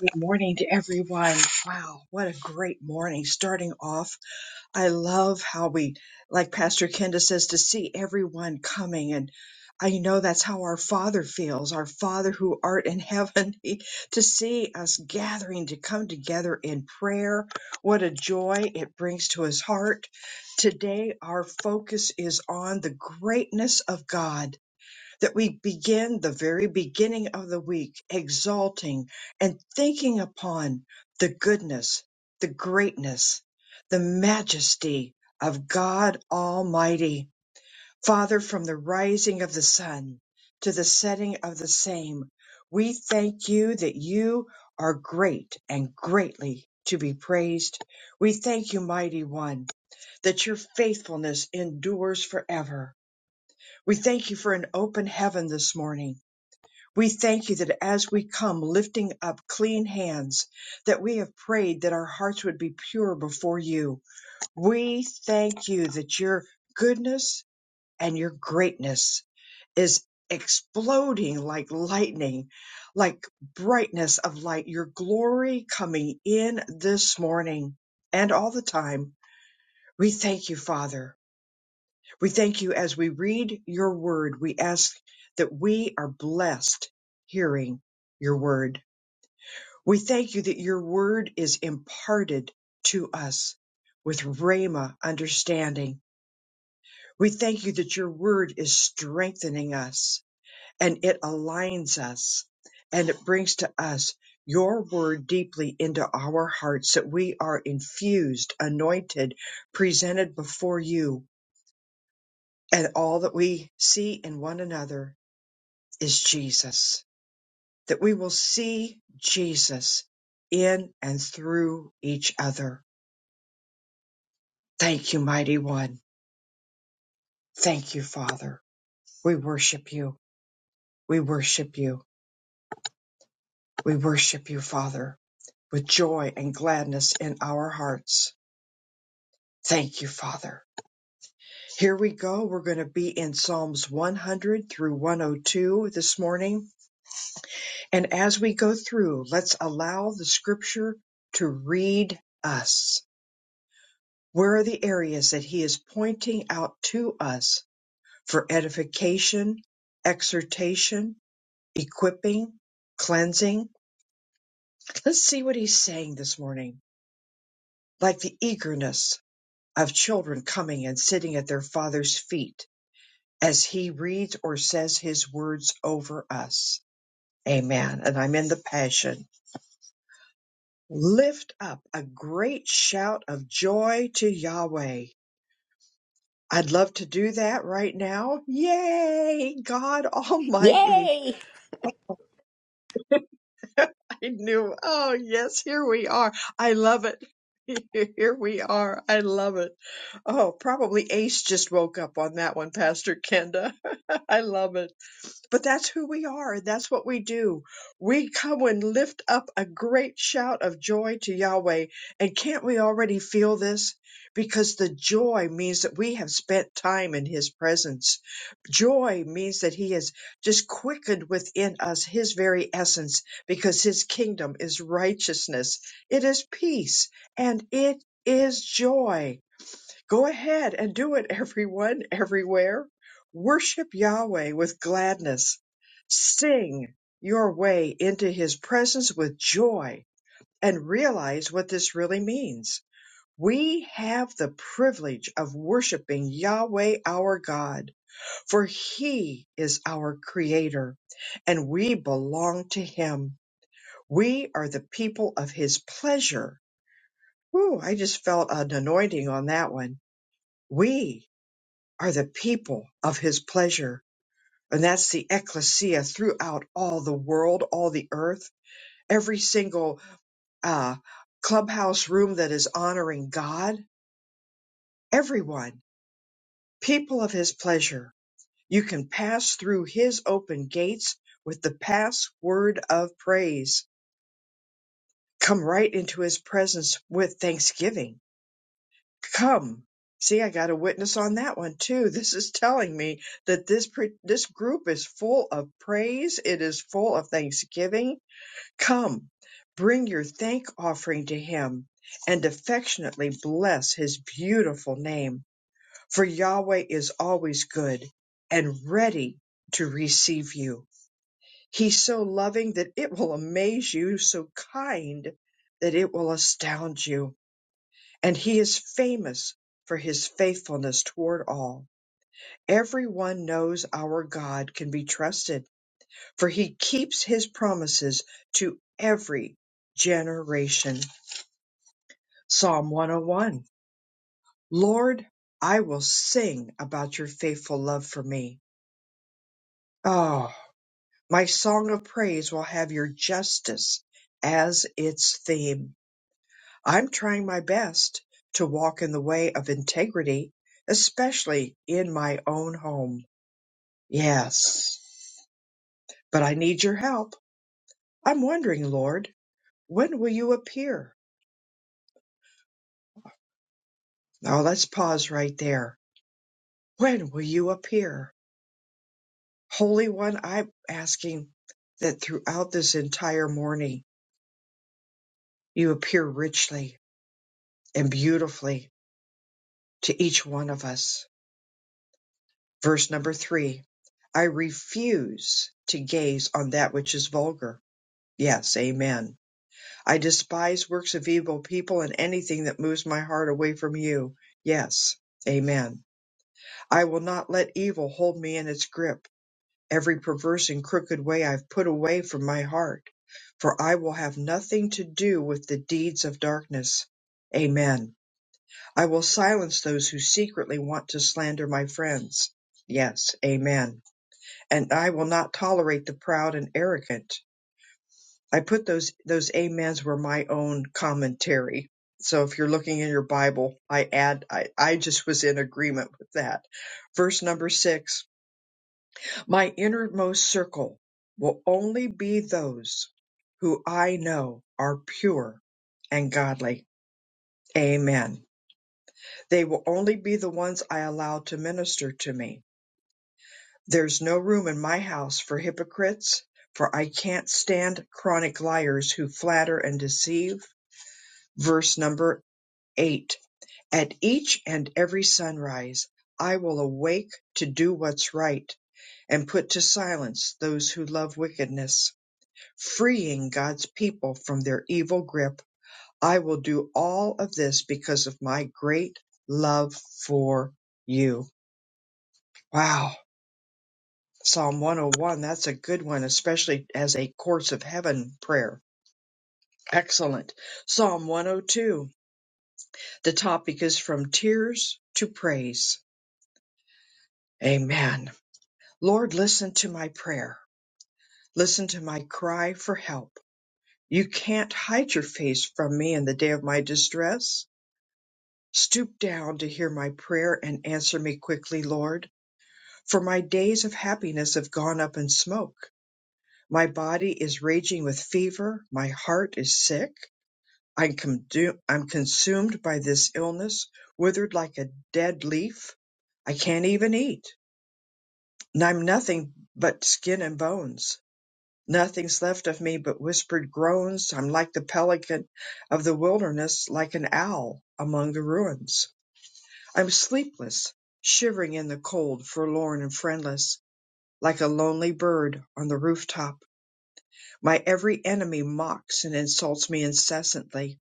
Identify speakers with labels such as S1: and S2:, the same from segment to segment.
S1: Good morning to everyone. Wow, what a great morning. Starting off, I love how we, like Pastor Kenda says, to see everyone coming. And I know that's how our Father feels, our Father who art in heaven, He- to see us gathering to come together in prayer. What a joy it brings to His heart. Today, our focus is on the greatness of God that we begin the very beginning of the week exalting and thinking upon the goodness, the greatness, the majesty of God Almighty. Father, from the rising of the sun to the setting of the same, we thank you that you are great and greatly to be praised. We thank you, mighty one, that your faithfulness endures forever. We thank you for an open heaven this morning we thank you that as we come lifting up clean hands, that we have prayed that our hearts would be pure before you. We thank you that your goodness and your greatness is exploding like lightning, like brightness of light, your glory coming in this morning and all the time. We thank you, Father. We thank you as we read your word. We ask that we are blessed hearing your word. We thank you that your word is imparted to us with Rhema understanding. We thank you that your word is strengthening us and it aligns us and it brings to us your word deeply into our hearts that we are infused, anointed, presented before you. And all that we see in one another is Jesus, that we will see Jesus in and through each other Thank you, mighty one. Thank you, Father. We worship you. We worship you. We worship you, Father, with joy and gladness in our hearts. Thank you, Father. Here we go. We're going to be in Psalms 100 through 102 this morning. And as we go through, let's allow the scripture to read us. Where are the areas that he is pointing out to us for edification, exhortation, equipping, cleansing. Let's see what he's saying this morning. Like the eagerness of children coming and sitting at their father's feet as he reads or says his words over us. Amen. And I'm in the passion. Lift up a great shout of joy to Yahweh. I'd love to do that right now. Yay, God Almighty.
S2: Yay!
S1: I knew. Oh, yes, here we are. I love it. Here we are. I love it. Oh, probably Ace just woke up on that one, Pastor Kenda. I love it. But that's who we are. That's what we do. We come and lift up a great shout of joy to Yahweh. And can't we already feel this? Because the joy means that we have spent time in His presence. Joy means that He has just quickened within us His very essence because His kingdom is righteousness. It is peace and it is joy. Go ahead and do it, everyone, everywhere. Worship Yahweh with gladness. Sing your way into his presence with joy and realize what this really means. We have the privilege of worshiping Yahweh our God, for he is our creator and we belong to him. We are the people of his pleasure. Whew, I just felt an anointing on that one. We are the people of his pleasure. And that's the ecclesia throughout all the world, all the earth, every single uh, clubhouse room that is honoring God, everyone, people of his pleasure. You can pass through his open gates with the password of praise. Come right into his presence with thanksgiving Come. See, I got a witness on that one too. This is telling me that this pre- this group is full of praise. It is full of thanksgiving. Come, bring your thank offering to him and affectionately bless his beautiful name. For Yahweh is always good and ready to receive you. He's so loving that it will amaze you, so kind that it will astound you and he is famous for his faithfulness toward all. Everyone knows our God can be trusted, for he keeps his promises to every generation. Psalm 101 Lord, I will sing about your faithful love for me. Oh, my song of praise will have your justice as its theme. I'm trying my best to walk in the way of integrity, especially in my own home. Yes, but I need your help. I'm wondering, Lord, when will you appear? Now let's pause right there. When will you appear? Holy One, I'm asking that throughout this entire morning, you appear richly and beautifully to each one of us. Verse number three I refuse to gaze on that which is vulgar. Yes, amen I despise works of evil people and anything that moves my heart away from you. Yes. Amen. I will not let evil hold me in its grip. Every perverse and crooked way I've put away from my heart, for I will have nothing to do with the deeds of darkness. Amen. I will silence those who secretly want to slander my friends. Yes. Amen. And I will not tolerate the proud and arrogant. I put those those amens were my own commentary. So if you're looking in your Bible, I add I, I just was in agreement with that. Verse number six, my innermost circle will only be those who I know are pure and godly. Amen. They will only be the ones I allow to minister to me. There's no room in my house for hypocrites, for I can't stand chronic liars who flatter and deceive verse number 8. At each and every sunrise, I will awake to do what's right and put to silence those who love wickedness, freeing God's people from their evil grip. I will do all of this because of my great love for you. Wow. Psalm 101, that's a good one, especially as a course of heaven prayer. Excellent. Psalm 102, the topic is from tears to praise. Amen. Lord, listen to my prayer. Listen to my cry for help. You can't hide your face from me in the day of my distress. Stoop down to hear my prayer and answer me quickly, Lord, for my days of happiness have gone up in smoke. My body is raging with fever. My heart is sick. I'm, condu- I'm consumed by this illness, withered like a dead leaf. I can't even eat, and I'm nothing but skin and bones. Nothing's left of me but whispered groans. I'm like the pelican of the wilderness, like an owl among the ruins. I'm sleepless, shivering in the cold, forlorn and friendless, like a lonely bird on the rooftop. My every enemy mocks and insults me incessantly.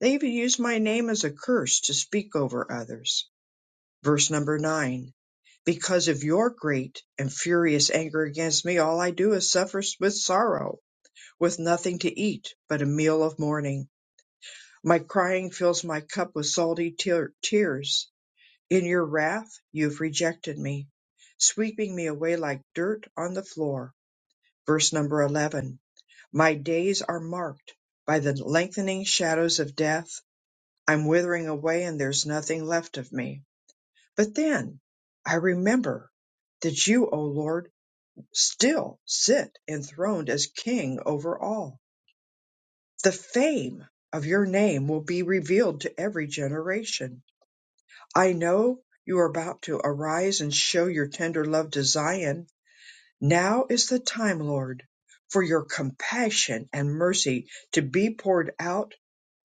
S1: They even use my name as a curse to speak over others. Verse number nine. Because of your great and furious anger against me, all I do is suffer with sorrow. with nothing to eat but a meal of mourning. My crying fills my cup with salty tear- tears. In your wrath, you've rejected me, sweeping me away like dirt on the floor. Verse number 11. My days are marked by the lengthening shadows of death. I'm withering away and there's nothing left of me. But then I remember that you, O Lord, still sit enthroned as king over all The fame of your name will be revealed to every generation. I know you are about to arise and show your tender love to Zion. Now is the time, Lord, for your compassion and mercy to be poured out.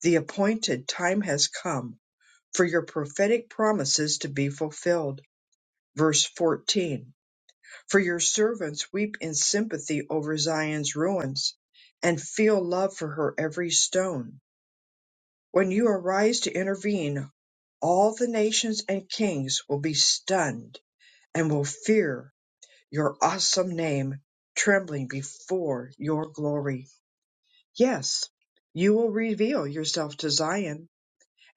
S1: The appointed time has come for your prophetic promises to be fulfilled. Verse 14 For your servants weep in sympathy over Zion's ruins and feel love for her every stone When you arise to intervene, all the nations and kings will be stunned and will fear your awesome name, trembling before your glory. Yes, you will reveal yourself to Zion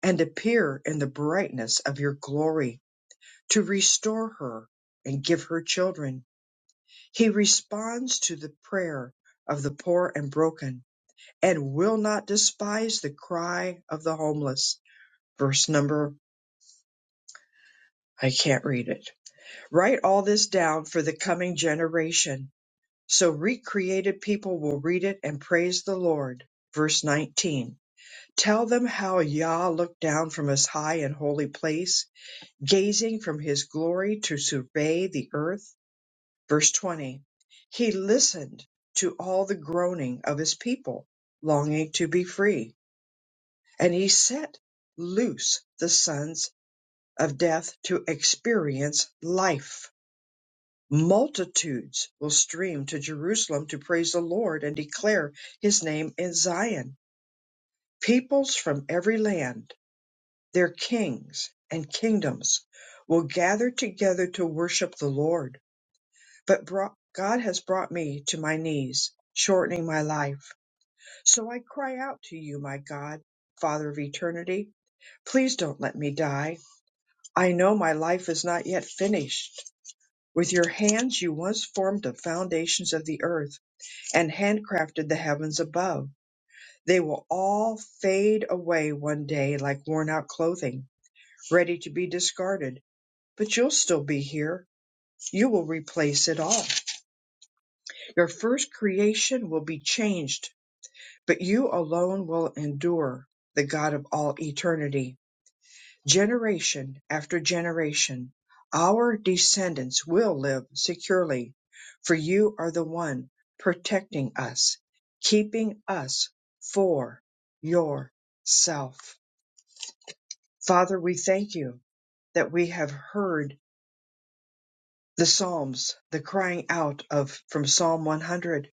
S1: and appear in the brightness of your glory to restore her and give her children. He responds to the prayer of the poor and broken and will not despise the cry of the homeless. Verse number I can't read it. Write all this down for the coming generation, so recreated people will read it and praise the Lord. Verse 19. Tell them how Yah looked down from his high and holy place, gazing from his glory to survey the earth. Verse 20. He listened to all the groaning of his people, longing to be free, and he set loose the sons of death to experience life Multitudes will stream to Jerusalem to praise the Lord and declare his name in Zion. Peoples from every land, their kings and kingdoms, will gather together to worship the Lord. But brought, God has brought me to my knees, shortening my life. So I cry out to you, my God, Father of eternity. Please don't let me die. I know my life is not yet finished. With your hands you once formed the foundations of the earth and handcrafted the heavens above. They will all fade away one day like worn out clothing, ready to be discarded. But you'll still be here. You will replace it all. Your first creation will be changed, but you alone will endure, the God of all eternity. Generation after generation, our descendants will live securely, for you are the one protecting us, keeping us for yourself. Father, we thank you that we have heard the Psalms, the crying out of from Psalm 100.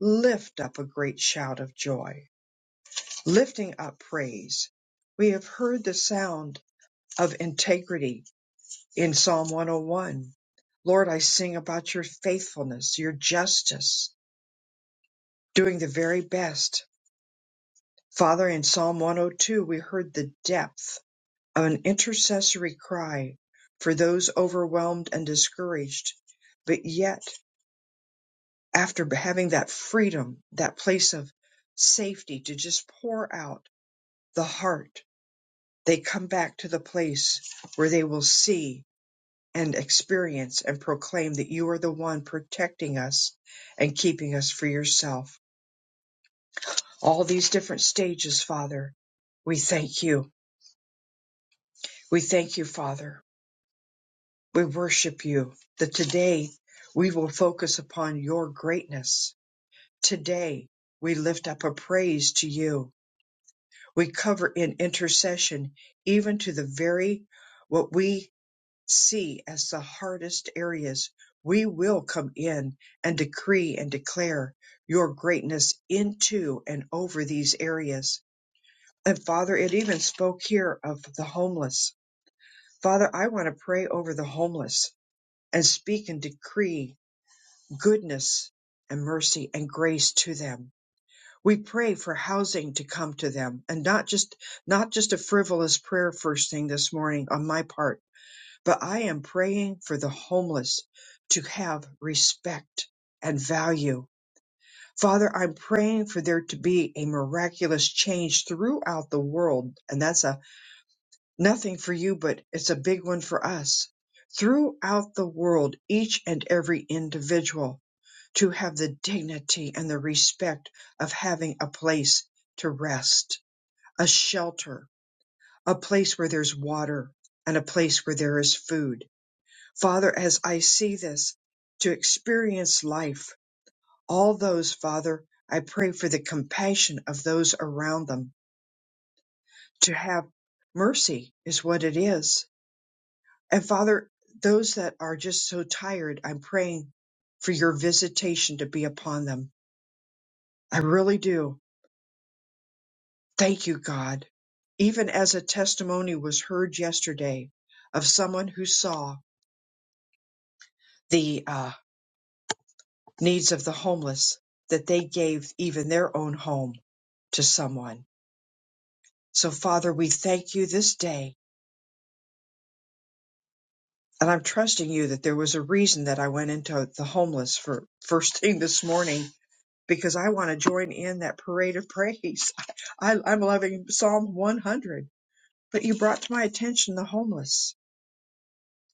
S1: Lift up a great shout of joy, lifting up praise. We have heard the sound of integrity in Psalm 101. Lord, I sing about your faithfulness, your justice, doing the very best. Father, in Psalm 102, we heard the depth of an intercessory cry for those overwhelmed and discouraged. But yet, after having that freedom, that place of safety to just pour out the heart, they come back to the place where they will see and experience and proclaim that you are the one protecting us and keeping us for yourself. All these different stages, Father, we thank you. We thank you, Father. We worship you that today we will focus upon your greatness. Today we lift up a praise to you. We cover in intercession even to the very what we see as the hardest areas, we will come in and decree and declare your greatness into and over these areas. And Father, it even spoke here of the homeless. Father, I want to pray over the homeless and speak and decree goodness and mercy and grace to them. We pray for housing to come to them and not just, not just a frivolous prayer first thing this morning on my part but I am praying for the homeless to have respect and value. Father, I'm praying for there to be a miraculous change throughout the world. And that's a nothing for you, but it's a big one for us. Throughout the world, each and every individual to have the dignity and the respect of having a place to rest, a shelter, a place where there's water, and a place where there is food Father, as I see this, to experience life, all those, Father, I pray for the compassion of those around them, to have mercy is what it is. And Father, those that are just so tired, I'm praying for your visitation to be upon them. I really do. Thank you, God. Even as a testimony was heard yesterday of someone who saw the uh, needs of the homeless, that they gave even their own home to someone. So, Father, we thank you this day. And I'm trusting you that there was a reason that I went into the homeless for first thing this morning because I want to join in that parade of praise. I, I'm loving Psalm 100, but you brought to my attention the homeless.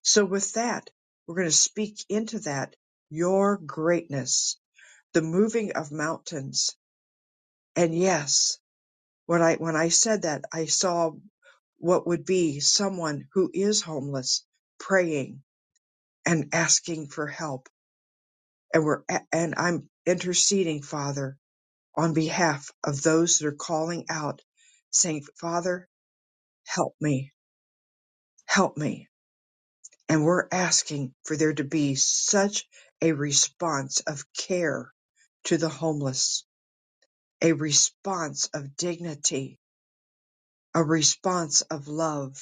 S1: So, with that, we're going to speak into that your greatness, the moving of mountains. And yes, When I when I said that, I saw what would be someone who is homeless praying and asking for help and we're and I'm interceding father on behalf of those that are calling out saying father help me help me and we're asking for there to be such a response of care to the homeless a response of dignity a response of love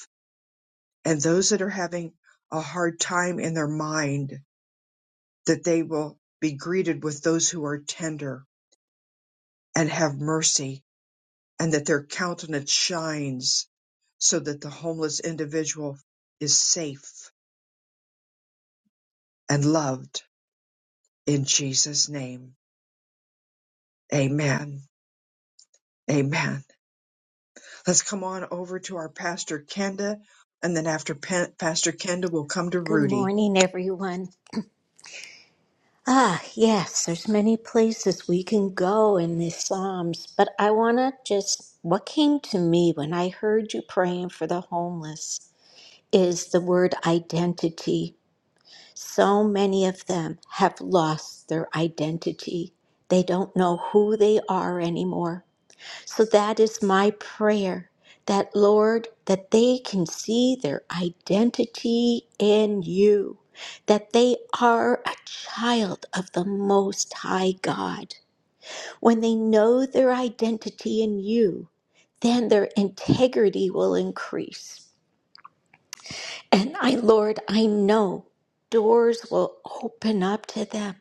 S1: and those that are having a hard time in their mind that they will be greeted with those who are tender and have mercy and that their countenance shines so that the homeless individual is safe and loved in Jesus name amen amen let's come on over to our pastor Kenda and then after Pa- pastor Kenda we'll come to
S2: Good
S1: Rudy
S2: morning, everyone. Ah, yes, there's many places we can go in the Psalms, but I want to just what came to me when I heard you praying for the homeless is the word identity. So many of them have lost their identity. They don't know who they are anymore. So that is my prayer that, Lord, that they can see their identity in you, that they are a child of the Most High God. When they know their identity in you, then their integrity will increase. And I, Lord, I know doors will open up to them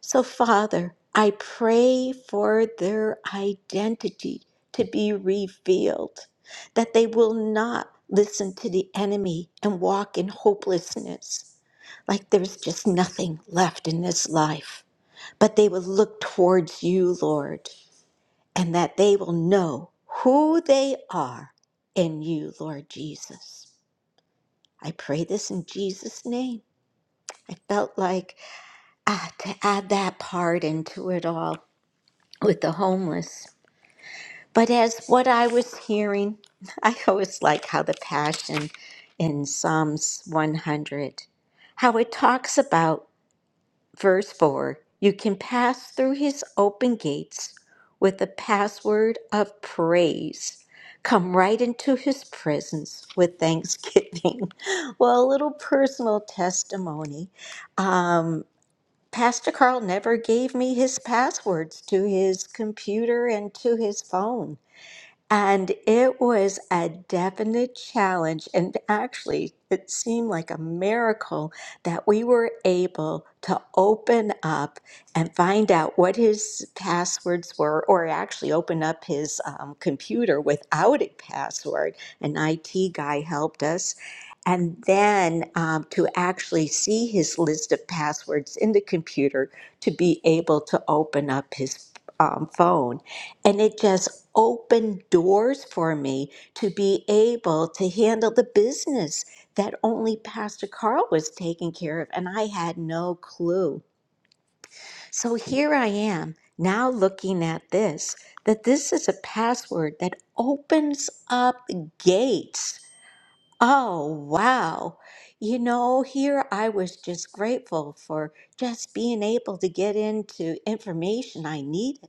S2: so, Father, I pray for their identity to be revealed, that they will not listen to the enemy and walk in hopelessness, like there's just nothing left in this life. But they will look towards you, Lord, and that they will know who they are in you, Lord Jesus. I pray this in Jesus' name. I felt like ah, to add that part into it all. with the homeless. But as what I was hearing, I always like how the Passion in Psalms 100, how it talks about verse 4 you can pass through his open gates with the password of praise. Come right into his presence with thanksgiving. Well, a little personal testimony. Um, Pastor Carl never gave me his passwords to his computer and to his phone. And it was a definite challenge. And actually, it seemed like a miracle that we were able to open up and find out what his passwords were, or actually open up his um, computer without a password. An IT guy helped us. And then um, to actually see his list of passwords in the computer to be able to open up his um, phone. And it just opened doors for me to be able to handle the business that only Pastor Carl was taking care of. And I had no clue. So here I am now looking at this that this is a password that opens up gates. Oh, wow. You know, here I was just grateful for just being able to get into information I needed.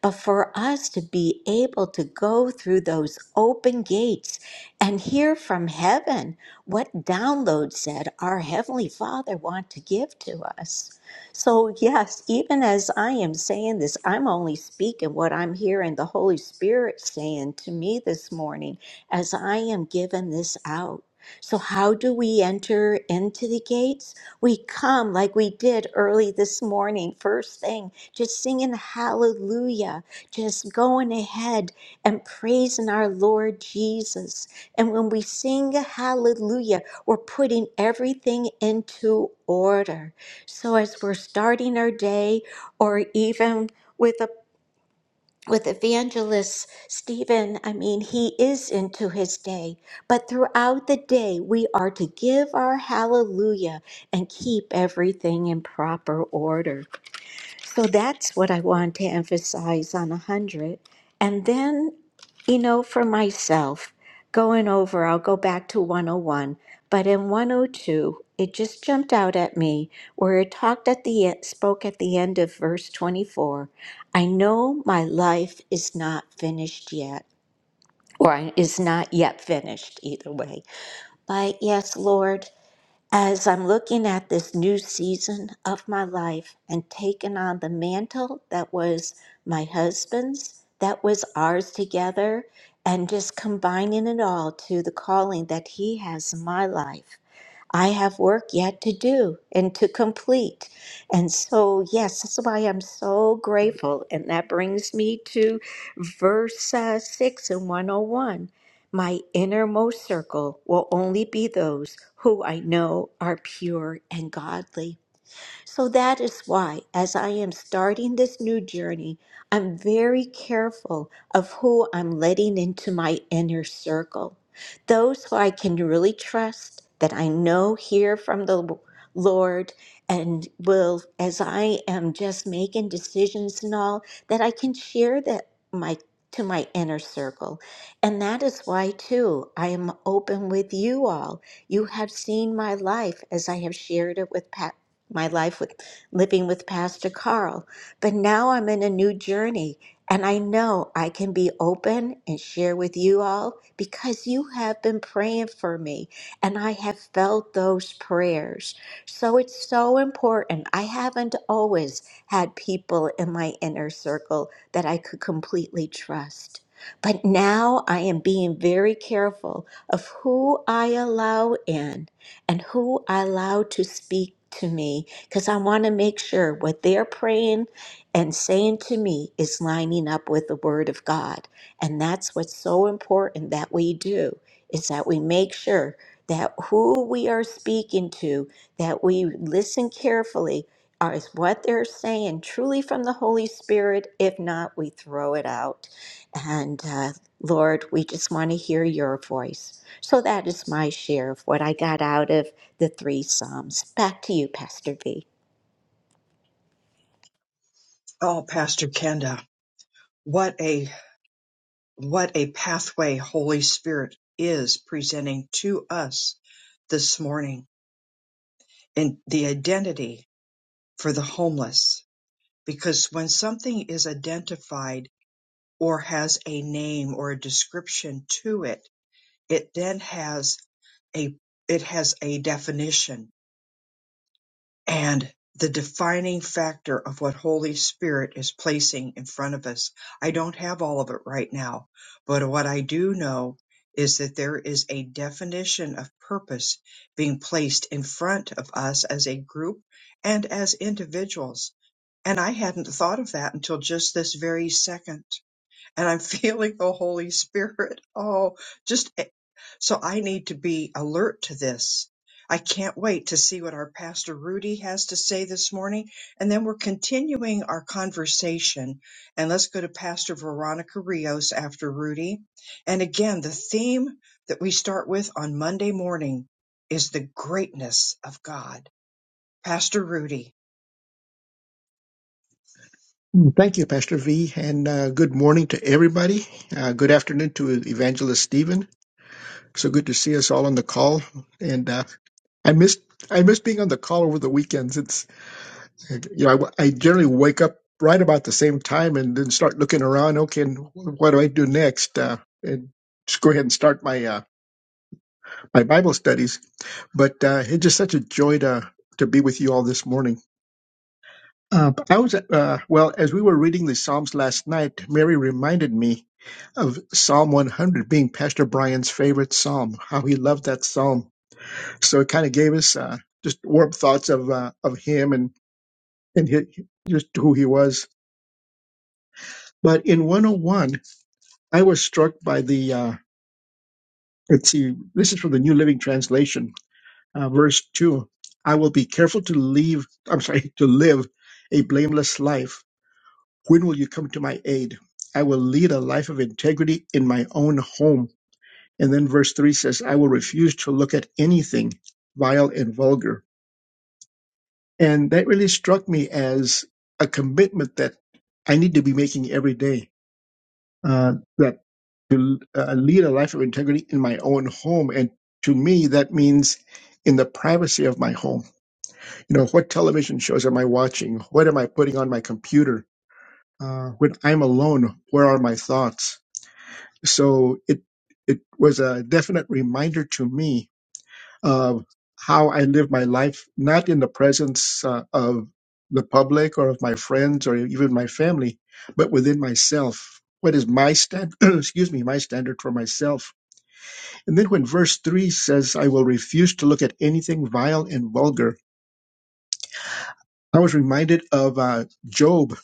S2: But for us to be able to go through those open gates and hear from heaven what downloads that our Heavenly Father want to give to us. So, yes, even as I am saying this, I'm only speaking what I'm hearing the Holy Spirit saying to me this morning as I am giving this out. So, how do we enter into the gates? We come like we did early this morning, first thing just singing hallelujah, just going ahead and praising our Lord Jesus. And when we sing hallelujah, we're putting everything into order. So as we're starting our day, or even with a with evangelist Stephen, I mean, he is into his day, but throughout the day, we are to give our hallelujah and keep everything in proper order. So that's what I want to emphasize on 100. And then, you know, for myself, going over, I'll go back to 101. But in 102, it just jumped out at me where it talked at the e- spoke at the end of verse 24. I know my life is not finished yet, or is not yet finished, either way. But yes, Lord. As I'm looking at this new season of my life and taking on the mantle that was my husband's, that was ours together, and just combining it all to the calling that he has in my life. I have work yet to do and to complete. And so, yes, that's why I'm so grateful. And that brings me to verse uh, 6 and 101. My innermost circle will only be those who I know are pure and godly. So that is why, as I am starting this new journey, I'm very careful of who I'm letting into my inner circle. Those who I can really trust, that I know hear from the Lord, and will, as I am just making decisions and all, that I can share that my to my inner circle. And that is why too I am open with you all. You have seen my life as I have shared it with Pastor my life with living with Pastor Carl. But now I'm in a new journey, and I know I can be open and share with you all because you have been praying for me, and I have felt those prayers. So it's so important. I haven't always had people in my inner circle that I could completely trust. But now I am being very careful of who I allow in and who I allow to speak to me because I want to make sure what they're praying and saying to me is lining up with the word of God. And that's what's so important that we do is that we make sure that who we are speaking to, that we listen carefully are is what they're saying truly from the Holy Spirit. If not, we throw it out. And uh, Lord, we just want to hear your voice. So that is my share of what I got out of the three Psalms. Back to you, Pastor V.
S1: oh pastor Kenda what a what a pathway Holy Spirit is presenting to us this morning in the identity for the homeless. Because when something is identified or has a name or a description to it, it then has a it has a definition and the defining factor of what Holy Spirit is placing in front of us. I don't have all of it right now, but what I do know is that there is a definition of purpose being placed in front of us as a group and as individuals. And I hadn't thought of that until just this very second and I'm feeling the Holy Spirit. Oh, just eh, so I need to be alert to this. I can't wait to see what our Pastor Rudy has to say this morning. And then we're continuing our conversation. And let's go to Pastor Veronica Rios after Rudy. And again, the theme that we start with on Monday morning is the greatness of God. Pastor Rudy.
S3: Thank you, Pastor V, and uh, good morning to everybody. Uh, good afternoon to Evangelist Stephen. So good to see us all on the call. And uh, I missed I missed being on the call over the weekends. It's you know I, I generally wake up right about the same time and then start looking around. Okay, and what do I do next? Uh, and just go ahead and start my uh, my Bible studies. But uh, it's just such a joy to to be with you all this morning. Uh, I was uh, well as we were reading the Psalms last night. Mary reminded me of Psalm 100 being Pastor Brian's favorite psalm. How he loved that psalm. So it kind of gave us uh, just warm thoughts of uh, of him and and hi just who he was. But in 101, I was struck by the uh, let's see. This is from the New Living Translation, uh, verse two. I will be careful to leave. I'm sorry to live a blameless life When will you come to my aid? I will lead a life of integrity in my own home. And then verse 3 says, I will refuse to look at anything vile and vulgar. And that really struck me as a commitment that I need to be making every day uh, that to uh, lead a life of integrity in my own home. And to me, that means in the privacy of my home. You know, what television shows am I watching? What am I putting on my computer? Uh, when I'm alone, where are my thoughts? So it it was a definite reminder to me of how I live my life, not in the presence uh, of the public or of my friends or even my family, but within myself. What is my stand? excuse me, my standard for myself. And then when verse three says, "I will refuse to look at anything vile and vulgar," I was reminded of uh, Job,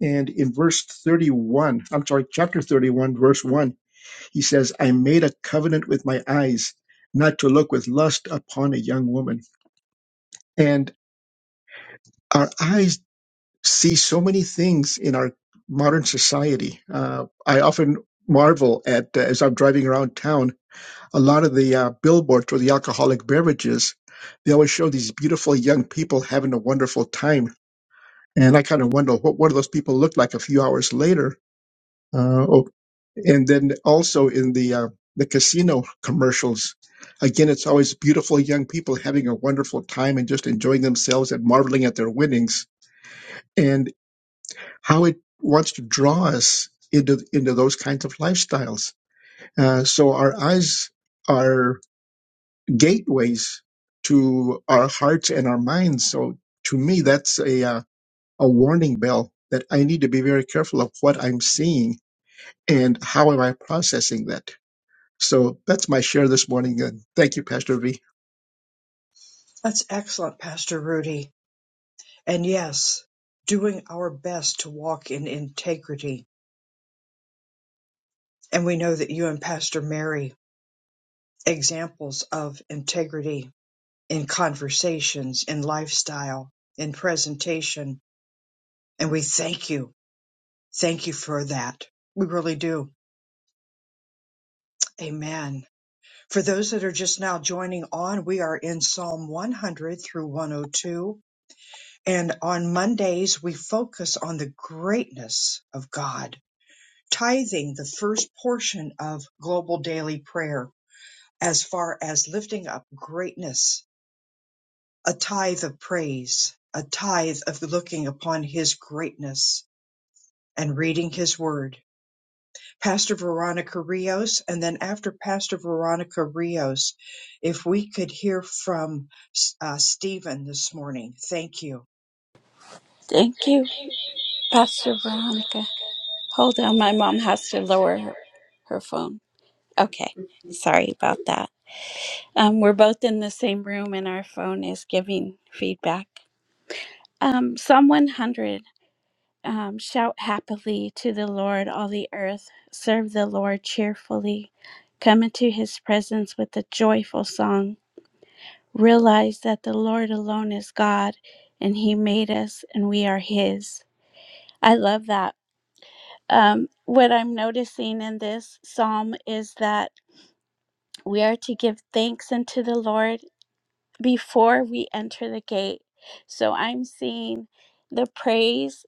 S3: and in verse thirty-one, I'm sorry, chapter thirty-one, verse one He says, I made a covenant with my eyes not to look with lust upon a young woman. And our eyes see so many things in our modern society. Uh, I often marvel at, uh, as I'm driving around town, a lot of the uh, billboards for the alcoholic beverages, they always show these beautiful young people having a wonderful time. And I kind of wonder what, what do those people look like a few hours later? uh, and then also in the uh, the casino commercials again it's always beautiful young people having a wonderful time and just enjoying themselves and marveling at their winnings and how it wants to draw us into into those kinds of lifestyles uh, so our eyes are gateways to our hearts and our minds so to me that's a uh, a warning bell that I need to be very careful of what I'm seeing and how am I processing that So that's my share this morning. And thank you, Pastor V.
S1: That's excellent, Pastor Rudy. And yes, doing our best to walk in integrity. And we know that you and Pastor Mary, examples of integrity in conversations, in lifestyle, in presentation. And we thank you. Thank you for that. We really do. Amen. For those that are just now joining on, we are in Psalm 100 through 102. And on Mondays, we focus on the greatness of God tithing the first portion of global daily prayer as far as lifting up greatness, a tithe of praise, a tithe of looking upon his greatness and reading his word. Pastor Veronica Rios, and then after Pastor Veronica Rios, if we could hear from uh, Stephen this morning. Thank you.
S4: Thank you, Pastor Veronica. Hold on, my mom has to lower her, her phone. Okay, sorry about that. Um, we're both in the same room and our phone is giving feedback. Um, Psalm 100 um, Shout happily to the Lord, all the earth. Serve the Lord cheerfully. Come into his presence with a joyful song. Realize that the Lord alone is God and he made us and we are his. I love that um, what I'm noticing in this psalm is that we are to give thanks unto the Lord before we enter the gate. So I'm seeing the praise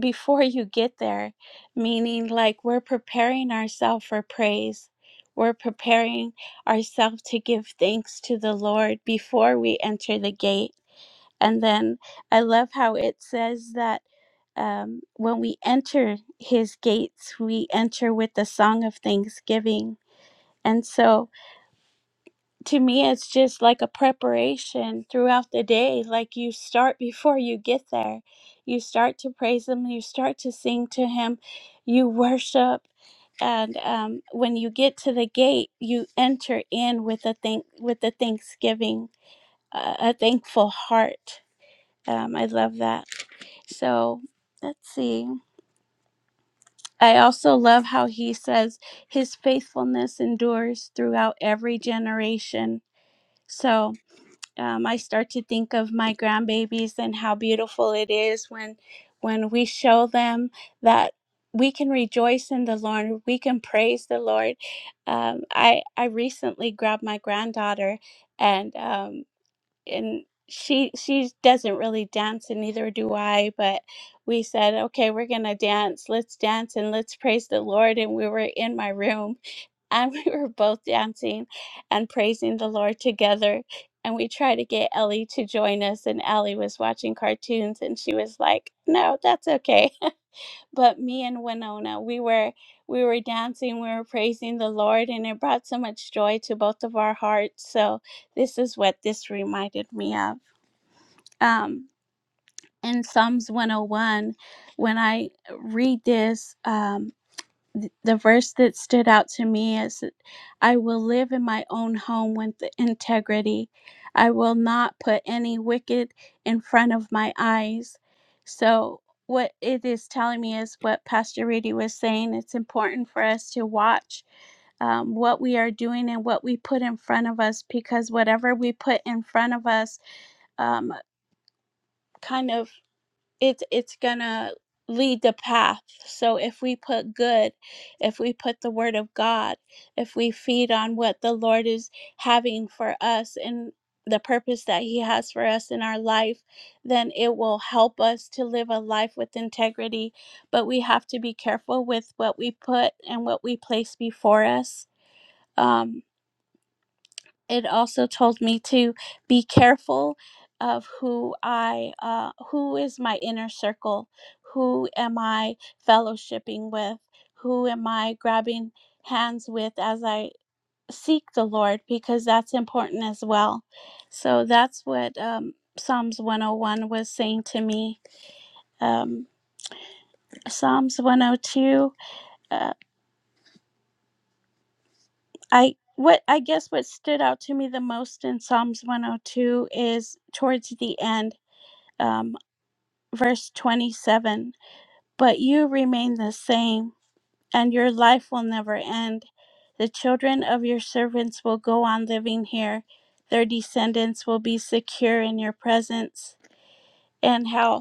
S4: before you get there, meaning like we're preparing ourselves for praise. We're preparing ourselves to give thanks to the Lord before we enter the gate and then I love how it says that um, when we enter his gates, we enter with the song of thanksgiving. And so to me, it's just like a preparation throughout the day. Like you start before you get there, you start to praise him, you start to sing to him, you worship. And um, when you get to the gate, you enter in with a thank with a thanksgiving, uh, a thankful heart. Um, I love that. So let's see. I also love how he says his faithfulness endures throughout every generation. So um, I start to think of my grandbabies and how beautiful it is when when we show them that we can rejoice in the Lord, we can praise the Lord. Um, I I recently grabbed my granddaughter and. um, and she she doesn't really dance and neither do I but we said okay we're going to dance let's dance and let's praise the Lord and we were in my room and we were both dancing and praising the Lord together and we tried to get Ellie to join us and Ellie was watching cartoons and she was like no that's okay but me and Winona we were we were dancing we were praising the Lord and it brought so much joy to both of our hearts so this is what this reminded me of um, in Psalms 101, when I read this, um, th- the verse that stood out to me is I will live in my own home with integrity. I will not put any wicked in front of my eyes. So, what it is telling me is what Pastor Rudy was saying. It's important for us to watch um, what we are doing and what we put in front of us because whatever we put in front of us um, kind of it's it's gonna lead the path so if we put good if we put the word of god if we feed on what the lord is having for us and the purpose that he has for us in our life then it will help us to live a life with integrity but we have to be careful with what we put and what we place before us Um, it also told me to be careful of who I uh, who is my inner circle, who am I fellowshipping with, who am I grabbing hands with as I seek the Lord, because that's important as well. So that's what um, Psalms 101 was saying to me. Um, Psalms 102, uh, I what I guess what stood out to me the most in Psalms 102 is towards the end um. verse 27 But you remain the same, and your life will never end. The children of your servants will go on living here, their descendants will be secure in your presence. And how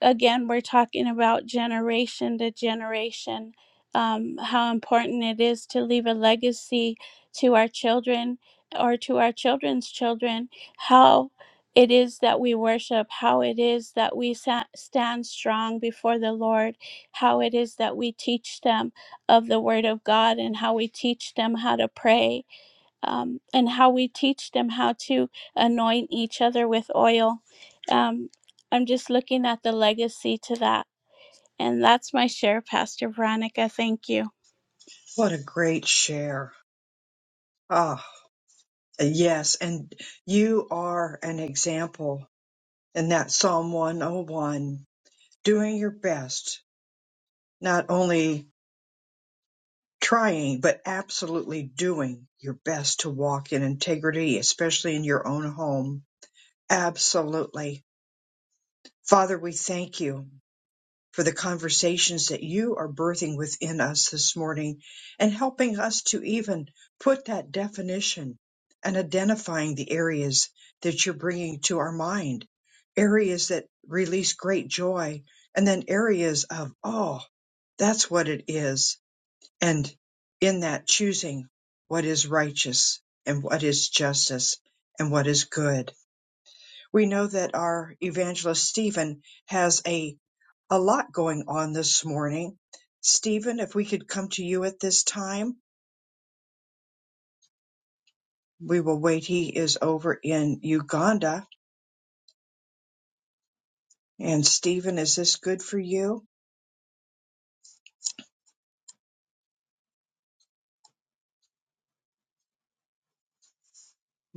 S4: again, we're talking about generation to generation, um, how important it is to leave a legacy to our children or to our children's children, how it is that we worship, how it is that we sa- stand strong before the Lord, how it is that we teach them of the Word of God, and how we teach them how to pray um, and how we teach them how to anoint each other with oil. Um, I'm just looking at the legacy to that. And that's my share, Pastor Veronica. Thank you.
S1: What a great share. Ah, yes. And you are an example And that Psalm 101, doing your best, not only trying, but absolutely doing your best to walk in integrity, especially in your own home. Absolutely. Father, we thank you. for the conversations that you are birthing within us this morning and helping us to even put that definition and identifying the areas that you're bringing to our mind, areas that release great joy, and then areas of, oh, that's what it is. And in that, choosing what is righteous and what is justice and what is good. We know that our evangelist Stephen has a a lot going on this morning. Stephen, if we could come to you at this time, we will wait. He is over in Uganda. And Stephen, is this good for you?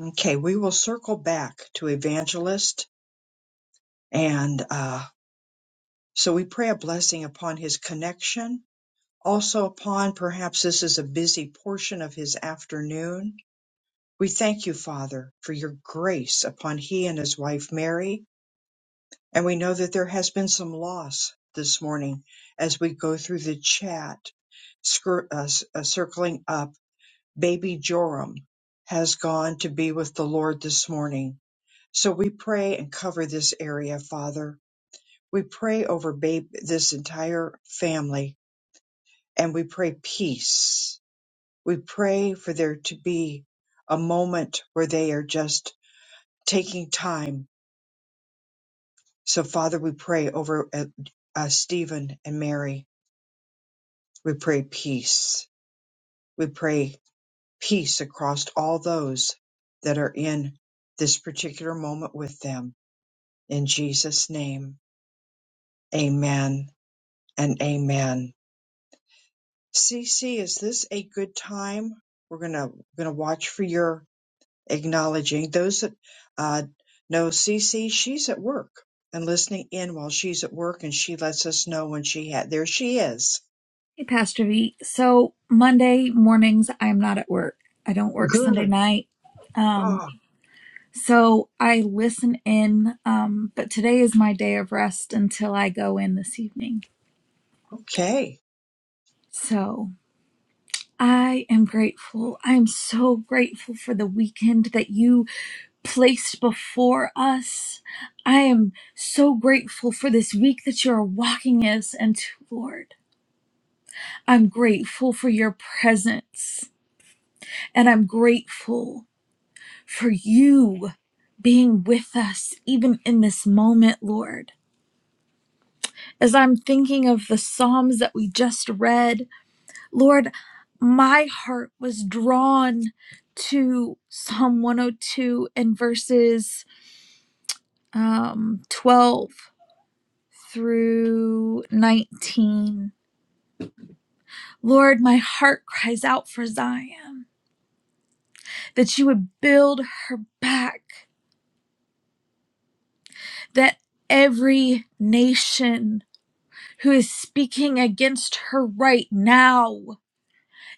S1: Okay, we will circle back to Evangelist. And uh, so we pray a blessing upon his connection, also upon perhaps this is a busy portion of his afternoon. We thank you, Father, for your grace upon he and his wife Mary And we know that there has been some loss this morning as we go through the chat, scir- uh, s- uh, circling up. Baby Joram has gone to be with the Lord this morning. So we pray and cover this area, Father. We pray over babe, this entire family and we pray peace. We pray for there to be a moment where they are just taking time. So, Father, we pray over uh, uh, Stephen and Mary. We pray peace. We pray peace across all those that are in this particular moment with them. In Jesus' name, amen and amen. CC, is this a good time? We're gonna gonna watch for your acknowledging those that uh, know CC. She's at work and listening in while she's at work, and she lets us know when she had. There she is.
S5: Hey, Pastor V. So Monday mornings, I'm not at work. I don't work Sunday
S1: Good.
S5: night. Um,
S1: Oh,
S5: so I listen in, um, but today is my day of rest until I go in this evening.
S1: okay.
S5: So I am grateful. I'm so grateful for the weekend that you placed before us. I am so grateful for this week that you are walking us into, Lord. I'm grateful for your presence and I'm grateful. for you being with us even in this moment, Lord. As I'm thinking of the Psalms that we just read, Lord, my heart was drawn to Psalm 102 and verses um, 12 through 19. Lord, my heart cries out for Zion that you would build her back, that every nation who is speaking against her right now.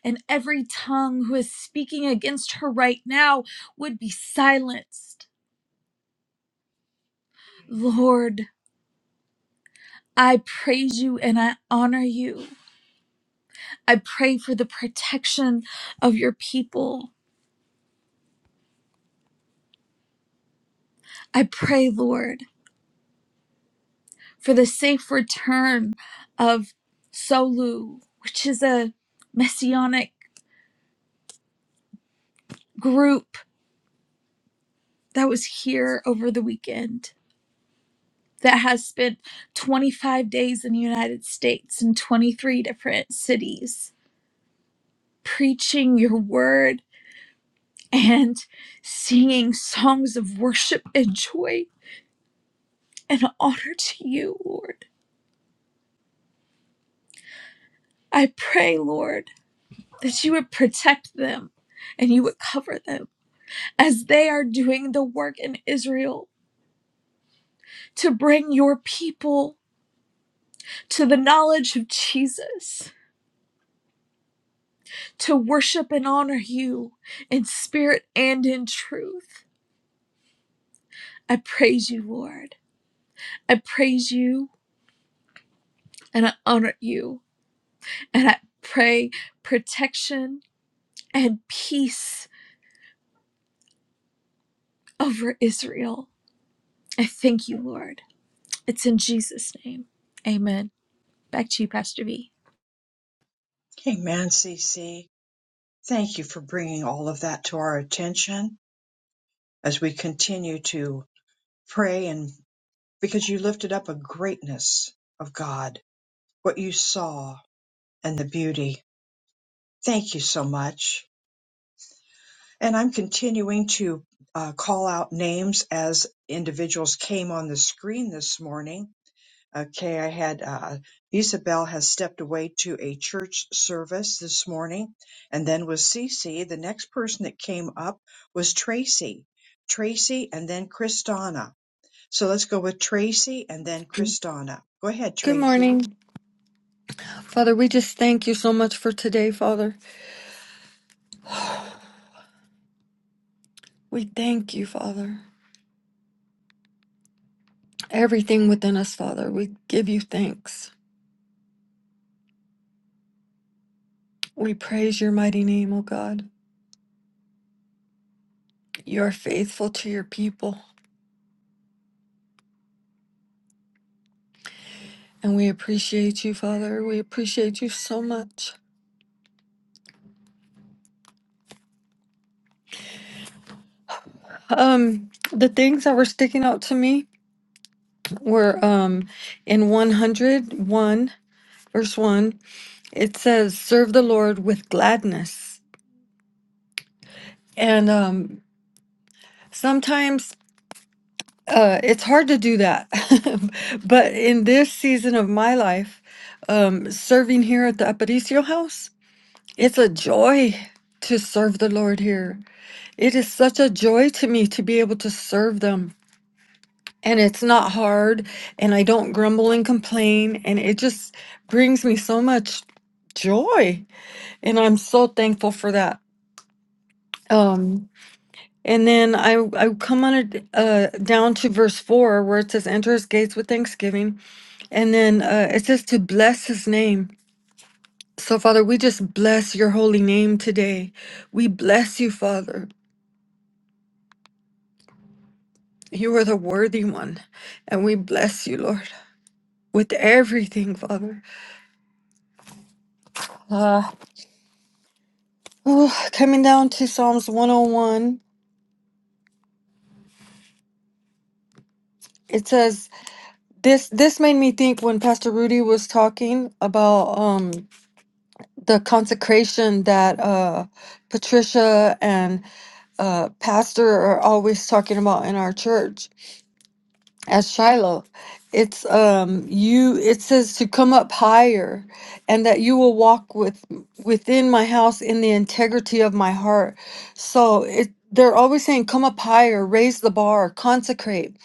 S5: And every tongue who is speaking against her right now would be silenced. Lord, I praise you and I honor you. I pray for the protection of your people. I pray, Lord, for the safe return of Solu, which is a messianic group that was here over the weekend. that has spent 25 days in the United States in 23 different cities preaching your word and singing songs of worship and joy and honor to you, Lord. I pray, Lord, that you would protect them and you would cover them as they are doing the work in Israel to bring your people to the knowledge of Jesus, to worship and honor you in spirit and in truth. I praise you, Lord. I praise you and I honor you. And I pray protection and peace over Israel. I thank you, Lord. It's in Jesus' name. Amen. Back to you, Pastor V.
S1: Amen, CC. Thank you for bringing all of that to our attention as we continue to pray and because you lifted up a greatness of God, what you saw and the beauty. Thank you so much. And I'm continuing to uh, call out names as individuals came on the screen this morning. Okay, I had uh, Isabel has stepped away to a church service this morning, and then was Cece. The next person that came up was Tracy, Tracy, and then Kristana. So let's go with Tracy and then Kristana. Go ahead,
S6: Good
S1: Tracy.
S6: morning. Father, we just thank you so much for today, Father. We thank you, Father. Everything within us, Father, we give you thanks. We praise your mighty name, O God. You are faithful to your people, and we appreciate you, Father. We appreciate you so much. Um, the things that were sticking out to me were um in 101 verse 1, it says, Serve the Lord with gladness. And um sometimes Uh, it's hard to do that. But in this season of my life, um, serving here at the Aparicio House, it's a joy to serve the Lord here. It is such a joy to me to be able to serve them. And it's not hard, and I don't grumble and complain, and it just brings me so much joy. And I'm so thankful for that. Um, and then I I come on it uh, down to verse four where it says, "Enter his gates with thanksgiving." And then uh, it says to bless his name. So, Father, we just bless your holy name today. We bless you, Father. You are the worthy one. And we bless you, Lord, with everything, Father. Uh, oh, coming down to Psalms 101, it says, this this made me think when Pastor Rudy was talking about um the consecration that uh Patricia and uh Pastor are always talking about in our church as Shiloh. It's um you it says to come up higher and that you will walk with within my house in the integrity of my heart. So it they're always saying come up higher, raise the bar, consecrate.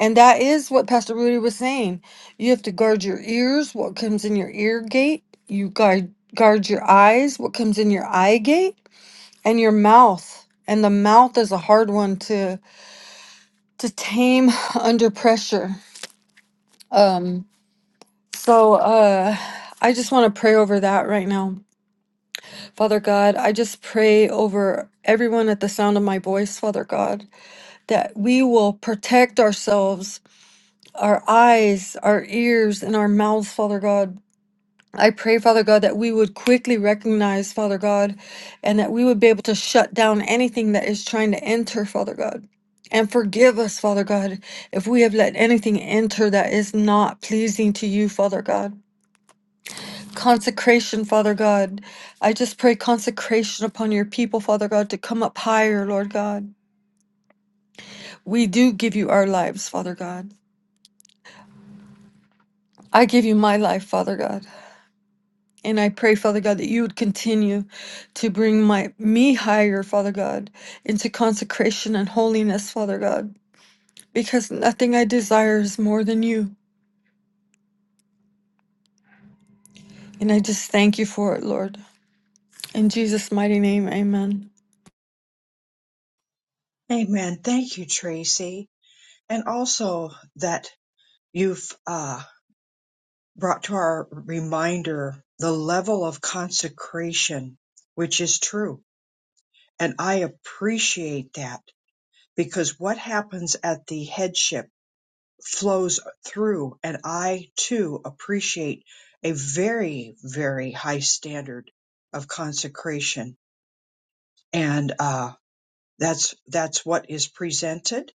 S6: And that is what Pastor Rudy was saying. You have to guard your ears, what comes in your ear gate, you guard guard your eyes, what comes in your eye gate, and your mouth. And the mouth is a hard one to to tame under pressure. Um So, uh, I just want to pray over that right now. Father God, I just pray over everyone at the sound of my voice, Father God, that we will protect ourselves, our eyes, our ears, and our mouths, Father God. I pray, Father God, that we would quickly recognize, Father God, and that we would be able to shut down anything that is trying to enter, Father God. And forgive us, Father God, if we have let anything enter that is not pleasing to you, Father God. Consecration, Father God. I just pray consecration upon your people, Father God, to come up higher, Lord God. We do give you our lives, Father God. I give you my life, Father God. And I pray, Father God, that you would continue to bring my me higher, Father God, into consecration and holiness, Father God, because nothing I desire is more than you. And I just thank you for it, Lord. In Jesus' mighty name, amen.
S1: Amen. Thank you, Tracy, and also that you've uh, brought to our reminder the level of consecration, which is true, and I appreciate that because what happens at the headship flows through and I too appreciate a very very high standard of consecration and uh that's that's what is presented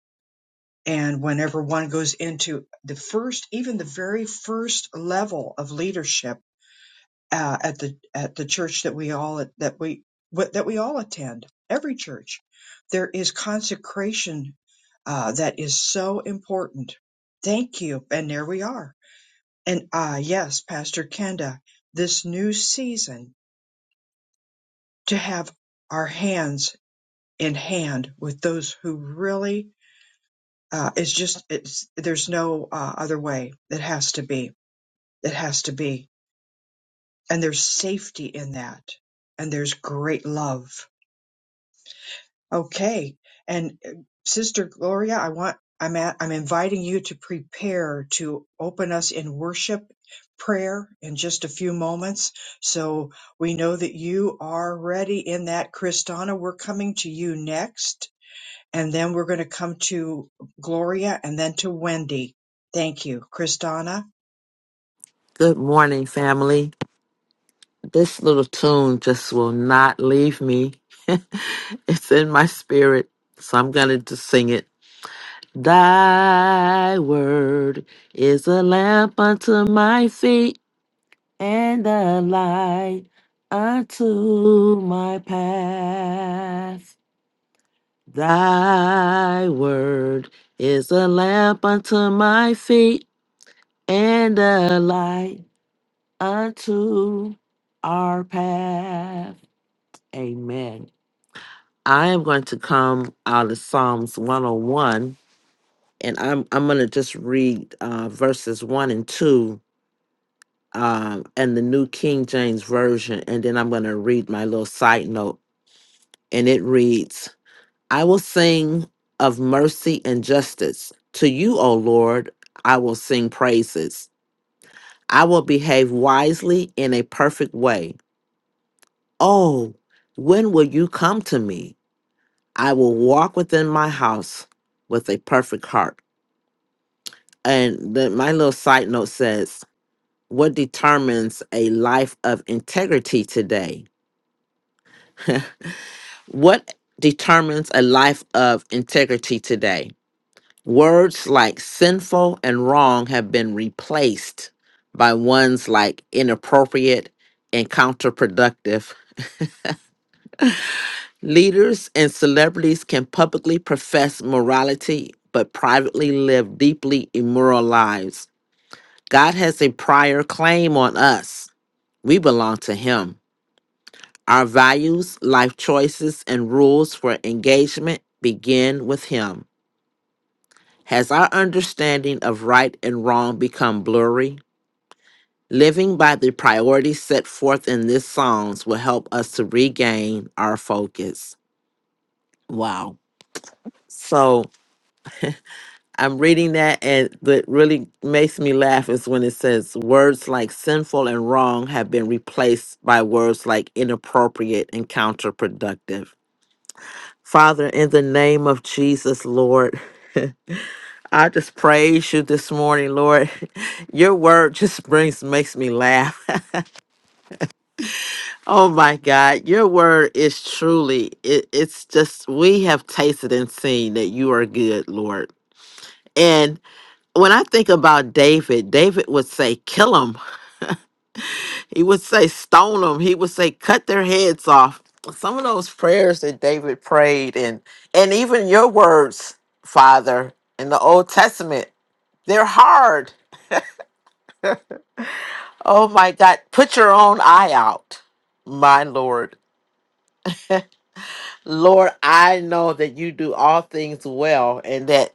S1: and whenever one goes into the first even the very first level of leadership uh, at the at the church that we all that we what- that we all attend every church there is consecration uh, that is so important thank you and there we are and ah yes pastor kenda this new season to have our hands in hand with those who really uh, is just it's there's no uh, other way it has to be it has to be and there's safety in that and there's great love Okay. And uh, Sister Gloria, I want I'm at I'm inviting you to prepare to open us in worship prayer in just a few moments. So we know that you are ready in that Kristana. We're coming to you next and then we're going to come to Gloria and then to Wendy. Thank you, Kristana.
S7: Good morning, family. This little tune just will not leave me. it's in my spirit, so I'm going to just sing it. Thy word is a lamp unto my feet and a light unto my path. Thy word is a lamp unto my feet and a light unto our path. Amen. I am going to come out of Psalms 101 and I'm I'm going to just read uh, verses 1 and 2 um, and the New King James Version and then I'm going to read my little side note and it reads I will sing of mercy and justice to you O Lord I will sing praises I will behave wisely in a perfect way Oh, when will you come to me? I will walk within my house with a perfect heart. And then my little side note says, What determines a life of integrity today? what determines a life of integrity today? Words like sinful and wrong have been replaced by ones like inappropriate and counterproductive Leaders and celebrities can publicly profess morality, but privately live deeply immoral lives. God has a prior claim on us. We belong to Him. Our values, life choices, and rules for engagement begin with Him. Has our understanding of right and wrong become blurry? Living by the priorities set forth in this Psalms will help us to regain our focus. Wow. So, I'm reading that, and what really makes me laugh is when it says words like sinful and wrong have been replaced by words like inappropriate and counterproductive. Father, in the name of Jesus, Lord, I just praise you this morning, Lord. Your word just brings makes me laugh. oh my God, your word is truly it, it's just we have tasted and seen that you are good, Lord. And when I think about David, David would say, "Kill him." He would say, stone them. He would say, cut their heads off. Some of those prayers that David prayed, and and even your words, Father, in the Old Testament, they're hard. Oh my God, put your own eye out, my Lord. Lord, I know that you do all things well and that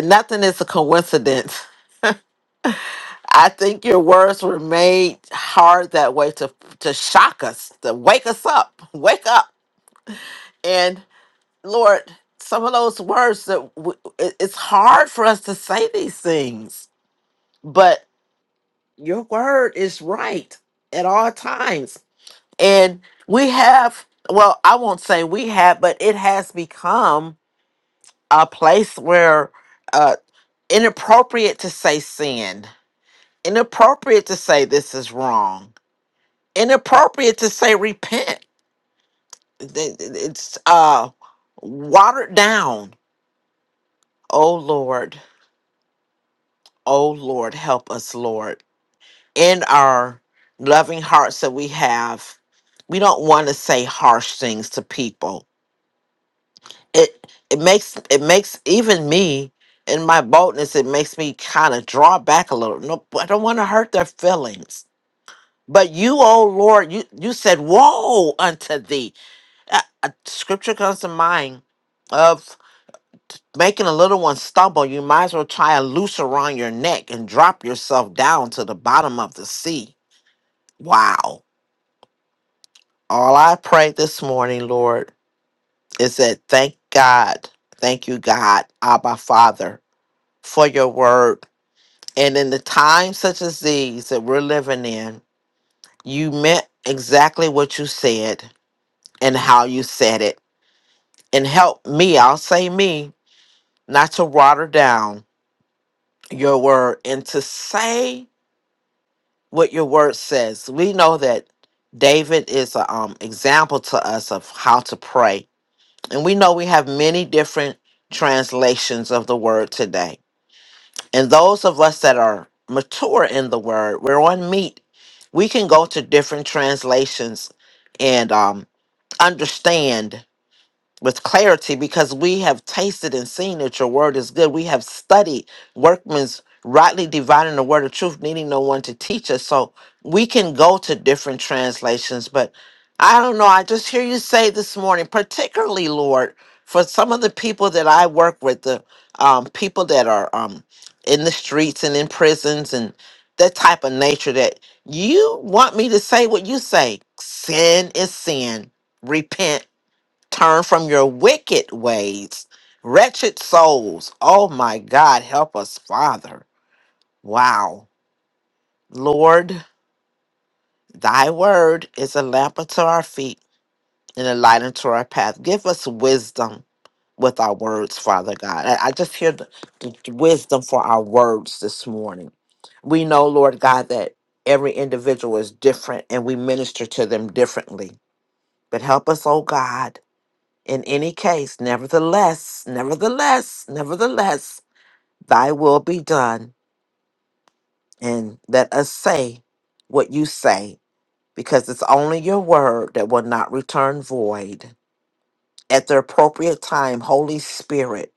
S7: nothing is a coincidence. I think your words were made hard that way to to shock us, to wake us up. Wake up. and. Lord, some of those words that w- it- it's hard for us to say these things, but your word is right at all times. And we have, well, I won't say we have, but it has become a place where uh, inappropriate to say sin, inappropriate to say this is wrong, inappropriate to say repent. It- it- It's uh, watered down. Oh, Lord Oh Lord, help us, Lord. In our loving hearts that we have, we don't want to say harsh things to people. It it makes it makes even me in my boldness, it makes me kind of draw back a little. No, I don't want to hurt their feelings. But you, oh Lord, you you said, "Woe unto thee." A, a scripture comes to mind of making a little one stumble, you might as well try a noose around your neck and drop yourself down to the bottom of the sea. Wow. All I pray this morning, Lord, is that thank God, thank you, God, Abba Father, for your word. And in the times such as these that we're living in, you meant exactly what you said and how you said it. And help me, I'll say me, not to water down your word and to say what your word says. We know that David is an um, example to us of how to pray. And we know we have many different translations of the word today. And those of us that are mature in the word, we're on meat, we can go to different translations and um, understand with clarity because we have tasted and seen that your word is good. We have studied workmen's rightly dividing the word of truth, needing no one to teach us. So we can go to different translations, but I don't know. I just hear you say this morning, particularly, Lord, for some of the people that I work with, the um, people that are um, in the streets and in prisons and that type of nature, that you want me to say what you say sin is sin, repent Turn from your wicked ways, wretched souls. Oh my God, help us, Father. Wow. Lord, thy word is a lamp unto our feet and a light unto our path. Give us wisdom with our words, Father God. I, I just hear the, the wisdom for our words this morning. We know, Lord God, that every individual is different and we minister to them differently. But help us, oh God In any case, nevertheless, nevertheless, nevertheless, thy will be done. And let us say what you say, because it's only your word that will not return void. At the appropriate time, Holy Spirit,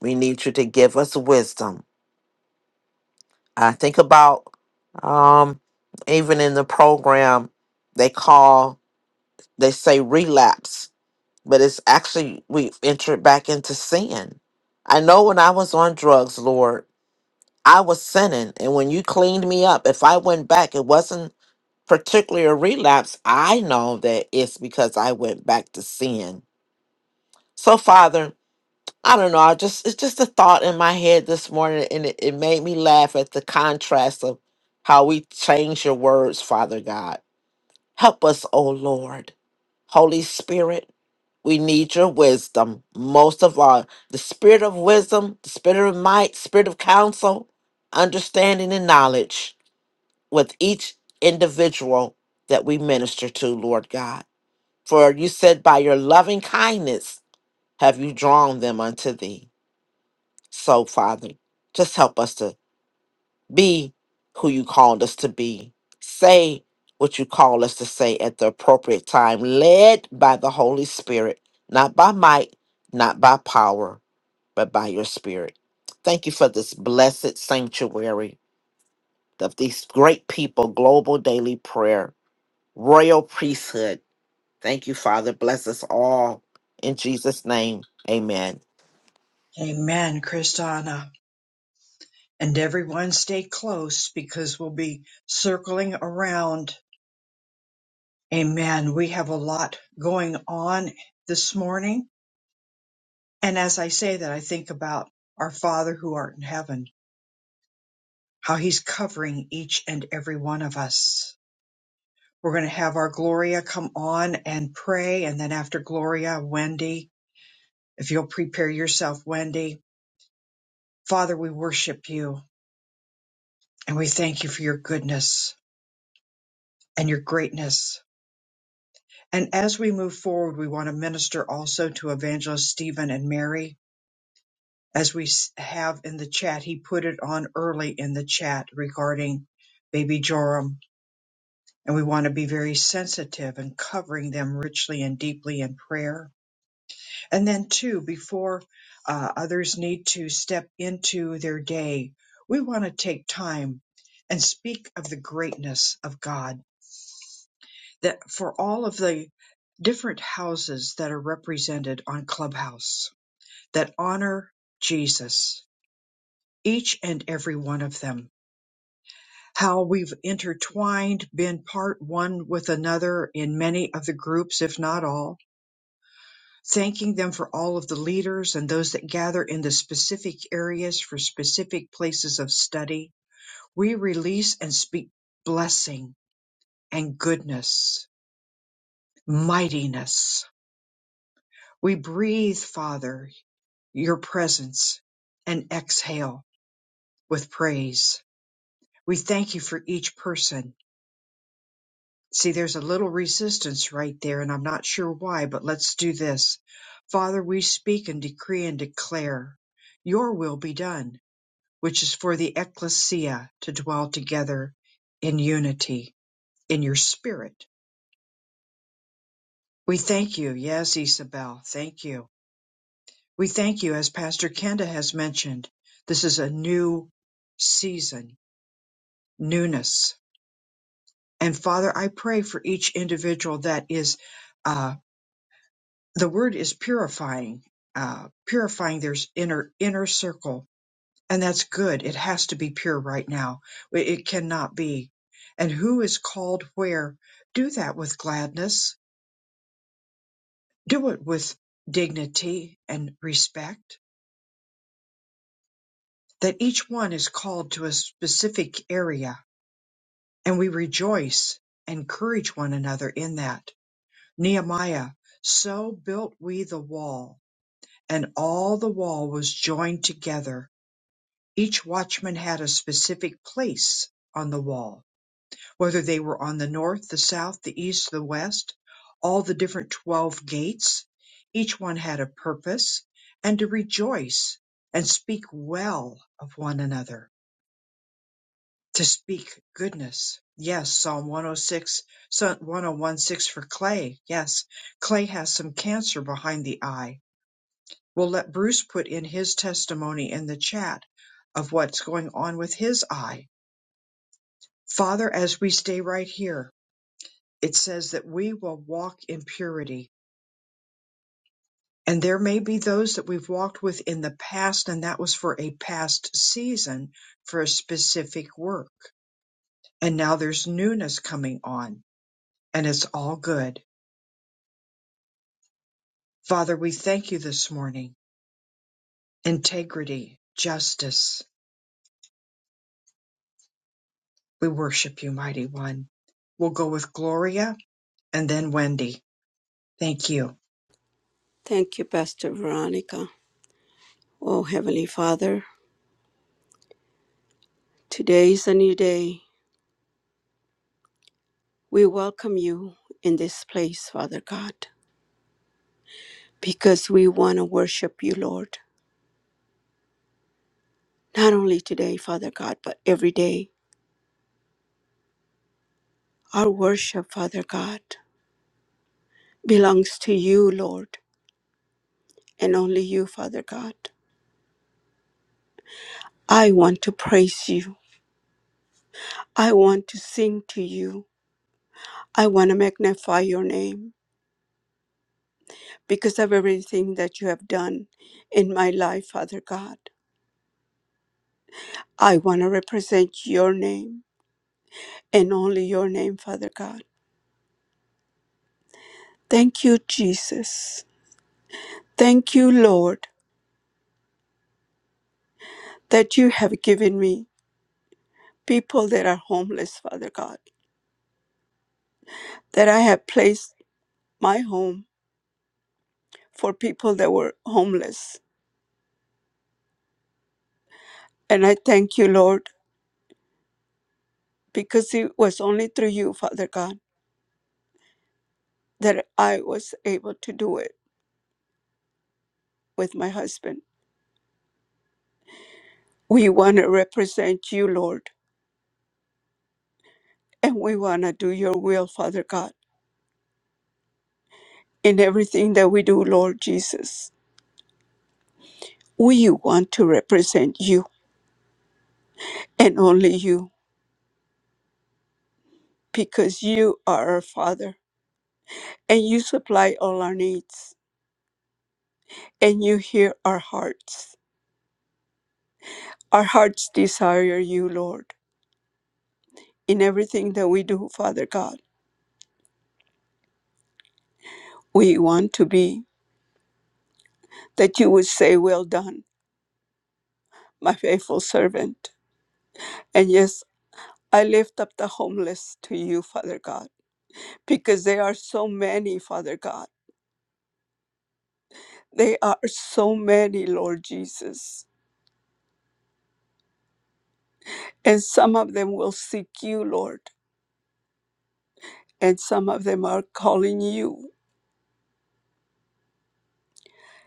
S7: we need you to give us wisdom. I think about um even in the program they call they say relapse but it's actually we've entered back into sin. I know when I was on drugs, Lord, I was sinning. And when you cleaned me up, if I went back, it wasn't particularly a relapse. I know that it's because I went back to sin. So, Father, I don't know. I just it's just a thought in my head this morning, and it, it made me laugh at the contrast of how we change your words, Father God Help us, O Lord. Holy Spirit, we need your wisdom. Most of all, the spirit of wisdom, the spirit of might, spirit of counsel, understanding and knowledge with each individual that we minister to, Lord God. For you said, by your loving kindness have you drawn them unto thee. So, Father, just help us to be who you called us to be. Say what you call us to say at the appropriate time, led by the Holy Spirit, not by might, not by power, but by your spirit. Thank you for this blessed sanctuary of these great people, global daily prayer, royal priesthood. Thank you, Father. Bless us all. In Jesus' name, amen.
S1: Amen, Kristana. And everyone stay close because we'll be circling around Amen. We have a lot going on this morning. And as I say that, I think about our Father who art in heaven, how he's covering each and every one of us. We're going to have our Gloria come on and pray. And then after Gloria, Wendy, if you'll prepare yourself, Wendy. Father, we worship you and we thank you for your goodness and your greatness. And as we move forward, we want to minister also to Evangelist Stephen and Mary. as we s- have in the chat, he put it on early in the chat regarding baby Joram. And we want to be very sensitive and covering them richly and deeply in prayer. And then, too, before uh, others need to step into their day, we want to take time and speak of the greatness of God. That for all of the different houses that are represented on Clubhouse that honor Jesus, each and every one of them how we've intertwined, been part one with another in many of the groups, if not all. Thanking them for all of the leaders and those that gather in the specific areas for specific places of study. We release and speak blessing and goodness, mightiness. We breathe, Father, your presence and exhale with praise. We thank you for each person See, there's a little resistance right there, and I'm not sure why, but let's do this. Father, we speak and decree and declare your will be done, which is for the ecclesia to dwell together in unity, in your spirit. We thank you. Yes, Isabel, thank you. We thank you, as Pastor Kenda has mentioned, this is a new season, newness. And Father, I pray for each individual that is uh, the word is purifying, uh, purifying their inner inner circle, and that's good. It has to be pure right now. It cannot be. And who is called where? Do that with gladness. Do it with dignity and respect. That each one is called to a specific area, and we rejoice, and encourage one another in that. Nehemiah, so built we the wall, and all the wall was joined together Each watchman had a specific place on the wall, whether they were on the north, the south, the east, the west, all the different 12 gates. Each one had a purpose and to rejoice and speak well of one another, to speak goodness. Yes, Psalm 106, Psalm 1016 for Clay. Yes, Clay has some cancer behind the eye. We'll let Bruce put in his testimony in the chat of what's going on with his eye Father, as we stay right here, it says that we will walk in purity. And there may be those that we've walked with in the past, and that was for a past season for a specific work. And now there's newness coming on, and it's all good. Father, we thank you this morning. Integrity, justice. We worship you, mighty one. We'll go with Gloria and then Wendy. Thank you.
S4: Thank you, Pastor Veronica. Oh, Heavenly Father, today is a new day. We welcome you in this place, Father God, because we want to worship you, Lord. Not only today, Father God, but every day. Our worship, Father God, belongs to you, Lord. and only you, Father God. I want to praise you. I want to sing to you. I want to magnify your name because of everything that you have done in my life, Father God. I want to represent your name and only your name, Father God. Thank you, Jesus. Thank you, Lord, that you have given me people that are homeless, Father God, that I have placed my home for people that were homeless. And I thank you, Lord because it was only through you, Father God, that I was able to do it with my husband. We want to represent you, Lord, and we want to do your will, Father God, in everything that we do, Lord Jesus. We want to represent you and only you because you are our Father and you supply all our needs and you hear our hearts. Our hearts desire you, Lord, in everything that we do, Father God. We want to be that you would say, Well done, my faithful servant. And yes, I lift up the homeless to you, Father God, because they are so many, Father God. They are so many, Lord Jesus. And some of them will seek you, Lord, and some of them are calling you.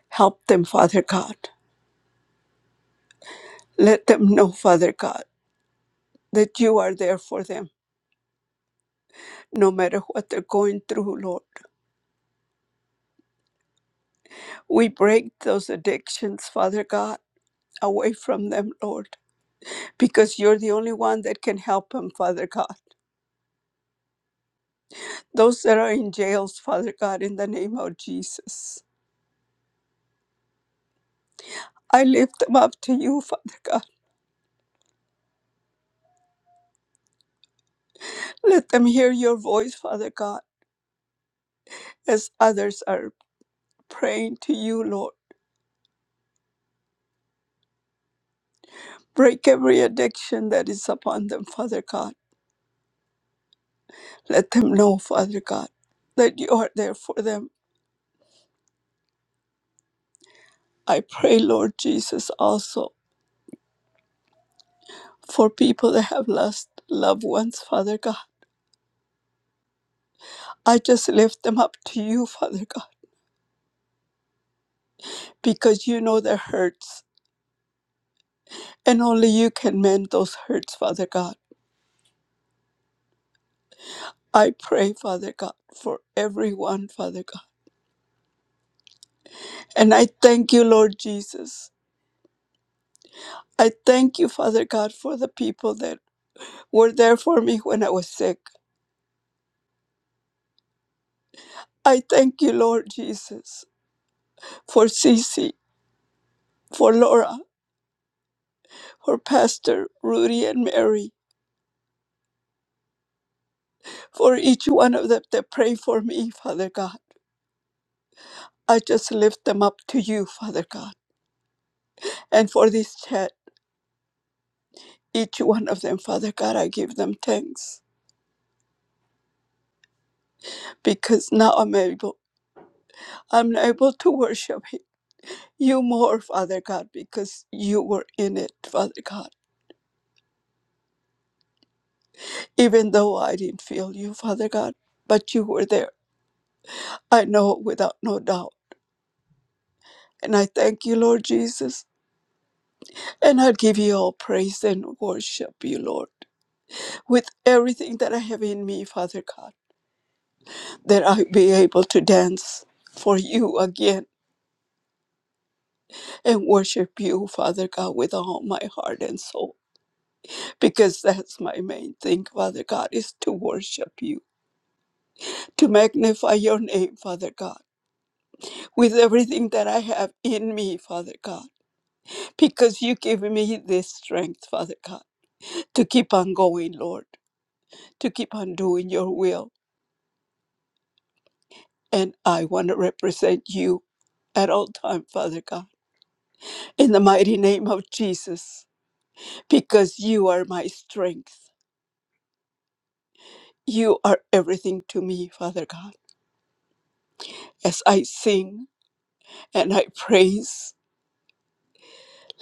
S4: Help them, Father God. Let them know, Father God, that you are there for them, no matter what they're going through, Lord. We break those addictions, Father God, away from them, Lord because you're the only one that can help them, Father God. Those that are in jails, Father God, in the name of Jesus. I lift them up to you, Father God. Let them hear your voice, Father God, as others are praying to you, Lord. Break every addiction that is upon them, Father God. Let them know, Father God, that you are there for them. I pray, Lord Jesus, also for people that have lost loved ones, Father God. I just lift them up to you, Father God. because you know the hurts, and only you can mend those hurts, Father God. I pray, Father God, for everyone, Father God. And I thank you, Lord Jesus. I thank you, Father God, for the people that were there for me when I was sick. I thank you, Lord Jesus, for Cece, for Laura, for Pastor Rudy and Mary, for each one of them that pray for me, Father God. I just lift them up to you, Father God, and for this chat. each one of them, Father God, I give them thanks because now I'm able, I'm able to worship you more, Father God, because you were in it, Father God. Even though I didn't feel you, Father God, but you were there. I know without no doubt. And I thank you, Lord Jesus, and I give you all praise and worship you, Lord, with everything that I have in me, Father God, that I be able to dance for you again and worship you, Father God, with all my heart and soul. Because that's my main thing, Father God, is to worship you, to magnify your name, Father God, with everything that I have in me, Father God. Because you give me this strength, Father God, to keep on going, Lord, to keep on doing your will. And I want to represent you at all time, Father God, in the mighty name of Jesus, because you are my strength. You are everything to me, Father God. As I sing and I praise,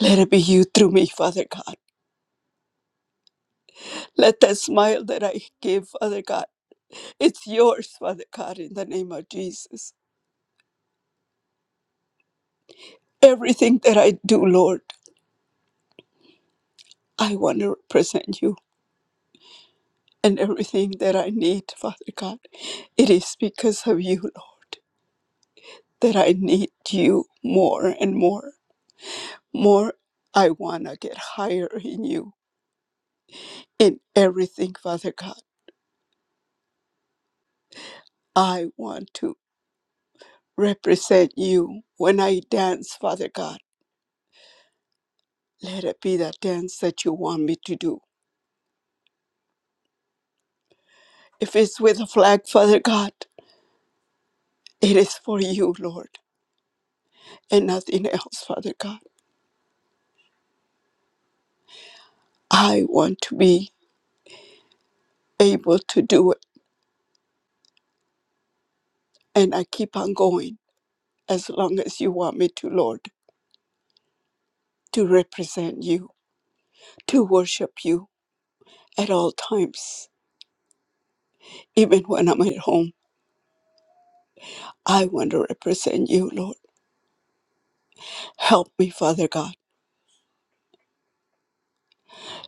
S4: let it be you through me, Father God. Let that smile that I give, Father God, it's yours, Father God, in the name of Jesus. Everything that I do, Lord, I want to represent you. And everything that I need, Father God, it is because of you, Lord, that I need you more and more. More, I want to get higher in you in everything, Father God. I want to represent you when I dance, Father God. Let it be the dance that you want me to do. If it's with a flag, Father God, it is for you, Lord, and nothing else, Father God. I want to be able to do it, and I keep on going as long as you want me to, Lord, to represent you, to worship you at all times. Even when I'm at home, I want to represent you, Lord. Help me, Father God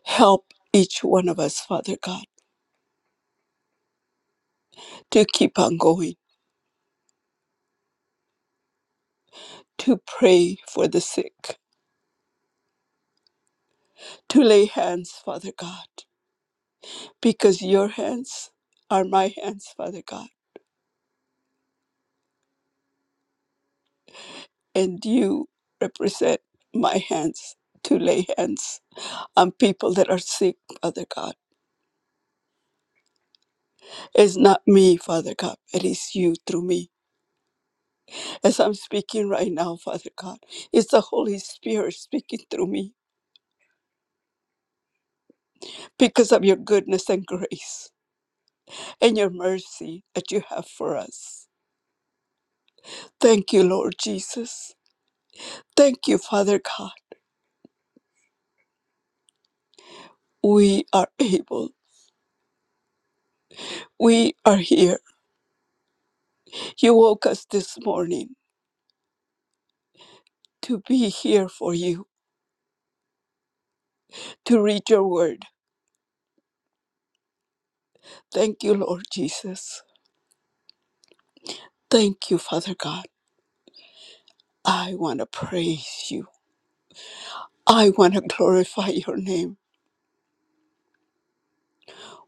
S4: Help each one of us, Father God, to keep on going, to pray for the sick, to lay hands, Father God, because your hands are my hands, Father God, and you represent my hands to lay hands on people that are sick, Father God. It's not me, Father God, it is you through me. As I'm speaking right now, Father God, it's the Holy Spirit speaking through me because of your goodness and grace. and your mercy that you have for us. Thank you, Lord Jesus. Thank you, Father God. We are able. We are here. You woke us this morning to be here for you, to read your word. Thank you, Lord Jesus. Thank you, Father God. I want to praise you. I want to glorify your name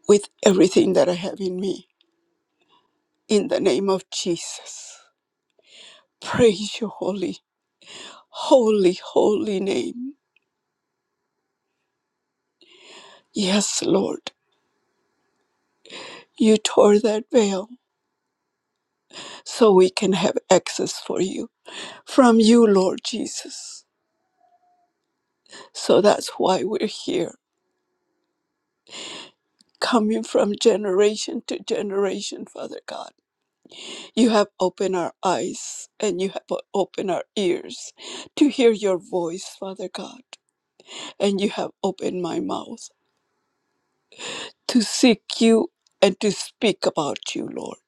S4: with everything that I have in me. In the name of Jesus, praise your holy, holy, holy name. Yes, Lord. You tore that veil so we can have access for you from you, Lord Jesus. So that's why we're here, coming from generation to generation, Father God. You have opened our eyes and you have opened our ears to hear your voice, Father God. And you have opened my mouth to seek you and to speak about you, Lord.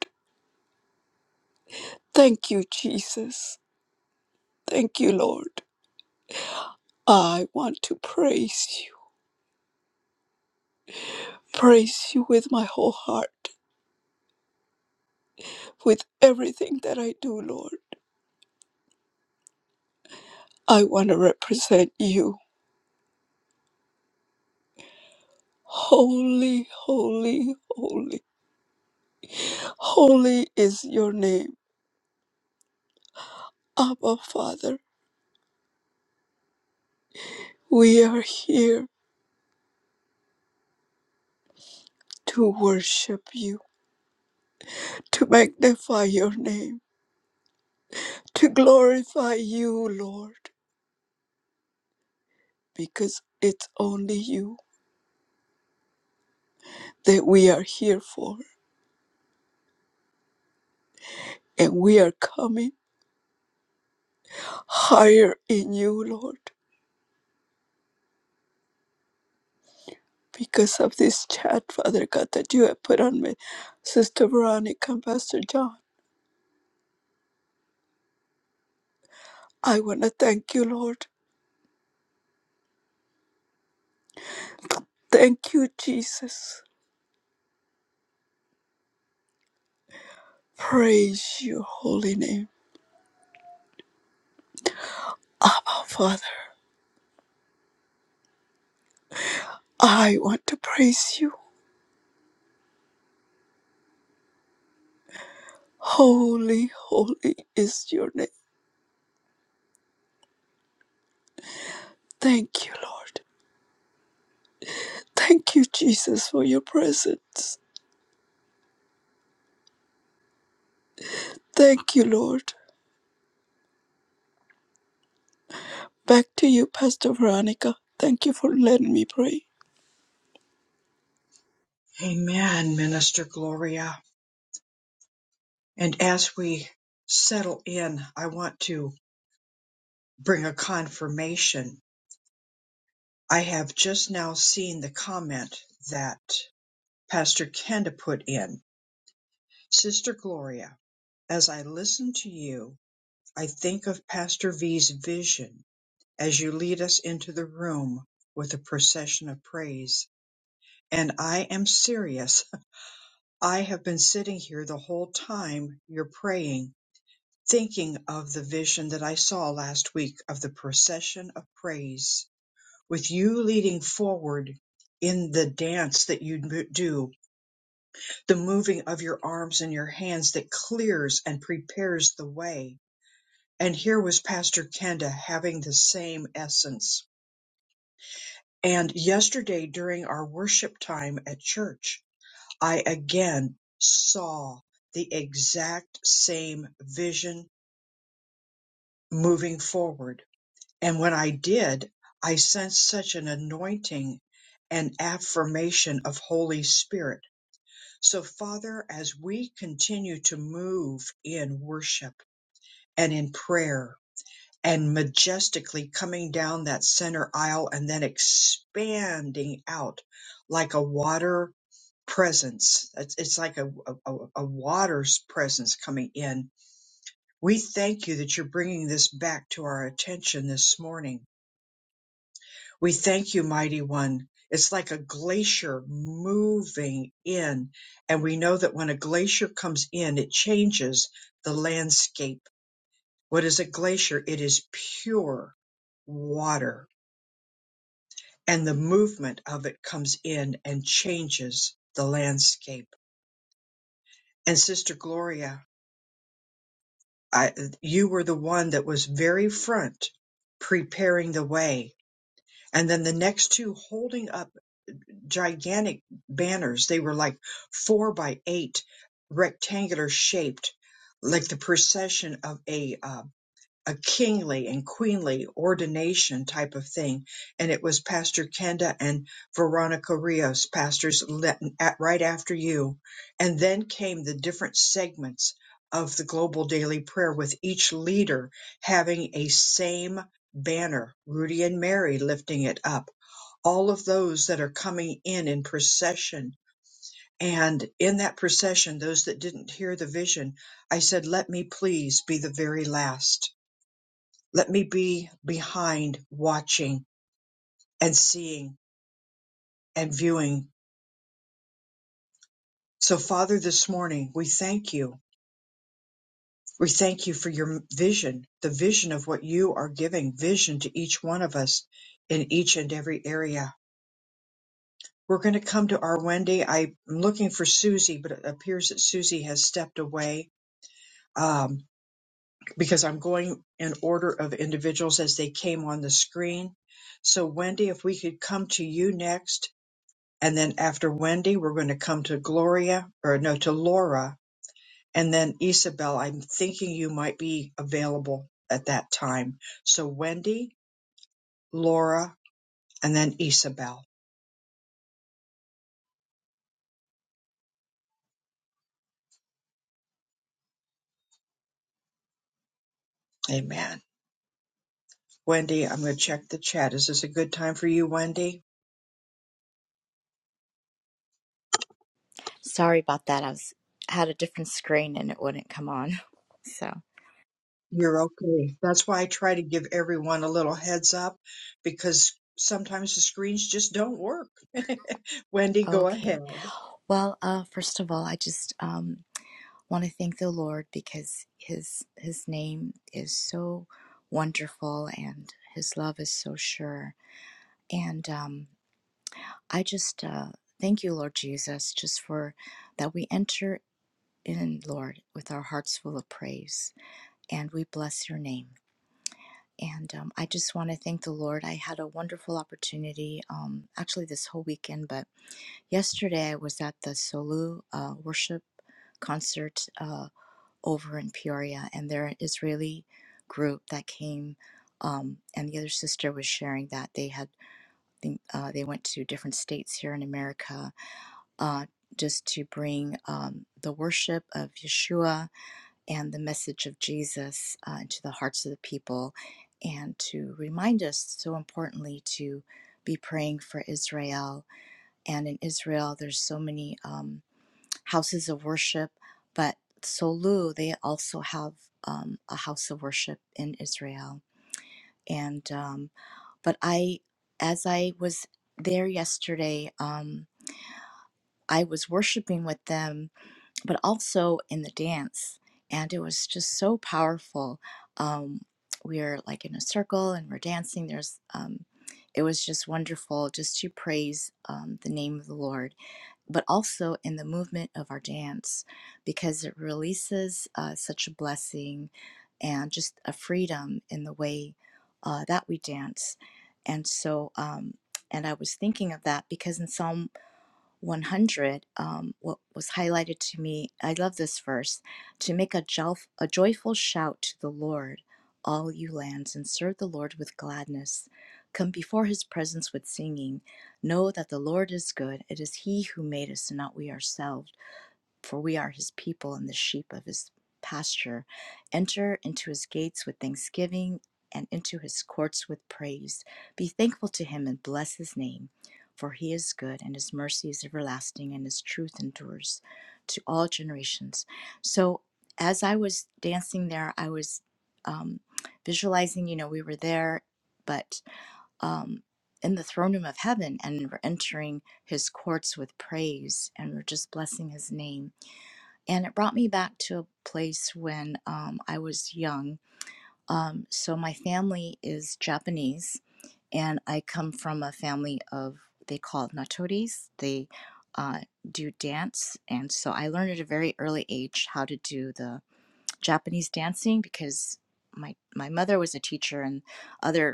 S4: Thank you, Jesus. Thank you, Lord. I want to praise you. praise you with my whole heart, with everything that I do, Lord. I want to represent you. Holy, holy, holy, holy is your name, Abba Father. We are here to worship you, to magnify your name, to glorify you, Lord, because it's only you that we are here for. And we are coming higher in you, Lord. because of this chat, Father God, that you have put on me, Sister Veronica and Pastor John. I want to thank you, Lord. Thank you, Jesus. Praise your holy name. Abba, Father, I want to praise you. Holy, holy is your name. Thank you, Lord. Thank you, Jesus, for your presence. Thank you, Lord. Back to you, Pastor Veronica. Thank you for letting me pray.
S1: Amen, Minister Gloria. And as we settle in, I want to bring a confirmation. I have just now seen the comment that Pastor Kenda put in. Sister Gloria, as I listen to you, I think of Pastor V's vision as you lead us into the room with a procession of praise. And I am serious. I have been sitting here the whole time you're praying thinking of the vision that I saw last week of the procession of praise with you leading forward in the dance that you mo- do, the moving of your arms and your hands that clears and prepares the way. And here was Pastor Kenda having the same essence. And yesterday during our worship time at church, I again saw the exact same vision moving forward And when I did, I sensed such an anointing and affirmation of Holy Spirit. So, Father, as we continue to move in worship and in prayer and majestically coming down that center aisle and then expanding out like a water presence, it's, it's like a, a, a a water's presence coming in. We thank you that you're bringing this back to our attention this morning We thank you, mighty one. It's like a glacier moving in. And we know that when a glacier comes in, it changes the landscape. What is a glacier? It is pure water. And the movement of it comes in and changes the landscape. And Sister Gloria, I, you were the one that was very front preparing the way. And then the next two holding up gigantic banners. They were like four by eight, rectangular shaped, like the procession of a uh, a kingly and queenly ordination type of thing. And it was Pastor Kenda and Veronica Rios, pastors le- at, right after you. And then came the different segments of the global daily prayer with each leader having a same banner, Rudy and Mary lifting it up all of those that are coming in in procession. And in that procession, those that didn't hear the vision, I said, Let me please be the very last. Let me be behind watching and seeing and viewing. So, Father, this morning, we thank you. We thank you for your vision, the vision of what you are giving, vision to each one of us in each and every area. We're going to come to our Wendy. I'm looking for Susie, but it appears that Susie has stepped away. um, because I'm going in order of individuals as they came on the screen. So, Wendy, if we could come to you next, and then after Wendy, we're going to come to Gloria, or no, to Laura, and then Isabel. I'm thinking you might be available at that time. So, Wendy, Laura, and then Isabel. Amen. Wendy, I'm going to check the chat. Is this a good time for you, Wendy?
S8: Sorry about that. I was had a different screen and it wouldn't come on. So,
S1: You're okay. That's why I try to give everyone a little heads up because sometimes the screens just don't work. Wendy, go
S8: okay.
S1: ahead.
S8: Well, uh first of all, I just um want to thank the Lord because his his name is so wonderful and his love is so sure. And um I just uh thank you, Lord Jesus, just for that we enter in, Lord, with our hearts full of praise and we bless your name. And um, I just want to thank the Lord. I had a wonderful opportunity, um, actually, this whole weekend, but yesterday I was at the Solu uh, worship concert uh, over in Peoria, and they're an Israeli group that came. Um, and the other sister was sharing that they had uh, they went to different states here in America uh, just to bring um, the worship of Yeshua and the message of Jesus uh, into the hearts of the people, and to remind us so importantly to be praying for Israel. And in Israel, there's so many um, houses of worship, but Solu they also have um, a house of worship in Israel. And um, but I, as I was there yesterday, um, I was worshiping with them but also in the dance. And it was just so powerful. Um, we're like in a circle and we're dancing. There's, um, it was just wonderful just to praise um, the name of the Lord, but also in the movement of our dance because it releases uh, such a blessing and just a freedom in the way uh, that we dance. And so, um, and I was thinking of that because in Psalm 100, um, what was highlighted to me, I love this verse to make a, jof- a joyful shout to the Lord, all you lands, and serve the Lord with gladness. Come before his presence with singing. Know that the Lord is good. It is he who made us and not we ourselves for we are his people and the sheep of his pasture. Enter into his gates with thanksgiving and into his courts with praise. Be thankful to him and bless his name, for he is good and his mercy is everlasting and his truth endures to all generations. So, as I was dancing there, I was um, visualizing, you know, we were there, but um, in the throne room of heaven and we're entering his courts with praise and we're just blessing his name and it brought me back to a place when um, I was young. Um, so my family is Japanese, and I come from a family of they call it nachoris. They uh, do dance, and so I learned at a very early age how to do the Japanese dancing because my my mother was a teacher, and other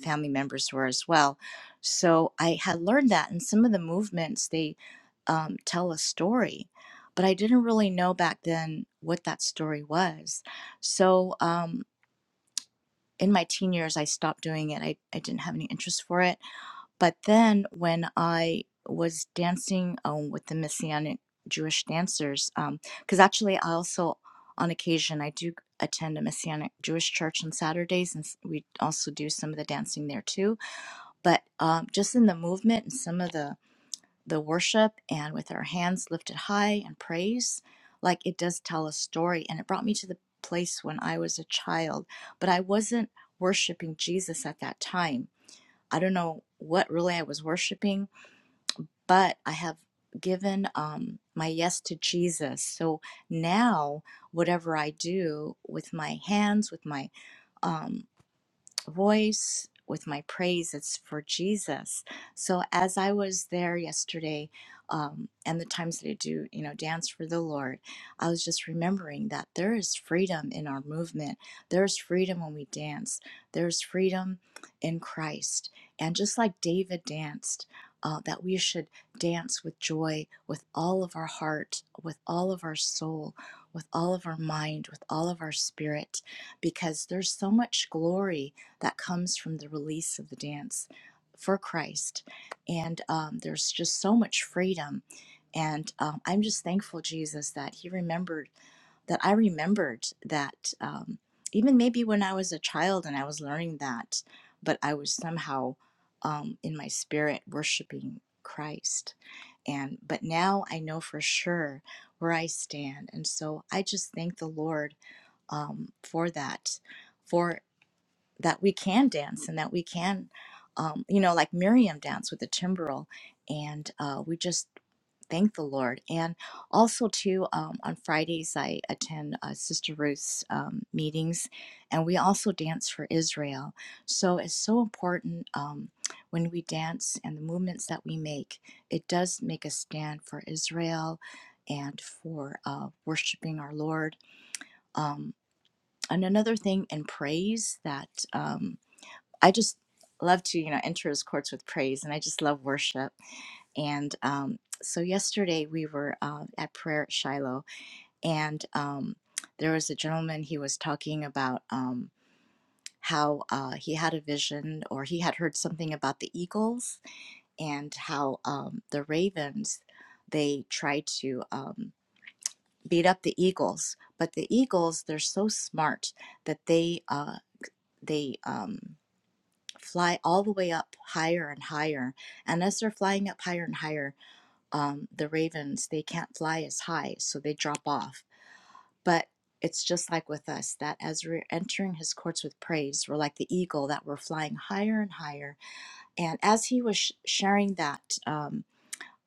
S8: family members were as well. So I had learned that, and some of the movements they um, tell a story, but I didn't really know back then what that story was. So um, in my teen years, I stopped doing it. I, I didn't have any interest for it. But then when I was dancing um, with the Messianic Jewish dancers, because actually I also on occasion I do attend a Messianic Jewish church on Saturdays, and s- we also do some of the dancing there too but um, just in the movement and some of the the worship and with our hands lifted high and praise like it does tell a story and it brought me to the place when i was a child but i wasn't worshiping jesus at that time i don't know what really i was worshiping but i have given um, my yes to jesus so now whatever i do with my hands with my um, voice, with my praise. It's for Jesus. So as I was there yesterday, um, and the times that I do, you know, dance for the Lord, I was just remembering that there is freedom in our movement. There's freedom when we dance. There's freedom in Christ. And just like David danced, uh, that we should dance with joy, with all of our heart, with all of our soul, with all of our mind, with all of our spirit, because there's so much glory that comes from the release of the dance for Christ. And um, there's just so much freedom. And um, I'm just thankful, Jesus, that He remembered that I remembered that um, even maybe when I was a child and I was learning that, but I was somehow um, in my spirit worshiping Christ. And but now I know for sure where I stand, and so I just thank the Lord um, for that, for that we can dance and that we can, um, you know, like Miriam dance with the timbrel. And uh, we just thank the Lord. And also, too, um, on Fridays, I attend uh, Sister Ruth's um, meetings and we also dance for Israel. So it's so important um, when we dance and the movements that we make, it does make a stand for Israel and for uh, worshiping our Lord. Um, and another thing in praise that. um, I just love to, you know, enter his courts with praise, and I just love worship. And um, so yesterday we were uh, at prayer at Shiloh, and um, there was a gentleman. He was talking about um, how uh, he had a vision, or he had heard something about the eagles and how um, the ravens they try to um, beat up the eagles, but the eagles they're so smart that they uh, they um, fly all the way up higher and higher. And as they're flying up higher and higher, um, the ravens, they can't fly as high, so they drop off. But it's just like with us that as we're entering his courts with praise, we're like the eagle that we're flying higher and higher. And as he was sh- sharing that, um,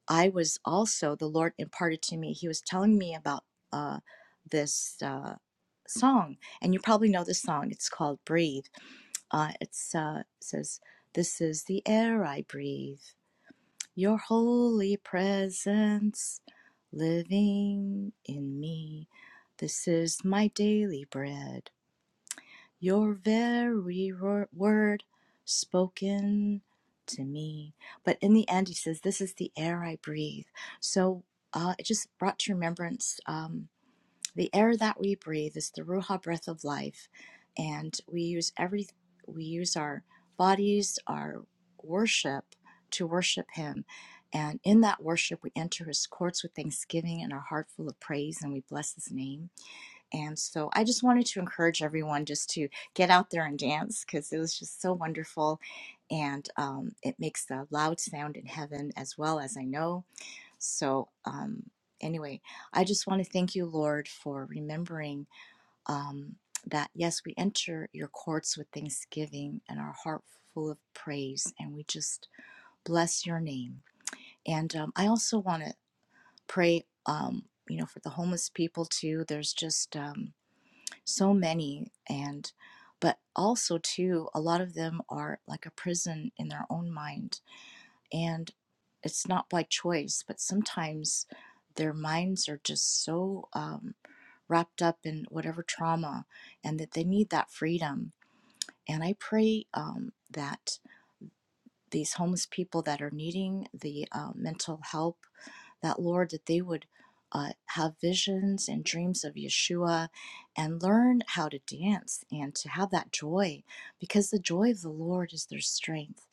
S8: I was also, the Lord imparted to me, he was telling me about uh, this uh, song. And you probably know this song. It's called Breathe. Uh, it uh, says, "This is the air I breathe, your holy presence living in me. This is my daily bread, your very word spoken to me." But in the end, he says, "This is the air I breathe." So uh, it just brought to remembrance. Um, the air that we breathe is the ruha breath of life and we use every we use our bodies our worship to worship him and in that worship we enter his courts with thanksgiving and our heart full of praise and we bless his name and so i just wanted to encourage everyone just to get out there and dance because it was just so wonderful and um, it makes a loud sound in heaven as well as i know so, um, anyway, I just want to thank you, Lord, for remembering um, that yes, we enter your courts with thanksgiving and our heart full of praise, and we just bless your name. And um, I also want to pray, um, you know, for the homeless people too. There's just um, so many, and but also too, a lot of them are like a prison in their own mind and it's not by choice, but sometimes their minds are just so um, wrapped up in whatever trauma and that they need that freedom. And I pray um, that these homeless people that are needing the uh, mental help, that Lord, that they would uh, have visions and dreams of Yeshua and learn how to dance and to have that joy because the joy of the Lord is their strength.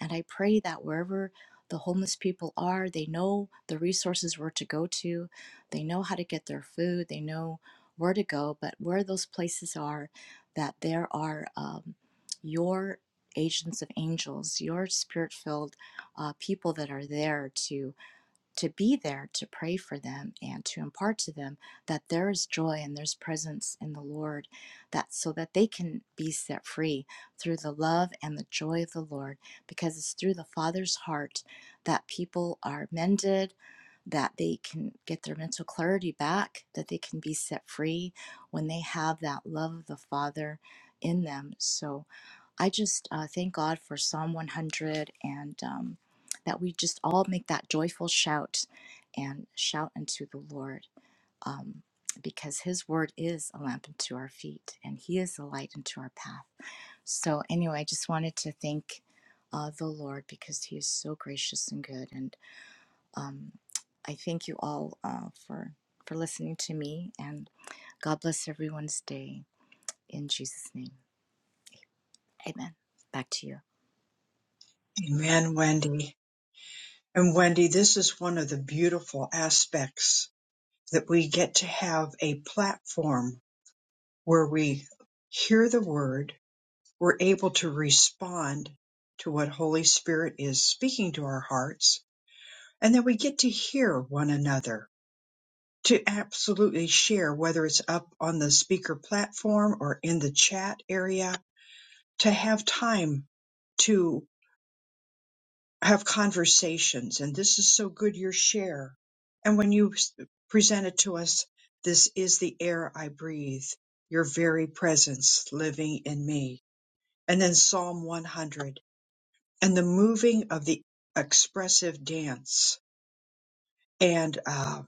S8: And I pray that wherever the homeless people are, they know the resources where to go to, they know how to get their food, they know where to go, but where those places are, that there are um, your agents of angels, your spirit filled uh, people that are there to, to be there to pray for them and to impart to them that there is joy and there's presence in the Lord, that so that they can be set free through the love and the joy of the Lord, because it's through the Father's heart that people are mended, that they can get their mental clarity back, that they can be set free when they have that love of the Father in them. So, I just uh, thank God for Psalm 100 and um, that we just all make that joyful shout and shout unto the Lord um, because His word is a lamp unto our feet and He is a light unto our path. So, anyway, I just wanted to thank uh, the Lord because He is so gracious and good. And um, I thank you all uh, for, for listening to me and God bless everyone's day in Jesus' name. Amen. Back to you.
S1: Amen, Wendy. And Wendy, this is one of the beautiful aspects that we get to have a platform where we hear the word, we're able to respond to what Holy Spirit is speaking to our hearts, and then we get to hear one another to absolutely share, whether it's up on the speaker platform or in the chat area, to have time to have conversations. And this is so good, your share. And when you s- present it to us, this is the air I breathe, your very presence living in me. And then Psalm 100 and the moving of the expressive dance and uh,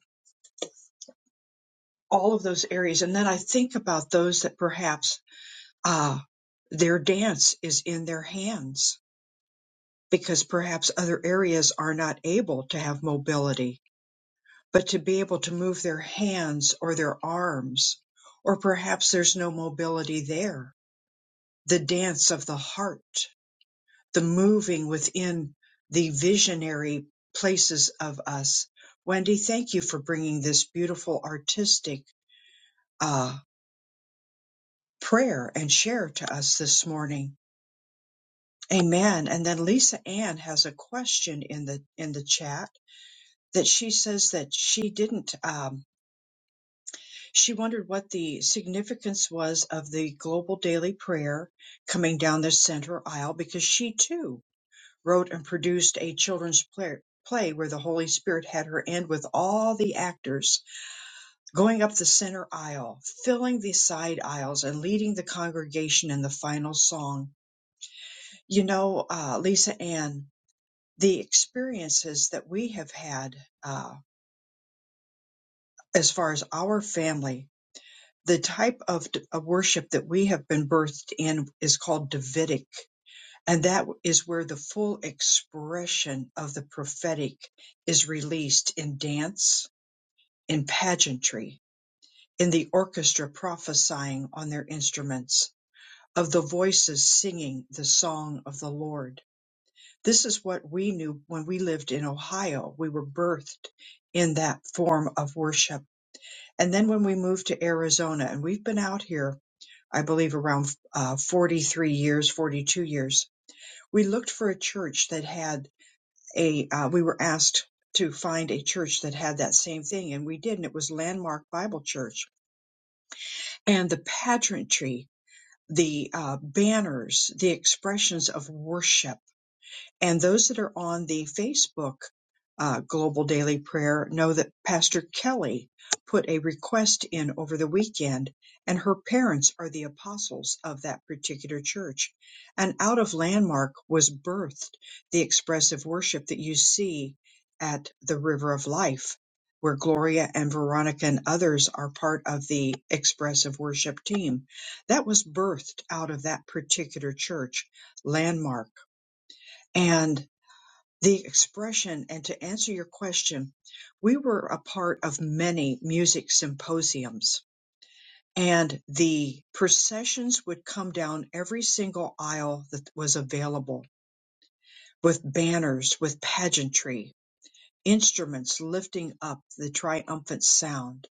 S1: all of those areas. And then I think about those that perhaps Ah, their dance is in their hands because perhaps other areas are not able to have mobility, but to be able to move their hands or their arms, or perhaps there's no mobility there. The dance of the heart, the moving within the visionary places of us. Wendy, thank you for bringing this beautiful artistic uh, prayer and share to us this morning. Amen. And then Lisa Ann has a question in the in the chat that she says that she didn't. Um, she wondered what the significance was of the global daily prayer coming down the center aisle because she too wrote and produced a children's play, play where the Holy Spirit had her end with all the actors going up the center aisle, filling the side aisles, and leading the congregation in the final song. You know, uh, Lisa Ann. the experiences that we have had uh, as far as our family, the type of d- of worship that we have been birthed in is called Davidic. And that is where the full expression of the prophetic is released in dance, in pageantry, in the orchestra prophesying on their instruments, of the voices singing the song of the Lord This is what we knew when we lived in Ohio. We were birthed in that form of worship. And then when we moved to Arizona, and we've been out here, I believe, around uh, 43 years, 42 years, we looked for a church that had a, uh, we were asked to find a church that had that same thing, and we did, and it was Landmark Bible Church. And the pageantry, the uh, banners, the expressions of worship And those that are on the Facebook uh, Global Daily Prayer know that Pastor Kelly put a request in over the weekend, and her parents are the apostles of that particular church. And out of Landmark was birthed the expressive worship that you see at the River of Life, where Gloria and Veronica and others are part of the expressive worship team. That was birthed out of that particular church, Landmark. And the expression and to answer your question, we were a part of many music symposiums and the processions would come down every single aisle that was available with banners, with pageantry, instruments lifting up the triumphant sound.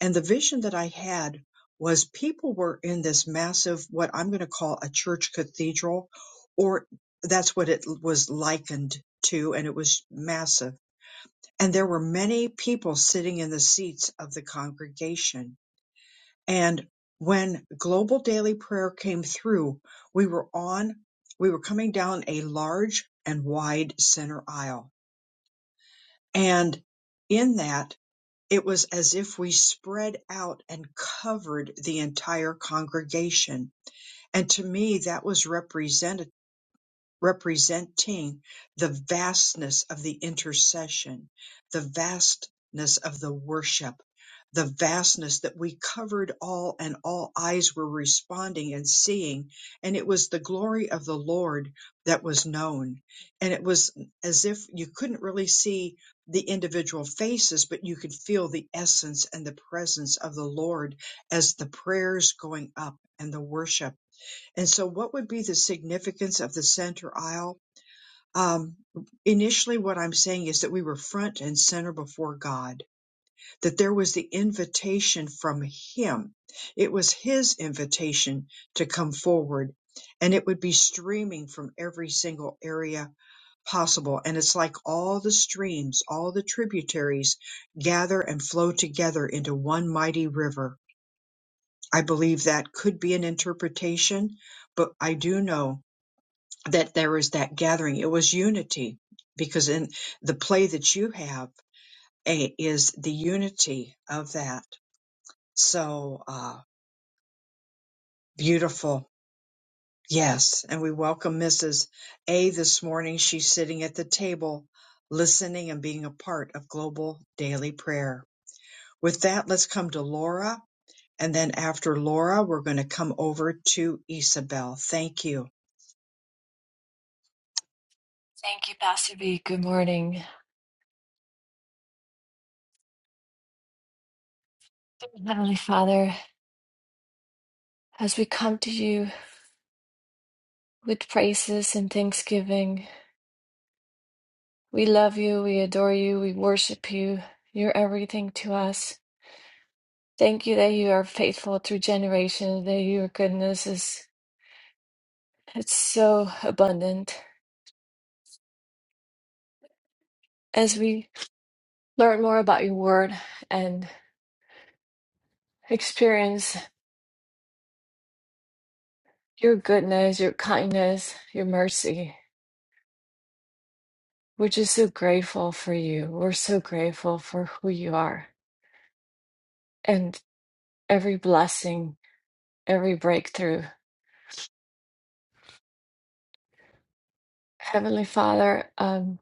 S1: And the vision that I had was people were in this massive, what I'm going to call a church cathedral, or that's what it was likened to, and it was massive and there were many people sitting in the seats of the congregation. And when global daily prayer came through, we were on, we were coming down a large and wide center aisle. And in that, it was as if we spread out and covered the entire congregation. And to me, that was representative representing the vastness of the intercession, the vastness of the worship, the vastness that we covered all and all eyes were responding and seeing. And it was the glory of the Lord that was known. And it was as if you couldn't really see the individual faces, but you could feel the essence and the presence of the Lord as the prayers going up and the worship and so, what would be the significance of the center aisle? Um, initially, what I'm saying is that we were front and center before God, that there was the invitation from Him. It was His invitation to come forward, and it would be streaming from every single area possible. And it's like all the streams, all the tributaries gather and flow together into one mighty river. I believe that could be an interpretation, but I do know that there was that gathering. It was unity because in the play that you have a, is the unity of that. So uh, beautiful. Yes. And we welcome Mrs. A this morning. She's sitting at the table, listening and being a part of global daily prayer. With that, let's come to Laura. And then after Laura, we're going to come over to Isabel. Thank you.
S9: Thank you, Pastor B. Good morning. Heavenly Father, as we come to you with praises and thanksgiving, we love you, we adore you, we worship you. You're everything to us. Thank you that you are faithful through generations, that your goodness is it's so abundant. As we learn more about your word and experience your goodness, your kindness, your mercy, we're just so grateful for you. We're so grateful for who you are. and. every blessing, every breakthrough. Heavenly Father, um,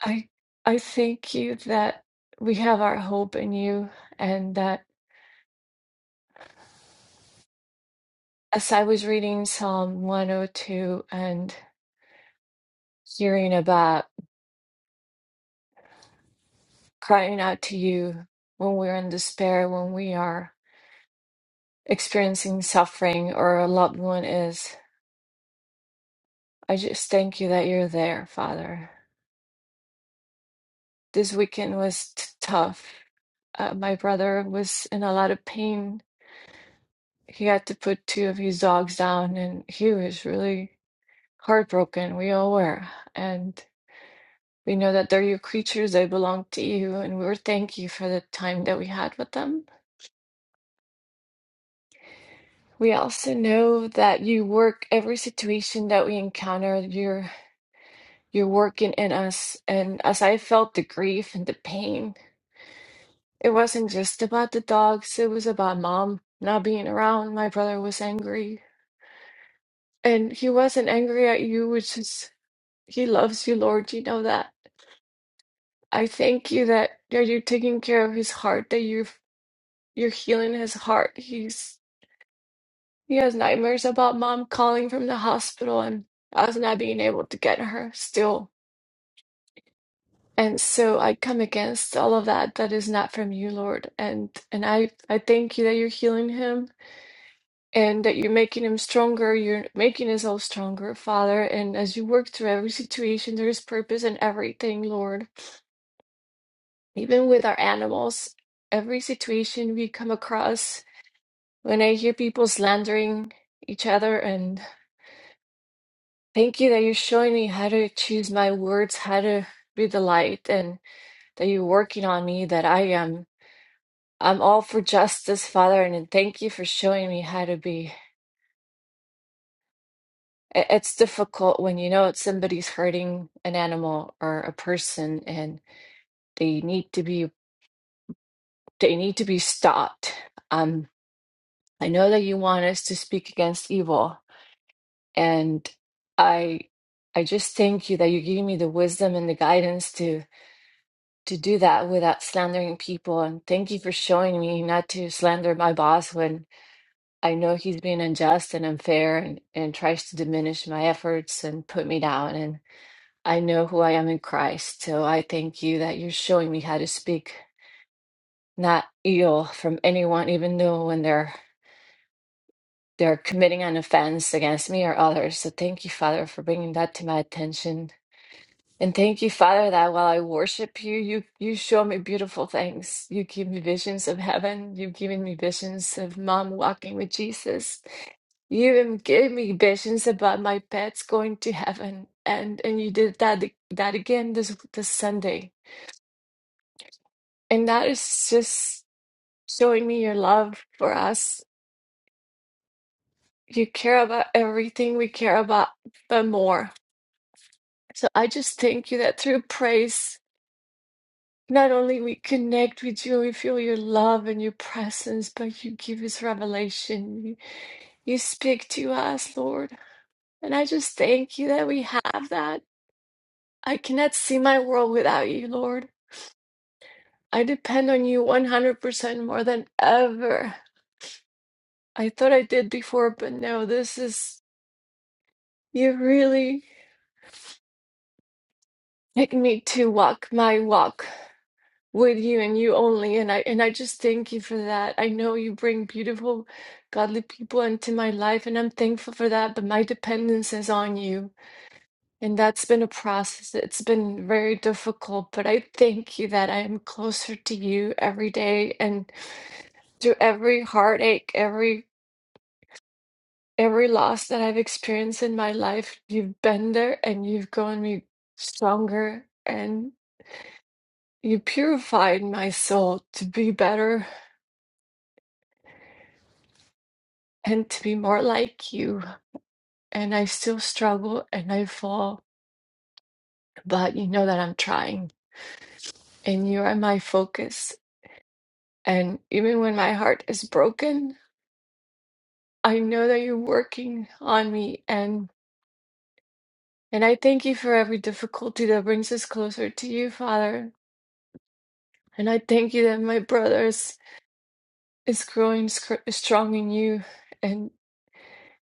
S9: I I thank you that we have our hope in you, and that as I was reading Psalm 102 and hearing about crying out to you when we're in despair, when we are experiencing suffering or a loved one is, I just thank you that you're there, Father. This weekend was t- tough. Uh, my brother was in a lot of pain he had to put two of his dogs down and he was really heartbroken we all were and we know that they're your creatures they belong to you and we are thank you for the time that we had with them we also know that you work every situation that we encounter you're you're working in us and as i felt the grief and the pain it wasn't just about the dogs it was about mom not being around my brother was angry and he wasn't angry at you which is He loves you, Lord. You know that. I thank you that, that you're taking care of his heart, that you're you're healing his heart. He's he has nightmares about mom calling from the hospital and us not being able to get her still. And so I come against all of that that is not from you, Lord. And and I I thank you that you're healing him and that you're making him stronger. You're making us all stronger, Father. And as you work through every situation, there is purpose in everything, Lord. even with our animals, every situation we come across, when I hear people slandering each other, and thank you that you're showing me how to choose my words, how to be the light, and that you're working on me, that I am. I'm all for justice, Father, and thank you for showing me how to be. I- It's difficult when you know it's somebody's hurting an animal or a person, and they need to be they need to be stopped. Um, I know that you want us to speak against evil, and i i just thank you that you're giving me the wisdom and the guidance to to do that without slandering people and thank you for showing me not to slander my boss when i know he's being unjust and unfair and and tries to diminish my efforts and put me down and i know who i am in christ so i thank you that you're showing me how to speak not ill from anyone even though when they're they're committing an offense against me or others so thank you father for bringing that to my attention And thank you, Father, that while I worship you, you you show me beautiful things. You give me visions of heaven. You've given me visions of mom walking with Jesus. You even gave me visions about my pets going to heaven. And and you did that that again this this Sunday. And that is just showing me your love for us. You care about everything we care about, but more. So I just thank you that through praise. Not only we connect with you, we feel your love and your presence, but you give us revelation. You, you speak to us, Lord. And I just thank you that we have that. I cannot see my world without you, Lord. I depend on you 100% more than ever. I thought I did before, but no, this is, you really make me to walk my walk. with you and you only and I and I just thank you for that. I know you bring beautiful godly people into my life and I'm thankful for that, but my dependence is on you. And that's been a process. It's been very difficult, but I thank you that I am closer to you every day and through every heartache, every every loss that I've experienced in my life, you've been there and you've grown me stronger and you purified my soul to be better and to be more like you. And I still struggle and I fall, but you know that I'm trying and you are my focus. And even when my heart is broken, I know that you're working on me and and I thank you for every difficulty that brings us closer to you, Father. And I thank you that my brothers. is growing scr- strong in you. And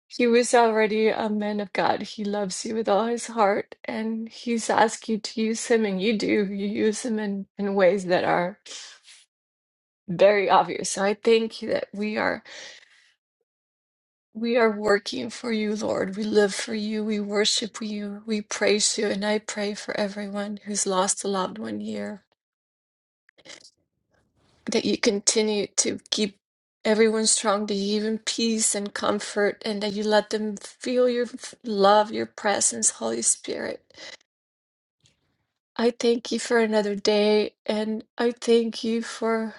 S9: he was already a man of God. He loves you with all his heart, and he's asked you to use him, and you do. You use him in, in ways that are very obvious. So I thank you that we are we are working for you, Lord. We live for you. We worship you. We praise you. And I pray for everyone who's lost a loved one here. that you continue to keep everyone strong, that you give them peace and comfort, and that you let them feel your f- love, your presence, Holy Spirit. I thank you for another day, and I thank you for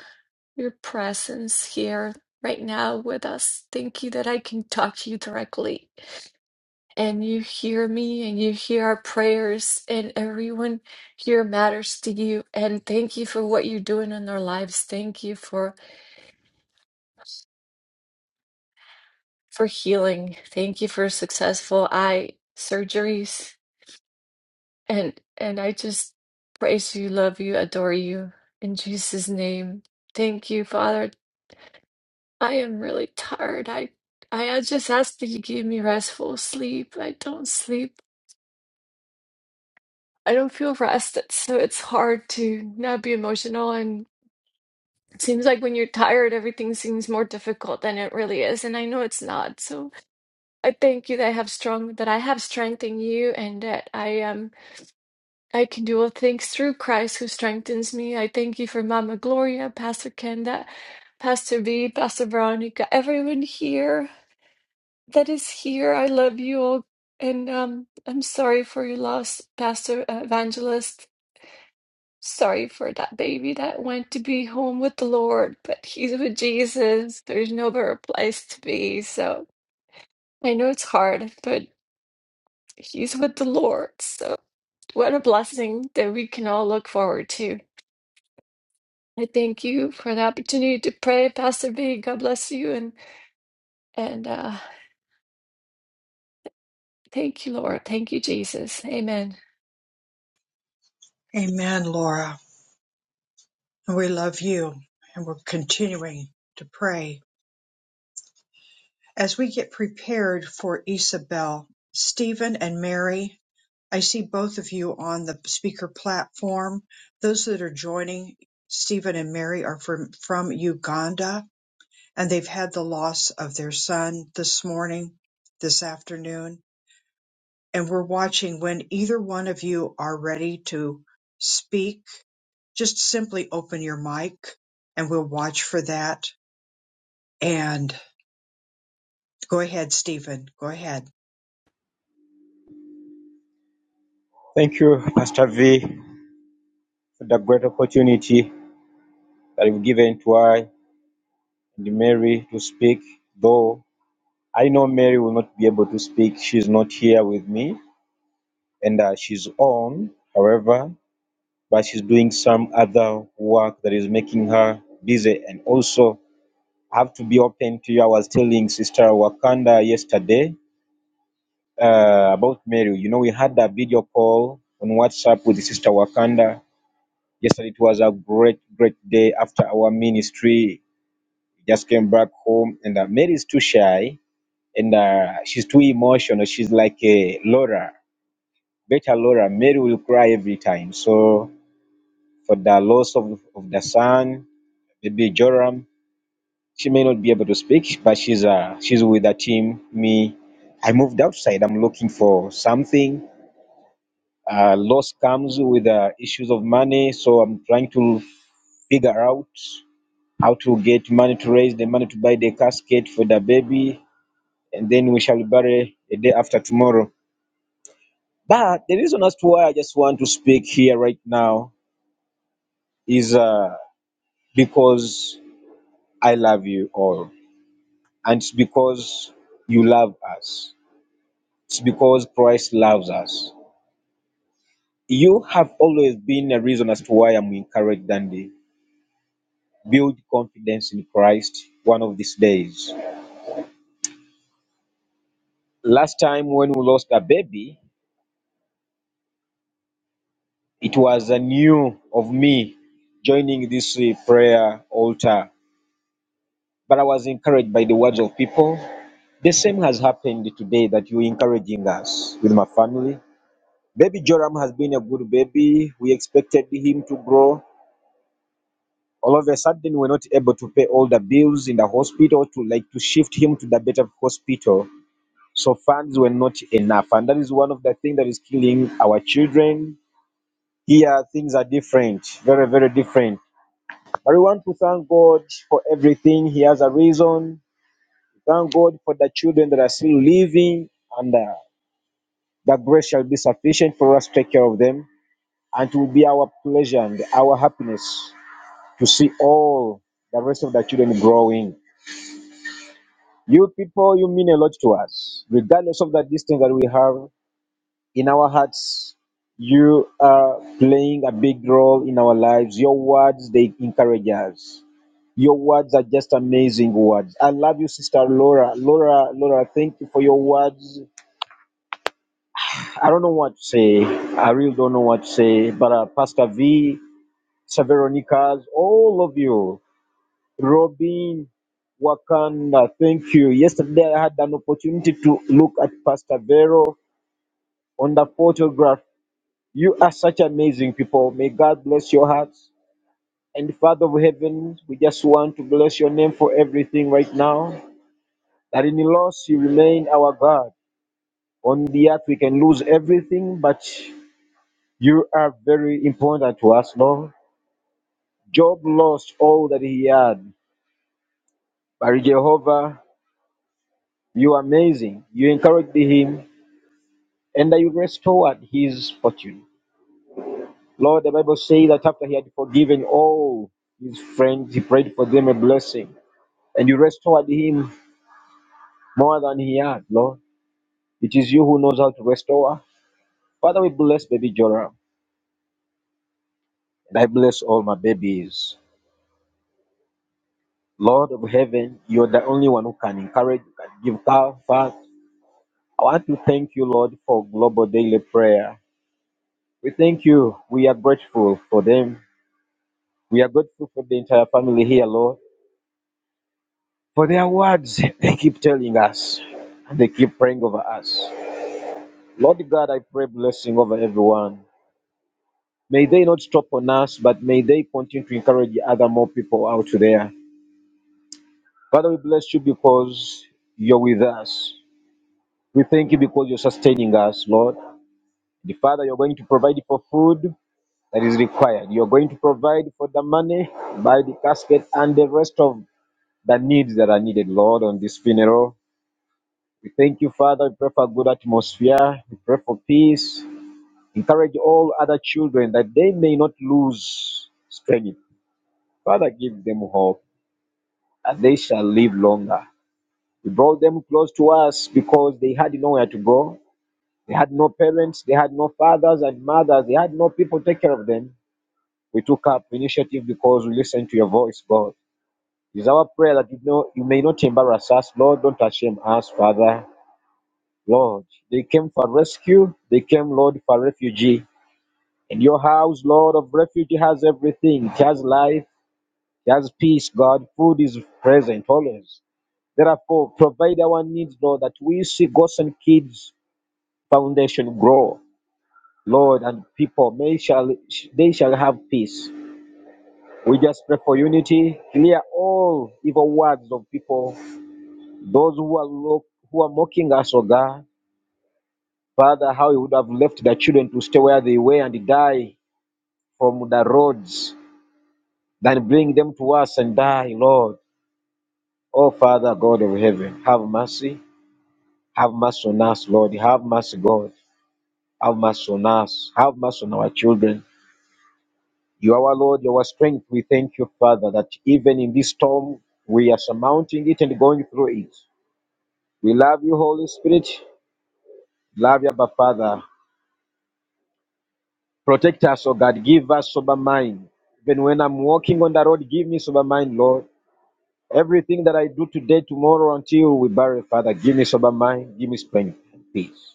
S9: your presence here right now with us. Thank you that I can talk to you directly and you hear me and you hear our prayers and everyone here matters to you. And thank you for what you're doing in our lives. Thank you for for healing. Thank you for successful eye surgeries. And and I just praise you, love you, adore you in Jesus' name. Thank you, Father. I am really tired. I I just ask that you give me restful sleep. I don't sleep. I don't feel rested, so it's hard to not be emotional and it seems like when you're tired everything seems more difficult than it really is and I know it's not. So I thank you that I have strong that I have strength in you and that I am I can do all things through Christ who strengthens me. I thank you for Mama Gloria, Pastor Kenda, Pastor B, Pastor Veronica, everyone here that is here. I love you all. And um, I'm sorry for your loss, Pastor Evangelist. Sorry for that baby that went to be home with the Lord, but he's with Jesus. There's no better place to be. So I know it's hard, but he's with the Lord. So what a blessing that we can all look forward to. I thank you for the opportunity to pray, Pastor B. God bless you and and uh thank you, Lord. Thank you, Jesus. Amen.
S1: Amen, Laura. We love you. And we're continuing to pray As we get prepared for Isabel, Stephen and Mary, I see both of you on the speaker platform. Those that are joining, Stephen and Mary are from, from Uganda and they've had the loss of their son this morning, this afternoon. And we're watching when either one of you are ready to speak, just simply open your mic and we'll watch for that. And go ahead, Stephen. Go ahead.
S10: Thank you, Pastor V, for the great opportunity that you've given to I and Mary to speak. Though I know Mary will not be able to speak, she's not here with me and uh, she's on, however, but she's doing some other work that is making her busy. And also, I have to be open to you. I was telling Sister Wakanda yesterday uh, about Mary. You know, we had a video call on WhatsApp with Sister Wakanda Yesterday it was a great, great day after our ministry. Just came back home, and uh, Mary's too shy and uh, she's too emotional. She's like a Laura, better Laura. Mary will cry every time. So for the loss of, of the son, maybe Joram, she may not be able to speak, but she's uh, she's with the team. Me, I moved outside. I'm looking for something uh, loss comes with uh, issues of money. So I'm trying to figure out. how to get money to raise the money to buy the casket for the baby, and then we shall bury the day after tomorrow. But the reason as to why I just want to speak here right now is uh, because I love you all, and it's because you love us. It's because Christ loves us. You have always been a reason as to why I'm encouraged, Dandy. Build confidence in Christ one of these days. Last time when we lost a baby, It was uh, new of me joining this uh, prayer altar, but I was encouraged by the words of people. The same has happened today that you're encouraging us with my family. Baby Joram has been a good baby. We expected him to grow. All of a sudden, we're not able to pay all the bills in the hospital to like to shift him to the better hospital. So funds were not enough, and that is one of the things that is killing our children. Here, things are different, very, very different But we want to thank God for everything. He has a reason. Thank God for the children that are still living, and uh, that grace shall be sufficient for us to take care of them. And it will be our pleasure and our happiness to see all the rest of the children growing. You people, you mean a lot to us, regardless of the distance that we have. in our hearts. You are playing a big role in our lives. Your words, they encourage us. Your words are just amazing words. I love you, Sister Laura. Laura, Laura, thank you for your words. I don't know what to say. I really don't know what to say. But uh, Pastor V, Saveronicas, all of you, Robin, Wakanda, thank you. Yesterday I had an opportunity to look at Pastor Vero on the photograph You are such amazing people. May God bless your hearts. And Father of heaven, we just want to bless your name for everything right now. That in the loss you remain our God. On the earth we can lose everything, but you are very important to us, Lord. Job lost all that he had, but Jehovah, you are amazing. You encouraged him, and you restored his fortune. Lord, the Bible says that after he had forgiven all his friends, he prayed for them a blessing. and you restored him more than he had, Lord. It is you who knows how to restore. Father, we bless baby Joram, and I bless all my babies. Lord of heaven, you're the only one who can encourage, who can give comfort. I want to thank you, Lord, for global daily prayer. We thank you. We are grateful for them. We are grateful for the entire family here, Lord, for their words they keep telling us and they keep praying over us. Lord God, I pray blessing over everyone. May they not stop on us, but may they continue to encourage other more people out there. Father, we bless you because you're with us. We thank you because you're sustaining us, Lord. The Father, you're going to provide for food that is required. You're going to provide for the money, buy the casket, and the rest of the needs that are needed, Lord, on this funeral. We thank you, Father. We pray for a good atmosphere. We pray for peace. Encourage all other children that they may not lose strength. Father, give them hope. and they shall live longer. He brought them close to us because they had nowhere to go. They had no parents, they had no fathers and mothers, they had no people take care of them. We took up initiative because we listened to your voice, God. It is our prayer that you know you may not embarrass us, Lord. Don't shame us, Father. Lord, they came for rescue, they came, Lord, for refugee. And your house, Lord of refuge, has everything. It has life, it has peace, God. Food is present always. Therefore, provide our needs, Lord, that we see Ghosts Kids Foundation grow, Lord, and people may shall they shall have peace. We just pray for unity, clear all evil words of people, those who are look, who are mocking us, O God. Father, how you would have left the children to stay where they were and die from the roads, then bring them to us and die, Lord. Oh, Father, God of heaven, have mercy. Have mercy on us, Lord. Have mercy, God. Have mercy on us. Have mercy on our children. You are our Lord, you are our strength. We thank you, Father, that even in this storm, we are surmounting it and going through it. We love you, Holy Spirit. Love you, Abba Father. Protect us, O God. Give us sober mind. Even when I'm walking on the road, give me sober mind, Lord. Everything that I do today, tomorrow, until we bury, Father, give me sober mind, give me strength and peace.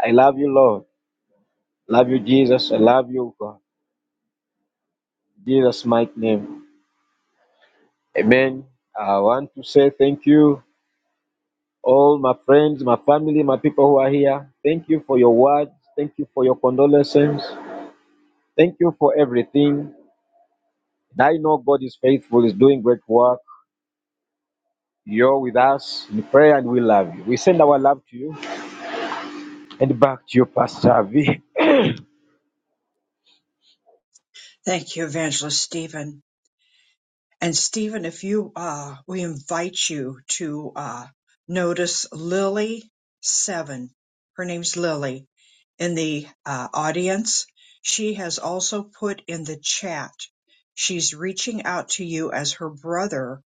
S10: I love you, Lord. Love you, Jesus. I love you, God. In Jesus' mighty name. Amen. I want to say thank you, all my friends, my family, my people who are here. Thank you for your words. Thank you for your condolences. Thank you for everything. And I know God is faithful, is doing great work. You're with us in prayer and we love you. We send our love to you and back to you, Pastor V.
S1: Thank you, Evangelist Stephen. And Stephen, if you, uh, we invite you to uh, notice Lily Seven. Her name's Lily in the uh, audience. She has also put in the chat. She's reaching out to you as her brother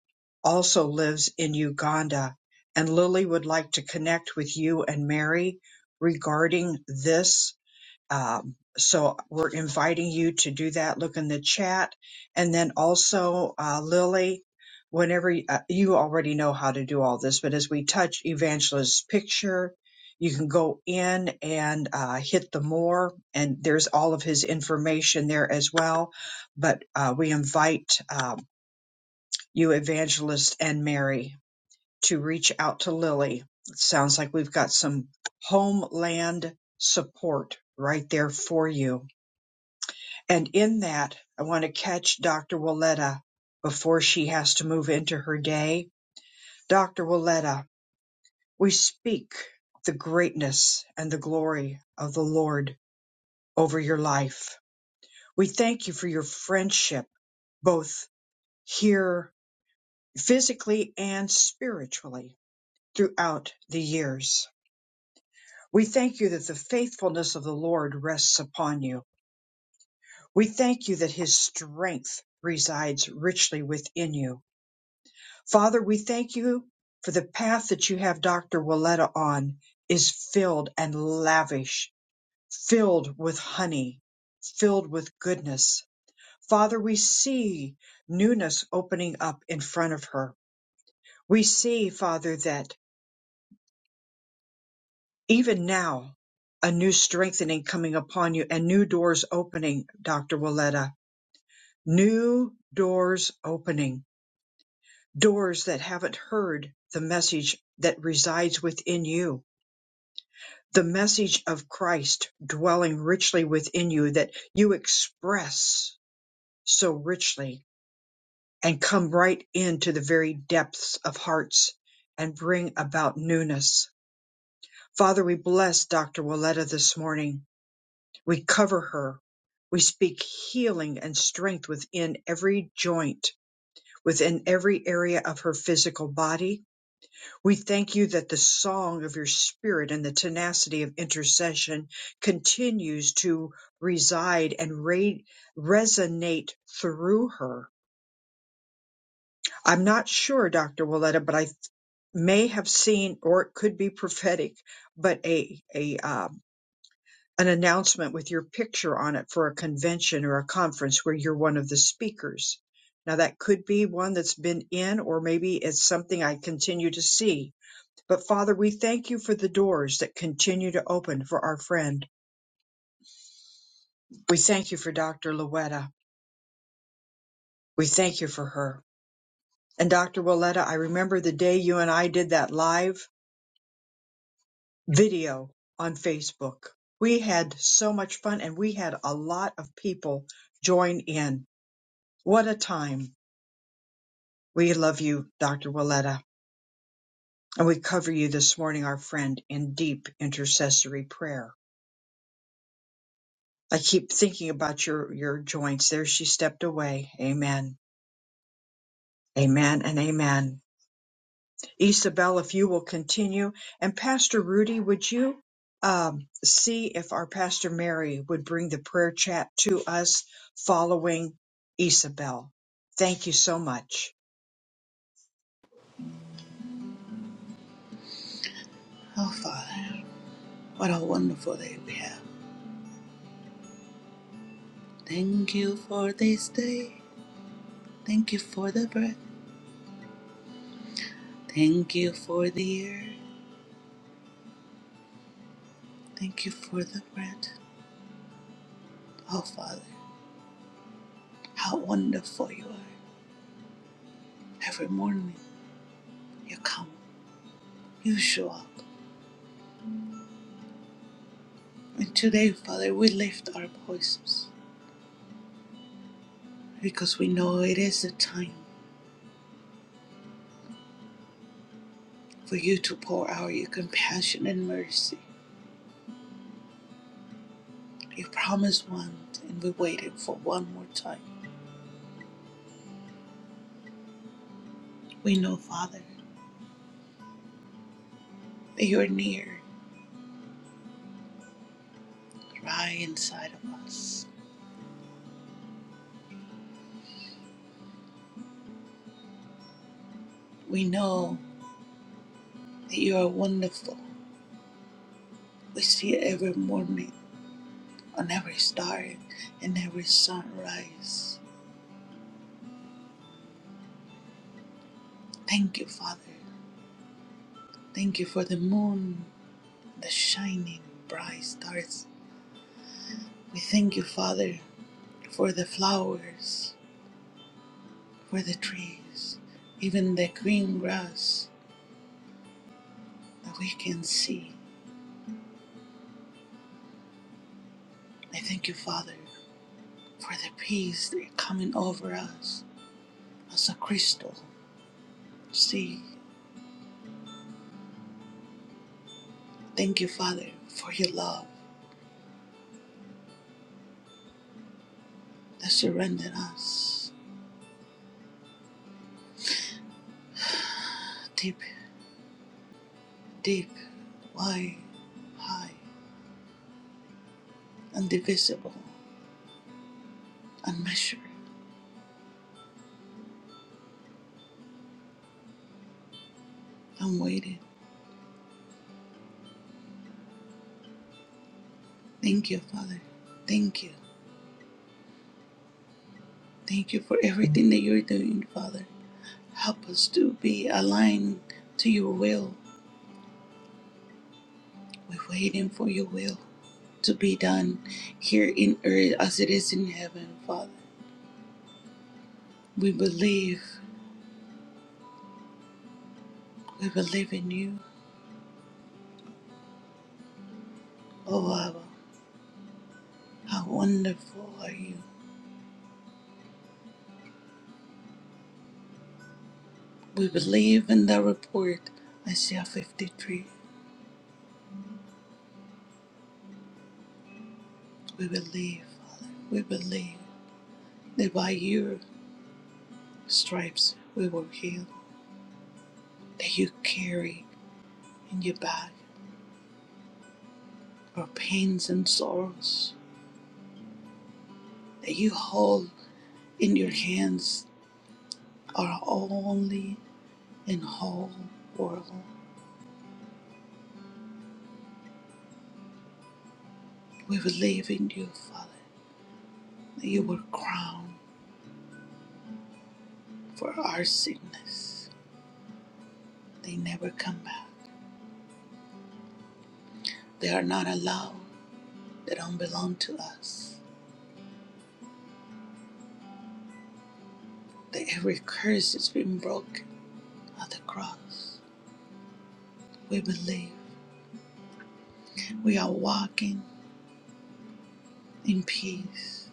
S1: also lives in Uganda. And Lily would like to connect with you and Mary regarding this um, so we're inviting you to do that. Look in the chat. And then also, uh, Lily, whenever you, uh, you already know how to do all this, but as we touch Evangelist's picture, you can go in and uh, hit the more, and there's all of his information there as well. But uh, we invite um, you, Evangelist and Mary, to reach out to Lily. It sounds like we've got some homeland support right there for you and in that, I want to catch Dr. Willetta before she has to move into her day. Dr. Willetta, we speak the greatness and the glory of the Lord over your life. We thank you for your friendship, both here physically and spiritually throughout the years. We thank you that the faithfulness of the Lord rests upon you. We thank you that his strength resides richly within you Father, we thank you for the path that you have Dr. Willetta on is filled and lavish, filled with honey, filled with goodness. Father, we see newness opening up in front of her. We see, Father, that even now, a new strengthening coming upon you and new doors opening, Dr. Willetta. New doors opening, doors that haven't heard the message that resides within you the message of Christ dwelling richly within you that you express so richly and come right into the very depths of hearts and bring about newness. Father, we bless Dr. Willetta this morning. We cover her. We speak healing and strength within every joint, within every area of her physical body, We thank you that the song of your spirit and the tenacity of intercession continues to reside and re- resonate through her. I'm not sure, Dr. Willetta, but I th- may have seen, or it could be prophetic, but a, a, um, an announcement with your picture on it for a convention or a conference where you're one of the speakers. Now that could be one that's been in, or maybe it's something I continue to see But Father, we thank you for the doors that continue to open for our friend. We thank you for Dr. Louetta. We thank you for her. And Dr. Willetta, I remember the day you and I did that live video on Facebook. We had so much fun and we had a lot of people join in. What a time. We love you, Dr. Willetta. And we cover you this morning, our friend, in deep intercessory prayer. I keep thinking about your, your joints. There she stepped away. Amen. Amen and amen. Isabel, if you will continue, and Pastor Rudy, would you um, see if our Pastor Mary would bring the prayer chat to us following Isabel? Thank you so much.
S11: Oh, Father, what a wonderful day we have. Thank you for this day. Thank you for the breath. Thank you for the air. Thank you for the breath. Oh, Father, how wonderful you are. Every morning you come, you show up. And today, Father, we lift our voices because we know it is the time for you to pour out your compassion and mercy. You promised one, and we waited for one more time. We know, Father, that you're near. dry inside of us. We know that you are wonderful. We see it every morning, on every star, and every sunrise. Thank you, Father. Thank you for the moon, the shining bright stars. We thank you, Father, for the flowers, for the trees, even the green grass that we can see. I thank you, Father, for the peace that is coming over us as a crystal sea Thank you, Father, for your love that surrendered us deep, deep, wide, high, indivisible, unmeasured, unweighted. Thank you, Father. Thank you. Thank you for everything that you're doing, Father. Help us to be aligned to your will. We're waiting for your will to be done here in earth as it is in heaven, Father. We believe, we believe in you, oh Abba. How wonderful are you? We believe in the report, Isaiah 53. We believe, Father. We believe that by your stripes we were healed, that you carry in your back our pains and sorrows, that you hold in your hands our only and whole world. We believe in you, Father, that you were crowned for our sickness. They never come back. They are not allowed. They don't belong to us. that every curse has been broken at the cross. We believe we are walking in peace.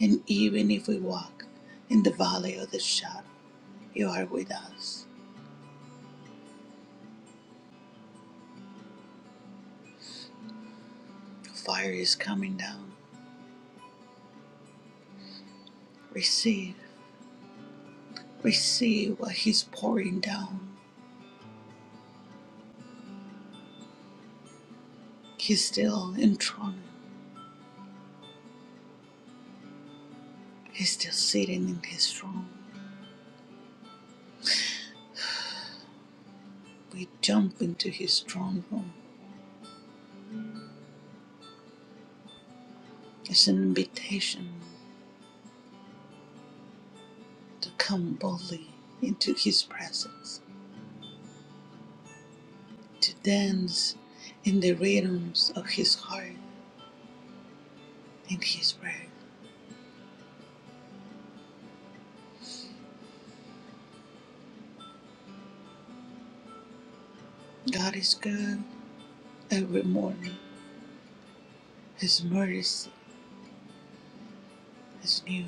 S11: And even if we walk in the valley of the shadow, you are with us. The fire is coming down. Receive, receive what He's pouring down. He's still enthroned. He's still sitting in His throne. We jump into His throne room. It's an invitation to come boldly into His presence to dance in the rhythms of his heart and his prayer. God is good every morning. His mercy is new.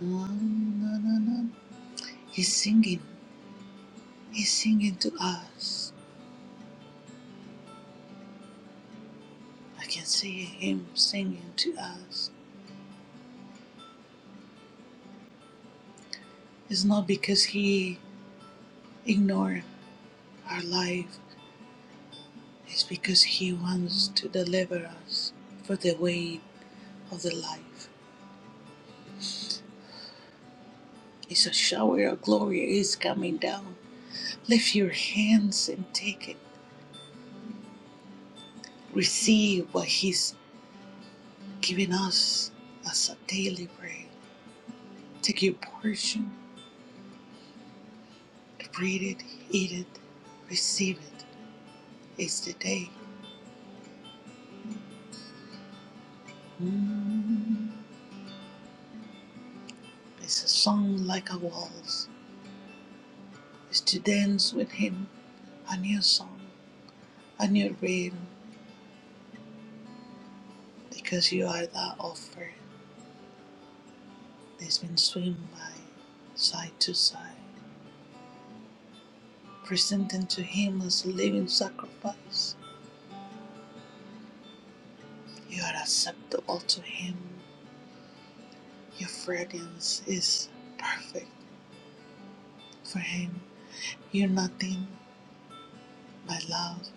S11: Na, na, na, na. He's singing. He's singing to us. I can see him singing to us. It's not because he ignored our life. It's because he wants to deliver us for the weight of the life. It's a shower of glory is coming down Lift your hands and take it. Receive what He's given us as a daily bread. Take your portion, breathe it, eat it, receive it. It's the day. Mm. It's a song like a waltz. It's to dance with Him, a new song, a new rhythm, because you are that offer that's been swinged by side to side, presenting to Him as a living sacrifice You are acceptable to Him. Your fragrance is perfect for Him. You're nothing but love,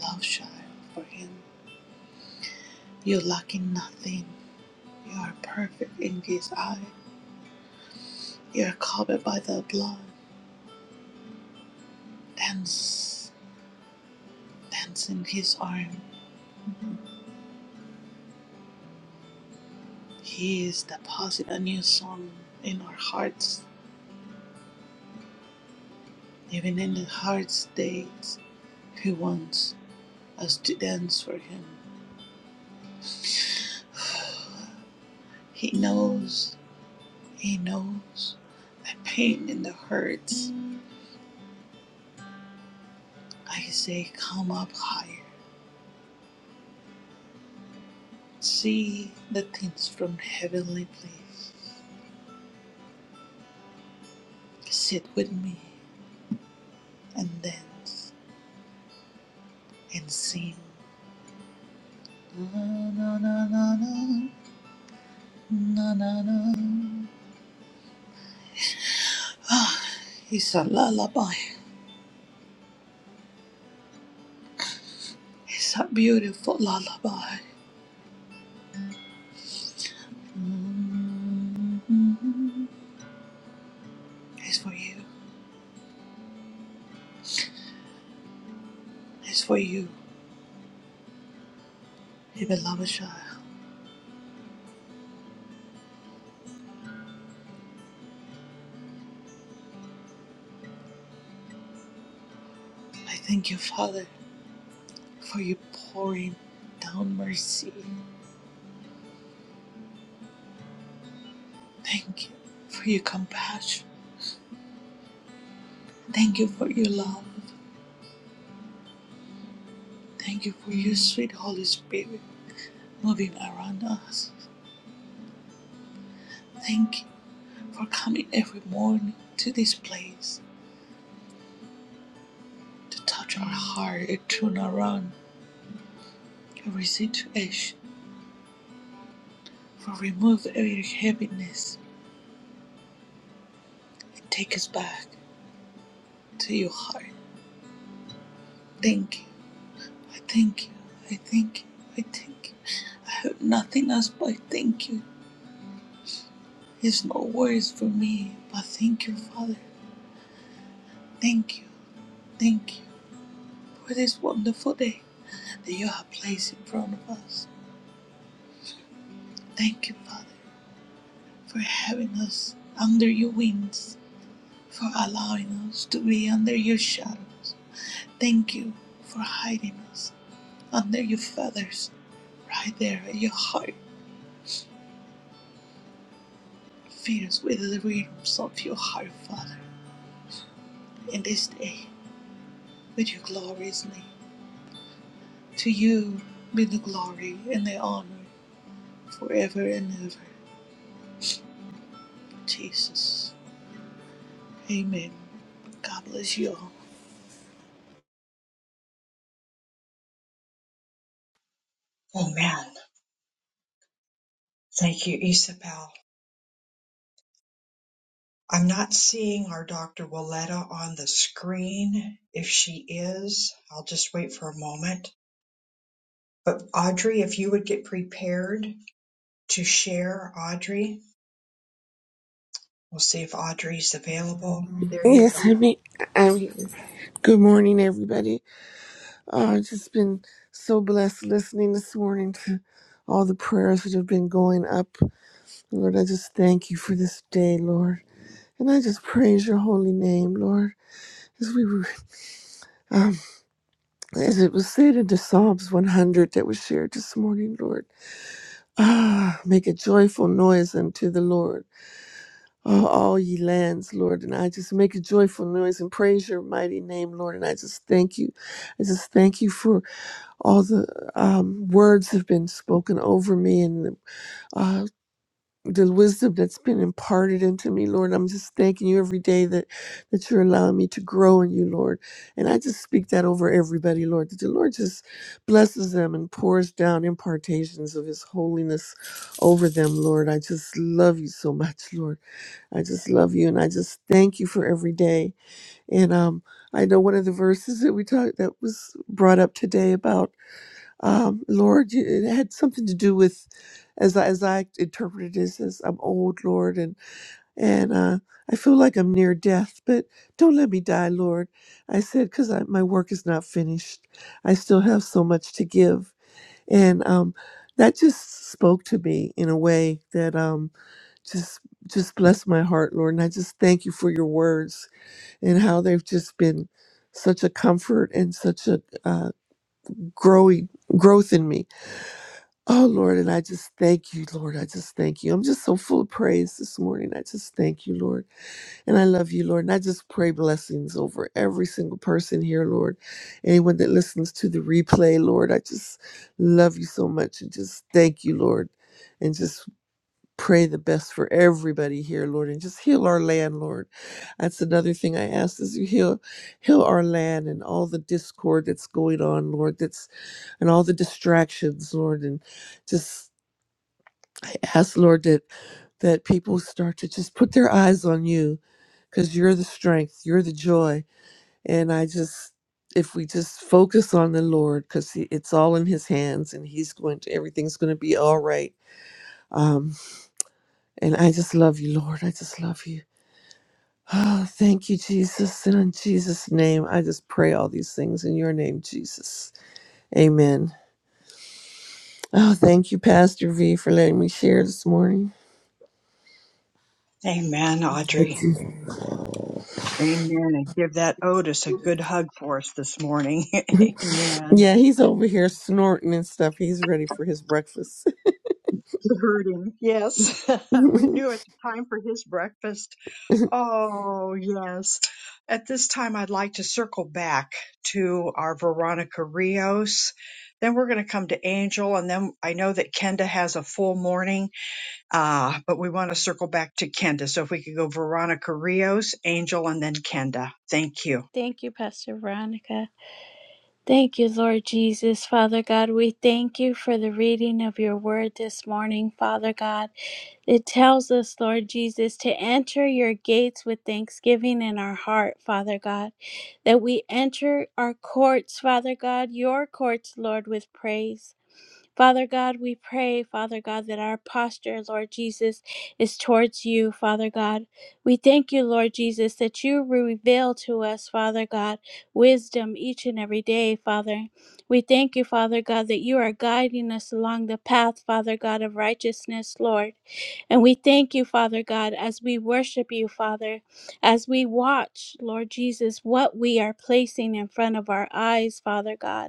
S11: love child for Him. You're lacking nothing. You are perfect in His eye. You are covered by the blood. Dance, dance in His arm. Mhm. He is deposited a new song in our hearts. Even in the hardest days, He wants us to dance for Him. He knows. He knows the pain and the hurts. I say, Come up higher. See the things from heavenly place. Sit with me and dance and sing. Na na na na na na na na. Ah, it's a lullaby. It's a beautiful lullaby. mm It's for you. It's for you, my beloved child. I thank you, Father. for your pouring down mercy. Thank you for your compassion. Thank you for your love. Thank you for your sweet Holy Spirit moving around us. Thank you for coming every morning to this place to touch our heart and turn around every situation, for remove every heaviness and take us back to your heart. Thank you. I thank you. I thank you. I thank you. I have nothing else but thank you There's no words for me, but thank you, Father. Thank you, thank you for this wonderful day that you have placed in front of us. Thank you, Father, for having us under your wings, for allowing us to be under your shadows. Thank you for hiding us under your feathers, right there at your heart. Feed us with the rhythms of your heart, Father, in this day, with your glorious name. To you be the glory and the honor forever and ever. Jesus. Amen. God bless you all.
S1: Amen. Thank you, Isabel. I'm not seeing our Dr. Willetta on the screen. If she is, I'll just wait for a moment. But Audrey, if you would get prepared to share, Audrey. We'll see if Audrey's available. There you
S12: Yes,
S1: go.
S12: I mean, I mean, good morning, everybody. Uh, I've just been so blessed listening this morning to all the prayers that have been going up. Lord, I just thank you for this day, Lord. And I just praise your holy name, Lord. As we were, um, as it was said in the Psalms 100 that was shared this morning, Lord, ah, make a joyful noise unto the Lord, oh, all ye lands, Lord. And I just make a joyful noise and praise your mighty name, Lord. And I just thank you I just thank you for all the um, words have been spoken over me and the, uh, the wisdom that's been imparted into me, Lord. I'm just thanking you every day that, that you're allowing me to grow in you, Lord. And I just speak that over everybody, Lord, that the Lord just blesses them and pours down impartations of his holiness over them, Lord. I just love you so much, Lord. I just love you and I just thank you for every day. And um, I know one of the verses that we talked that was brought up today about um, Lord, you- it had something to do with, as I, as I interpreted this, as I'm old, Lord, and and uh, I feel like I'm near death, but don't let me die, Lord. I said because my work is not finished. I still have so much to give, and um, that just spoke to me in a way that um, just just blessed my heart, Lord. And I just thank you for your words and how they've just been such a comfort and such a uh, growing growth in me Oh, Lord, and I just thank you, Lord. I just thank you. I'm just so full of praise this morning. I just thank you, Lord. And I love you, Lord. And I just pray blessings over every single person here, Lord. Anyone that listens to the replay, Lord, I just love you so much and just thank you, Lord. And just pray the best for everybody here, Lord. And just heal our land, Lord. That's another thing I ask is you heal heal our land and all the discord that's going on, Lord, that's and all the distractions, Lord, and just I ask, Lord, that that people start to just put their eyes on you because you're the strength, you're the joy. And I just, if we just focus on the Lord, because it's all in His hands and He's going to, everything's going to be all right. Um, and I just love you, Lord. I just love you. Oh, thank you, Jesus. And in Jesus' name, I just pray all these things in your name, Jesus. Amen. Oh, thank you, Pastor V, for letting me share this morning.
S1: Amen,
S12: Thank
S1: Audrey.
S12: you.
S1: Amen. And give that Otis a good hug for us this morning. Amen.
S12: yeah, he's over here snorting and stuff. He's ready for his breakfast.
S1: You heard him. Yes. we
S12: no,
S1: knew it's time for his breakfast. Oh, yes. At this time, I'd like to circle back to our Veronica Rios. Then we're going to come to Angel. And then I know that Kenda has a full morning. Ah, but we want to circle back to Kenda. So if we could go Veronica Rios, Angel, and then Kenda. Thank you.
S4: Thank you, Pastor Veronica. Thank you, Lord Jesus. Father God, we thank you for the reading of your word this morning, Father God. It tells us, Lord Jesus, to enter your gates with thanksgiving in our heart, Father God, that we enter our courts, Father God, your courts, Lord, with praise. Father God, we pray, Father God, that our posture, Lord Jesus, is towards you, Father God. We thank you, Lord Jesus, that you reveal to us, Father God, wisdom each and every day, Father. We thank you, Father God, that you are guiding us along the path, Father God, of righteousness, Lord. And we thank you, Father God, as we worship you, Father, as we watch, Lord Jesus, what we are placing in front of our eyes, Father God.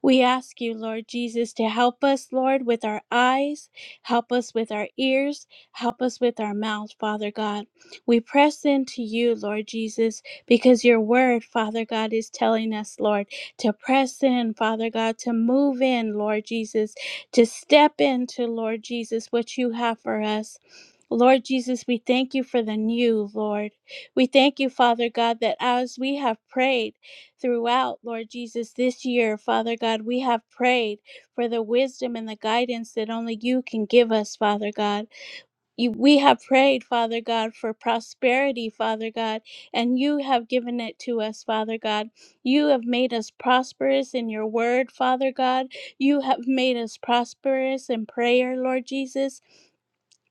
S4: We ask you, Lord Jesus, to help us, Lord, with our eyes, help us with our ears, help us with our mouth, Father God. We press into you, Lord Jesus, because your word, Father God, is telling us, Lord, to press in, Father God, to move in, Lord Jesus, to step into, Lord Jesus, what you have for us. Lord Jesus, we thank you for the new, Lord. We thank you, Father God, that as we have prayed, throughout, Lord Jesus, this year, Father God, we have prayed for the wisdom and the guidance that only you can give us, Father God. You, we have prayed, Father God, for prosperity, Father God, and you have given it to us, Father God. You have made us prosperous in your word, Father God. You have made us prosperous in prayer, Lord Jesus.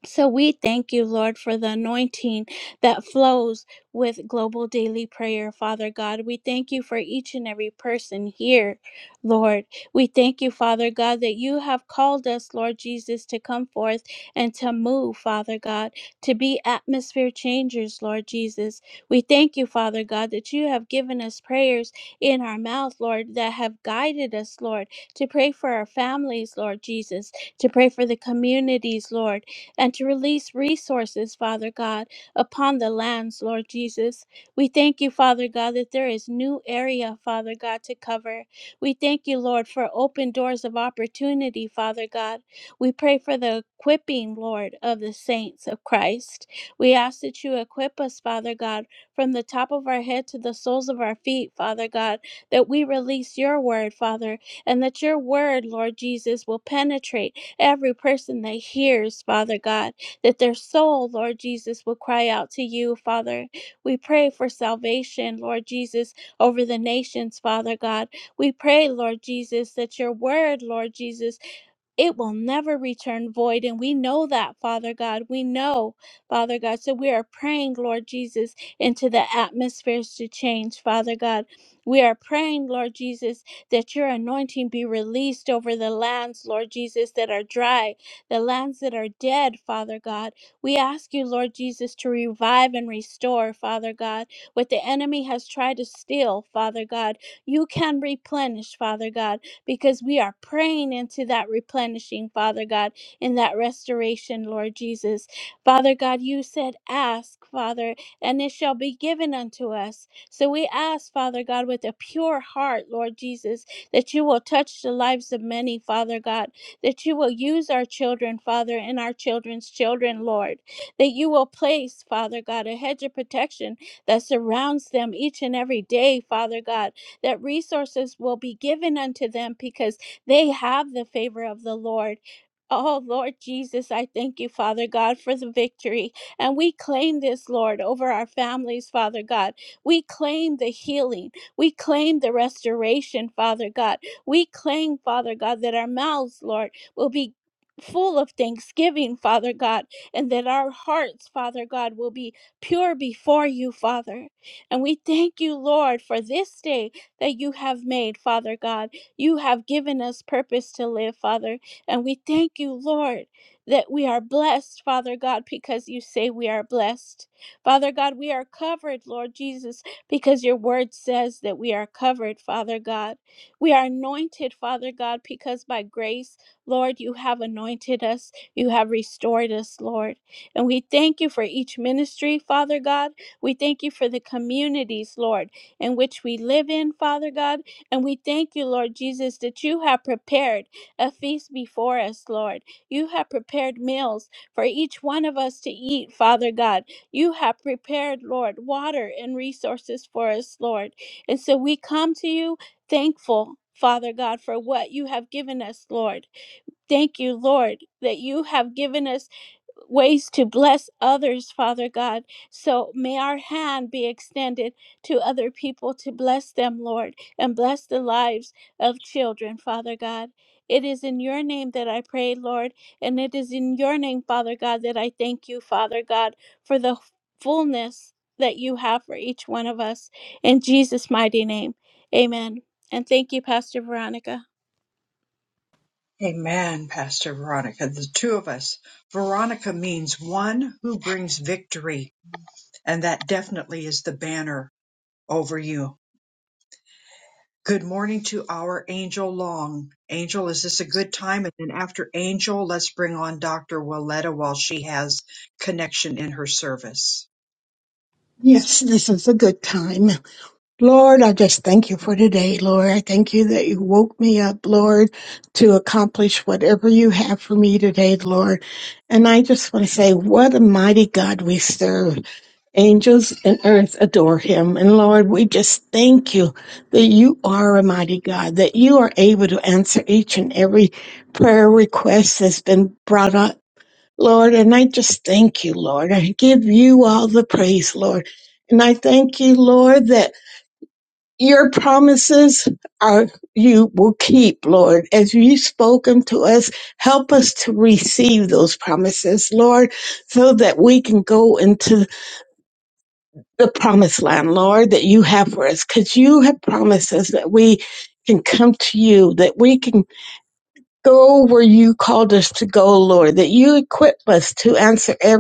S4: So we thank you, Lord, for the anointing that flows with global daily prayer, Father God. We thank you for each and every person here, Lord. We thank you, Father God, that you have called us, Lord Jesus, to come forth and to move, Father God, to be atmosphere changers, Lord Jesus. We thank you, Father God, that you have given us prayers in our mouth, Lord, that have guided us, Lord, to pray for our families, Lord Jesus, to pray for the communities, Lord and to release resources, Father God, upon the lands, Lord Jesus. We thank you, Father God, that there is new area, Father God, to cover. We thank you, Lord, for open doors of opportunity, Father God. We pray for the equipping, Lord, of the saints of Christ. We ask that you equip us, Father God, from the top of our head to the soles of our feet, Father God, that we release your word, Father, and that your word, Lord Jesus, will penetrate every person that hears, Father God, that their soul, Lord Jesus, will cry out to you, Father. We pray for salvation, Lord Jesus, over the nations, Father God. We pray, Lord Jesus, that your word, Lord Jesus, it will never return void. And we know that, Father God. We know, Father God. So we are praying, Lord Jesus, into the atmospheres to change, Father God. We are praying, Lord Jesus, that your anointing be released over the lands, Lord Jesus, that are dry, the lands that are dead, Father God. We ask you, Lord Jesus, to revive and restore, Father God, what the enemy has tried to steal, Father God. You can replenish, Father God because we are praying into that replenishing, Father God, in that restoration, Lord Jesus. Father God, you said, Ask, Father, and it shall be given unto us. So we ask, Father God, with a pure heart, Lord Jesus, that you will touch the lives of many, Father God, that you will use our children, Father, and our children's children, Lord, that you will place, Father God, a hedge of protection that surrounds them each and every day, Father God, that resources will be given unto them because they have the favor of the Lord. Oh Lord Jesus, I thank you, Father God, for the victory. And we claim this, Lord, over our families, Father God. We claim the healing. We claim the restoration, Father God. We claim, Father God, that our mouths, Lord, will be full of thanksgiving, Father God, and that our hearts, Father God, will be pure before you, Father. And we thank you, Lord, for this day that you have made, Father God. You have given us purpose to live, Father. And we thank you, Lord, that we are blessed, Father God, because you say we are blessed. Father God, we are covered, Lord Jesus, because your word says that we are covered, Father God. We are anointed, Father God, because by grace, Lord, you have anointed us. You have restored us, Lord. And we thank you for each ministry, Father God. We thank you for the communities, Lord in which we live in, Father God. And we thank you, Lord Jesus, that you have prepared a feast before us, Lord. You have prepared meals for each one of us to eat, Father God. You have prepared, Lord, water and resources for us, Lord. And so we come to you thankful. Father God, for what you have given us, Lord. Thank you, Lord, that you have given us ways to bless others, Father God. So may our hand be extended to other people to bless them, Lord, and bless the lives of children, Father God. It is in your name that I pray, Lord, and it is in your name, Father God, that I thank you, Father God, for the fullness that you have for each one of us. In Jesus' mighty name, amen. And thank you, Pastor Veronica.
S1: Amen, Pastor Veronica. The two of us. Veronica means one who brings victory, and that definitely is the banner over you. Good morning to our Angel Long. Angel, is this a good time? And then after Angel, let's bring on Dr. Willetta while she has connection in her service.
S13: Yes, this is a good time. Lord, I just thank you for today, Lord. I thank you that you woke me up, Lord, to accomplish whatever you have for me today, Lord. And I just want to say, what a mighty God we serve. Angels and earth adore him. And Lord, we just thank you that you are a mighty God, that you are able to answer each and every prayer request that's been brought up Lord, and I just thank you, Lord. I give you all the praise, Lord. And I thank you, Lord, that your promises are you will keep, Lord. As you spoken to us, help us to receive those promises, Lord, so that we can go into the promised land, Lord, that you have for us. Because you have promised us that we can come to you, that we can go where you called us to go, Lord, that you equip us to answer every.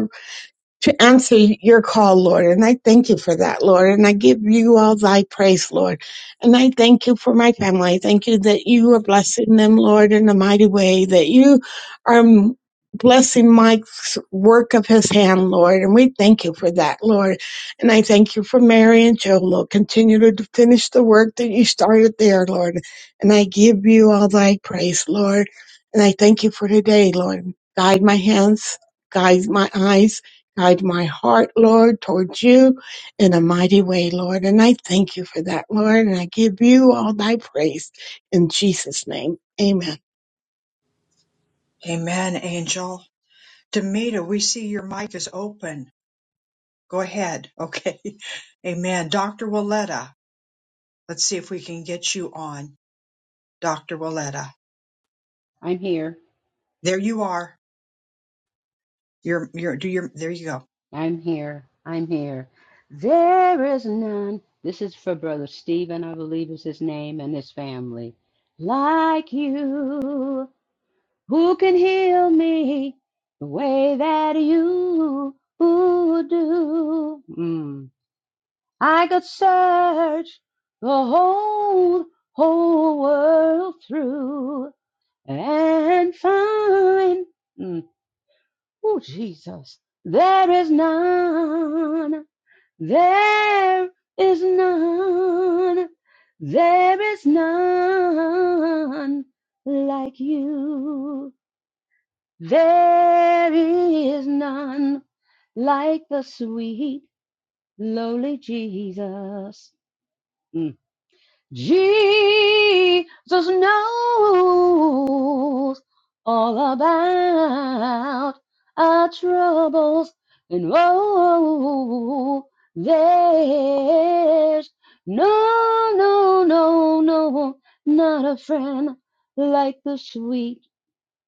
S13: to answer your call, Lord. And I thank you for that, Lord. And I give you all thy praise, Lord. And I thank you for my family. I thank you that you are blessing them, Lord, in a mighty way, that you are m- blessing Mike's work of his hand, Lord. And we thank you for that, Lord. And I thank you for Mary and Joe, Lord. Continue to finish the work that you started there, Lord. And I give you all thy praise, Lord. And I thank you for today, Lord. Guide my hands, guide my eyes Guide my heart, Lord, towards you in a mighty way, Lord. And I thank you for that, Lord. And I give you all thy praise in Jesus' name. Amen.
S1: Amen, Angel. Demita, we see your mic is open. Go ahead. Okay. Amen. Dr. Willetta, let's see if we can get you on. Dr. Willetta,
S14: I'm here.
S1: there you are. You're, you're, do your, there you go.
S14: I'm here. I'm here. There is none. This is for Brother Stephen, I believe is his name, and his family. Like you, who can heal me the way that you do? Mm. I could search the whole, whole world through and find. Mm. Oh, Jesus. There is none. There is none. There is none like you. There is none like the sweet, lowly Jesus. Mm. Jesus knows all about our troubles, and oh, there's no, no, no, no, not a friend like the sweet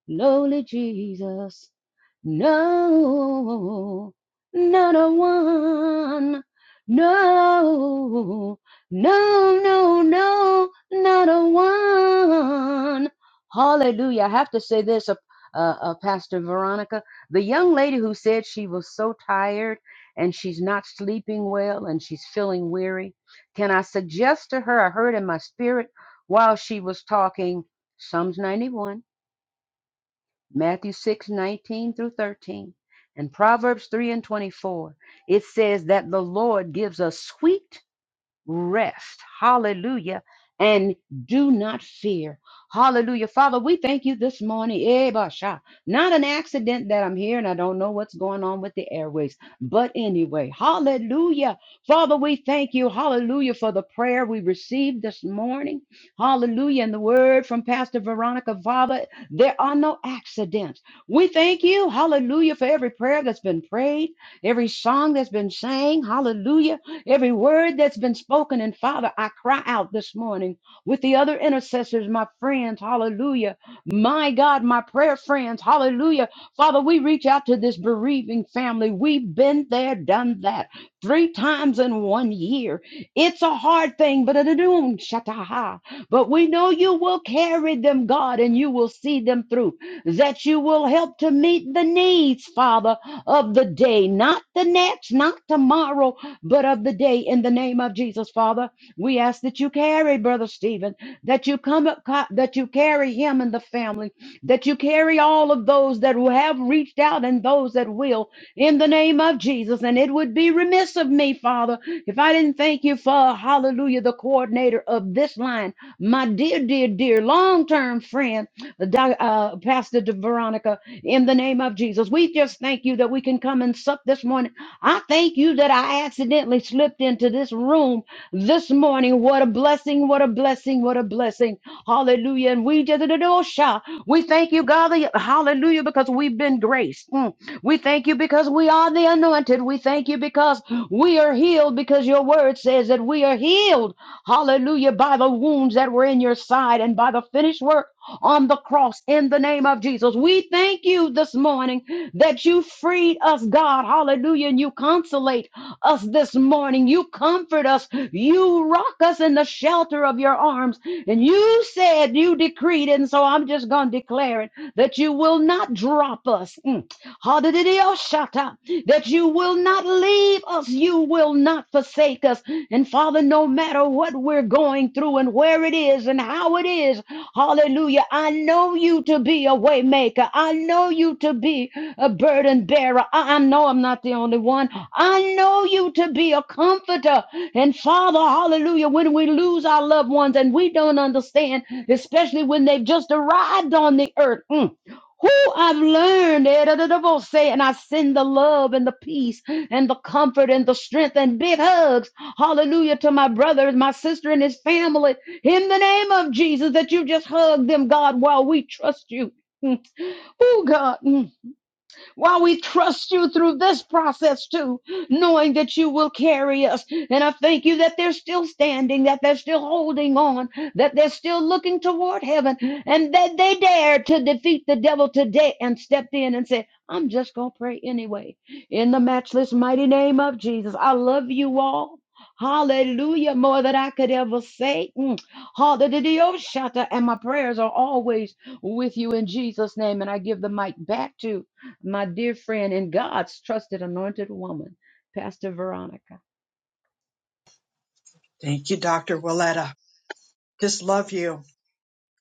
S14: lowly Jesus. No, not a one. No, no, no, no, not a one. Hallelujah. I have to say this, uh, uh, uh, Pastor Veronica. The young lady who said she was so tired and she's not sleeping well and she's feeling weary, can I suggest to her? I heard in my spirit while she was talking Psalms 91. Matthew 6 19 through 13, and Proverbs 3 and 24. It says that the Lord gives us sweet rest. Hallelujah. And do not fear. Hallelujah. Father, we thank you this morning. Eh, basha. Not an accident that I'm here and I don't know what's going on with the airways. But anyway, hallelujah. Father, we thank you. Hallelujah for the prayer we received this morning. Hallelujah. And the word from Pastor Veronica. Father, there are no accidents. We thank you. Hallelujah for every prayer that's been prayed, every song that's been sang. Hallelujah. Every word that's been spoken, and Father, I cry out this morning with the other intercessors, my friends, hallelujah. My God, my prayer friends, hallelujah. Father, we reach out to this bereaving family. We've been there, done that three times in one year. It's a hard thing, but it don't shataha. But we know you will carry them, God, and you will see them through. That you will help to meet the needs, Father, of the day, not the next, not tomorrow, but of the day in the name of Jesus, Father. We ask that you carry Brother Stephen, that you come up, co- that you carry him and the family, that you carry all of those that will have reached out and those that will in the name of Jesus. And it would be remiss of me, Father, if I didn't thank you for hallelujah, the coordinator of this line, my dear, dear, dear long-term friend, Doc- uh, Pastor De Veronica, in the name of Jesus. We just thank you that we can come and sup this morning I thank you that I accidentally slipped into this room this morning. What a blessing, what a blessing, what a blessing. Hallelujah. And we just we thank you, God. that- Hallelujah, because we've been graced. Mm. We thank you because we are the anointed. We thank you because we are healed, because your word says that we are healed. Hallelujah, by the wounds that were in your side and by the finished work on the cross in the name of Jesus. We thank you this morning that you freed us, God. Hallelujah. And you consolate us this morning. You comfort us. You rock us in the shelter of your arms. And you said, you decreed, it, and so I'm just going to declare it that you will not drop us. Mm. Hallelujah, that you will not leave us, you will not forsake us. And Father, no matter what we're going through and where it is and how it is, hallelujah, I know you to be a waymaker. I know you to be a burden bearer. I, I know I'm not the only one. I know you to be a comforter. And Father, hallelujah, when we lose our loved ones and we don't understand, especially when they've just arrived on the earth. mm, who I've learned, eh, da, da, da, bo- say, and I send the love and the peace and the comfort and the strength and big hugs, hallelujah, to my brother, my sister, and his family in the name of Jesus that you just hug them, God, while we trust you. Oh, God. While we trust you through this process too, knowing that you will carry us. And I thank you that they're still standing, that they're still holding on, that they're still looking toward heaven, and that they dared to defeat the devil today and stepped in and said, I'm just going to pray anyway. In the matchless mighty name of Jesus, I love you all. Hallelujah, more than I could ever say. Mm. Hallelujah, And my prayers are always with you in Jesus' name. And I give the mic back to my dear friend and God's trusted anointed woman, Pastor Veronica.
S1: Thank you, Dr. Willetta. Just love you.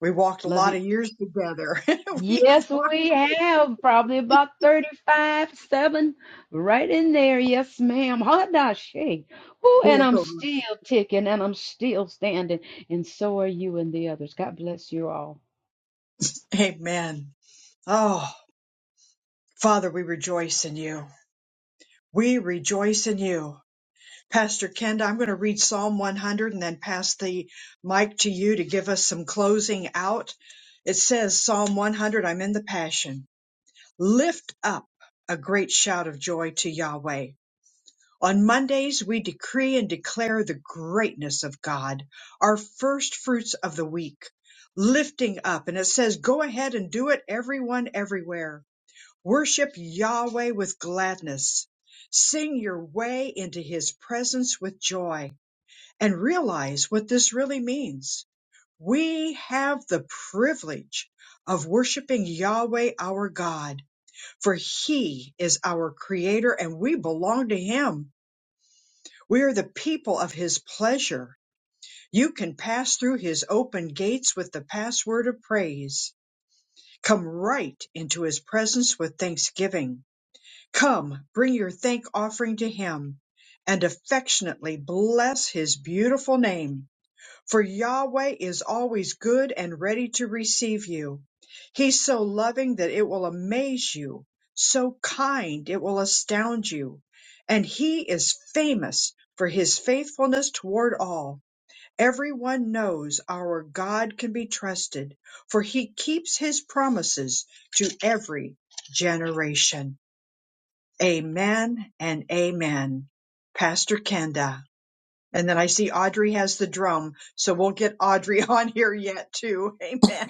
S1: We walked a
S14: Love
S1: lot
S14: you.
S1: of years together. we have
S14: Yes,
S1: walked
S14: we have probably about 35, 7 right in there. Yes, ma'am. Hadashay. Ooh, and
S1: both
S14: I'm
S1: of us.
S14: still ticking and I'm still standing. And so are you and the others. God bless you all.
S1: Amen. Oh, Father, we rejoice in you. We rejoice in you. Pastor Kenda, I'm going to read Psalm 100 and then pass the mic to you to give us some closing out. It says, Psalm 100, I'm in the Passion. Lift up a great shout of joy to Yahweh. On Mondays, we decree and declare the greatness of God, our first fruits of the week. Lifting up, and it says, Go ahead and do it, everyone, everywhere. Worship Yahweh with gladness. Sing your way into his presence with joy and realize what this really means. We have the privilege of worshiping Yahweh our God, for He is our Creator and we belong to Him. We are the people of His pleasure. You can pass through His open gates with the password of praise. Come right into His presence with thanksgiving. Come, bring your thank offering to Him and affectionately bless His beautiful name For Yahweh is always good and ready to receive you. He's so loving that it will amaze you, so kind it will astound you. And he is famous for his faithfulness toward all. Everyone knows our God can be trusted, for he keeps his promises to every generation. Amen and amen. Pastor Kenda. And then I see Audrey has the drum, so we'll get Audrey on here yet too. Amen.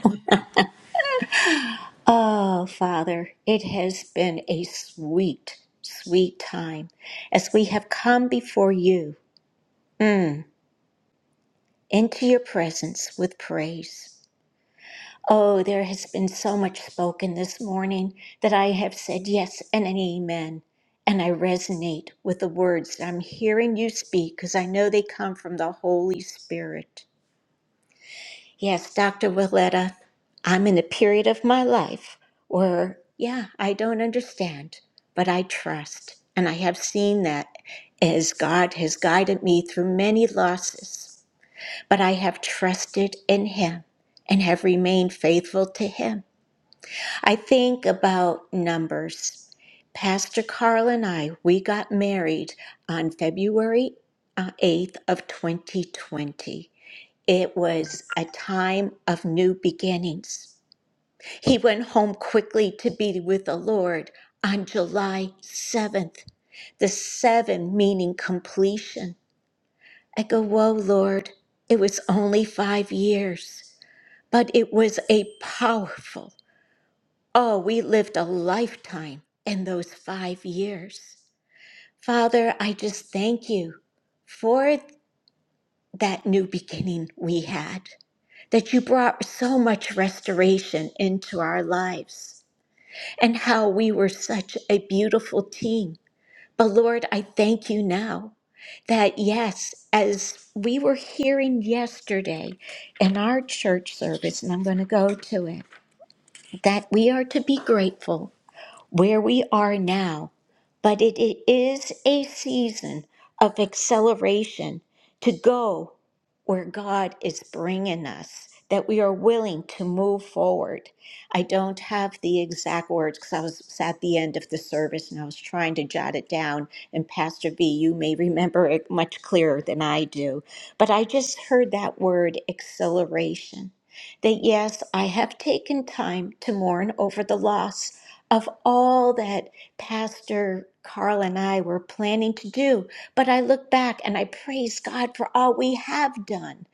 S2: Oh, Father, it has been a sweet, sweet time as we have come before you, mm, into your presence with praise. Oh, there has been so much spoken this morning that I have said yes and an amen. And I resonate with the words that I'm hearing you speak because I know they come from the Holy Spirit. Yes, Dr. Willetta, I'm in a period of my life where, yeah, I don't understand, but I trust. And I have seen that as God has guided me through many losses. But I have trusted in Him and have remained faithful to Him. I think about numbers. Pastor Carl and I, we got married on February uh, 8th of 2020. It was a time of new beginnings. He went home quickly to be with the Lord on July 7th, the seven meaning completion. I go, Whoa, Lord, it was only five years, but it was a powerful, oh, we lived a lifetime in those five years. Father, I just thank you for that new beginning we had, that you brought so much restoration into our lives, and how we were such a beautiful team. But Lord, I thank you now that, yes, as we were hearing yesterday in our church service, and I'm going to go to it, that we are to be grateful where we are now, but it it is a season of acceleration to go where God is bringing us, that we are willing to move forward. I don't have the exact words because I was at the end of the service and I was trying to jot it down. And Pastor V, you may remember it much clearer than I do. But I just heard that word acceleration. That yes, I have taken time to mourn over the loss of all that Pastor Carl and I were planning to do. But I look back and I praise God for all we have done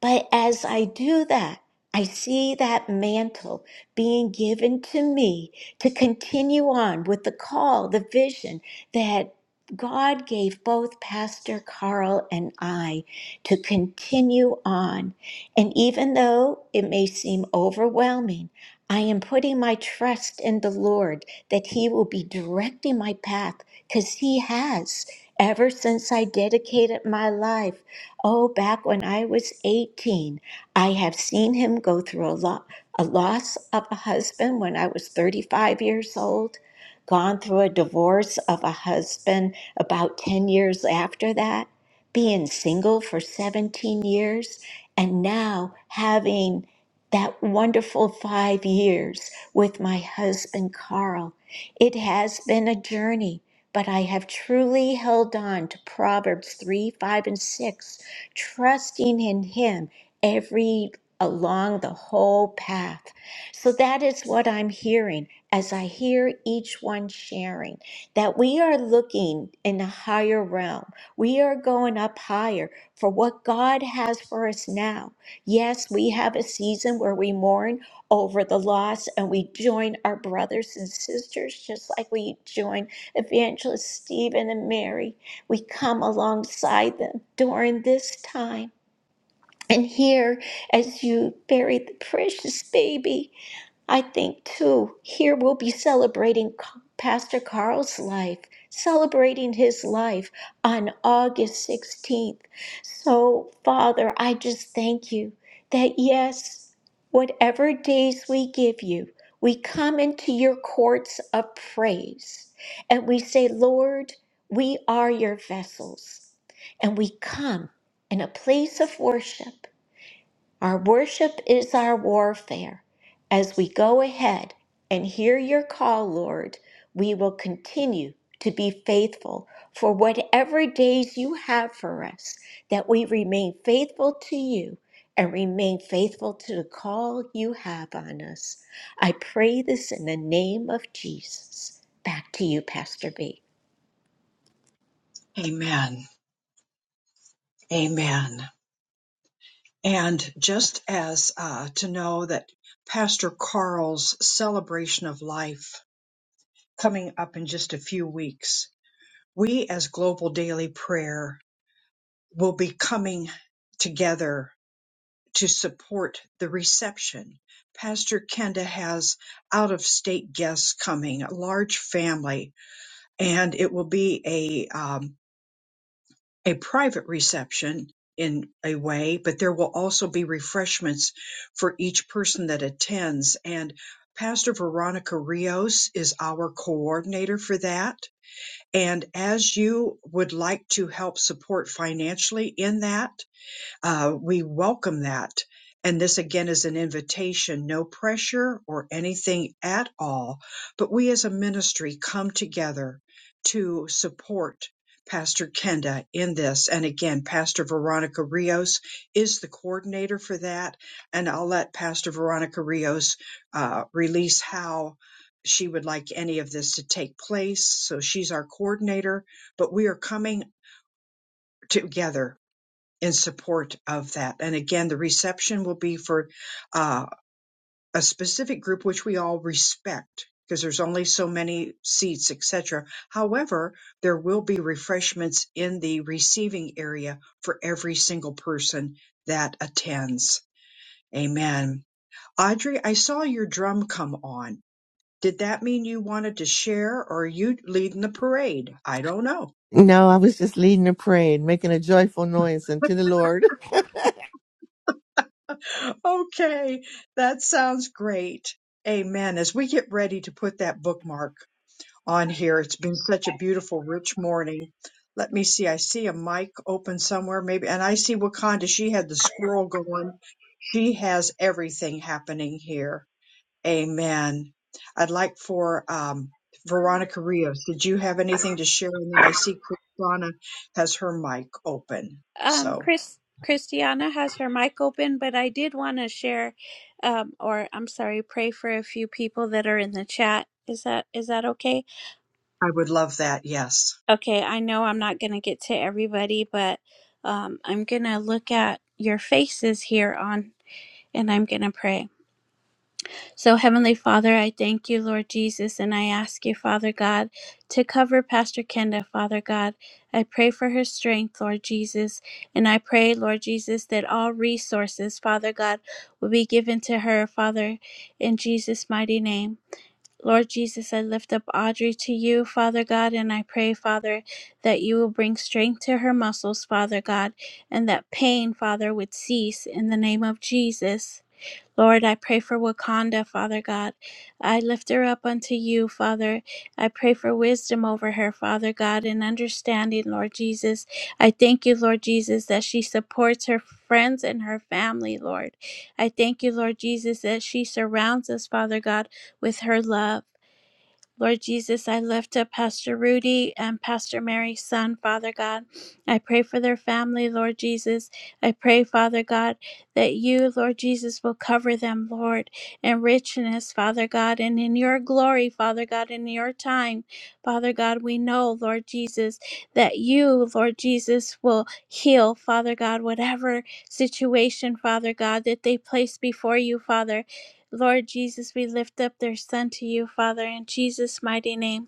S2: but as I do that, I see that mantle being given to me to continue on with the call, the vision that God gave both Pastor Carl and I to continue on. And even though it may seem overwhelming, I am putting my trust in the Lord that He will be directing my path because He has ever since I dedicated my life Oh, back when I was 18, I have seen him go through a lot, a loss of a husband when I was 35 years old, gone through a divorce of a husband about 10 years after that, being single for 17 years, and now having that wonderful five years with my husband, Carl. It has been a journey, but I have truly held on to Proverbs 3, 5, and 6 trusting in Him every along the whole path. So that is what I'm hearing as I hear each one sharing that we are looking in a higher realm. We are going up higher for what God has for us now. Yes, we have a season where we mourn over the loss and we join our brothers and sisters just like we join Evangelist Stephen and Mary we come alongside them during this time. And here, as you bury the precious baby, I think too, here we'll be celebrating C- Pastor Carl's life, celebrating his life on August 16th. So, Father, I just thank you that yes, whatever days we give you, we come into your courts of praise and we say, Lord, we are your vessels. And we come in a place of worship our worship is our warfare. As we go ahead and hear your call, Lord, we will continue to be faithful for whatever days you have for us, that we remain faithful to you and remain faithful to the call you have on us. I pray this in the name of Jesus. Back to you, Pastor B.
S1: Amen. Amen. And just as uh, to know that Pastor Carl's celebration of life coming up in just a few weeks, we as Global Daily Prayer will be coming together to support the reception. Pastor Kenda has out of state guests coming, a large family and it will be a um, a private reception in a way, but there will also be refreshments for each person that attends. And Pastor Veronica Rios is our coordinator for that. And as you would like to help support financially in that, uh, we welcome that. And this again is an invitation, no pressure or anything at all. But we as a ministry come together to support Pastor Kenda in this. And again, Pastor Veronica Rios is the coordinator for that. And I'll let Pastor Veronica Rios uh, release how she would like any of this to take place. So she's our coordinator, but we are coming together in support of that. And again, the reception will be for uh, a specific group which we all respect because there's only so many seats, etc. However, there will be refreshments in the receiving area for every single person that attends. Amen. Audrey, I saw your drum come on. Did that mean you wanted to share or are you leading the parade? I don't know.
S12: I was just leading a prayer and making a joyful noise unto the Lord.
S1: Okay, that sounds great. Amen. As we get ready to put that bookmark on here, it's been such a beautiful, rich morning. Let me see. I see a mic open somewhere, maybe, and I see Wakanda. She had the squirrel going. She has everything happening here. Amen. I'd like for um, Veronica Rios. Did you have anything to share? And then I see Kristana has her mic open.
S4: um
S1: So
S4: Chris Christiana has her mic open, but I did want to share um or I'm sorry, pray for a few people that are in the chat. Is that is that okay?
S1: I would love that. Yes.
S4: Okay, I know I'm not going to get to everybody, but um I'm going to look at your faces here on and I'm going to pray. So, Heavenly Father, I thank you, Lord Jesus, and I ask you, Father God, to cover Pastor Kenda, Father God. I pray for her strength, Lord Jesus, and I pray, Lord Jesus, that all resources, Father God, will be given to her, Father, in Jesus' mighty name. Lord Jesus, I lift up Audrey to you, Father God, and I pray, Father, that you will bring strength to her muscles, Father God, and that pain, Father, would cease in the name of Jesus. Lord, I pray for Wakanda, Father God. I lift her up unto you, Father. I pray for wisdom over her, Father God, and understanding, Lord Jesus. I thank you, Lord Jesus, that she supports her friends and her family, Lord. I thank you, Lord Jesus, that she surrounds us, Father God, with her love. Lord Jesus, I lift up Pastor Rudy and Pastor Mary's son, Father God. I pray for their family, Lord Jesus. I pray, Father God, that you, Lord Jesus, will cover them, Lord, in richness, Father God, and in your glory, Father God, in your time. Father God, we know, Lord Jesus, that you, Lord Jesus, will heal, Father God, whatever situation, Father God, that they place before you, Father. Lord Jesus, we lift up their son to you, Father, in Jesus' mighty name.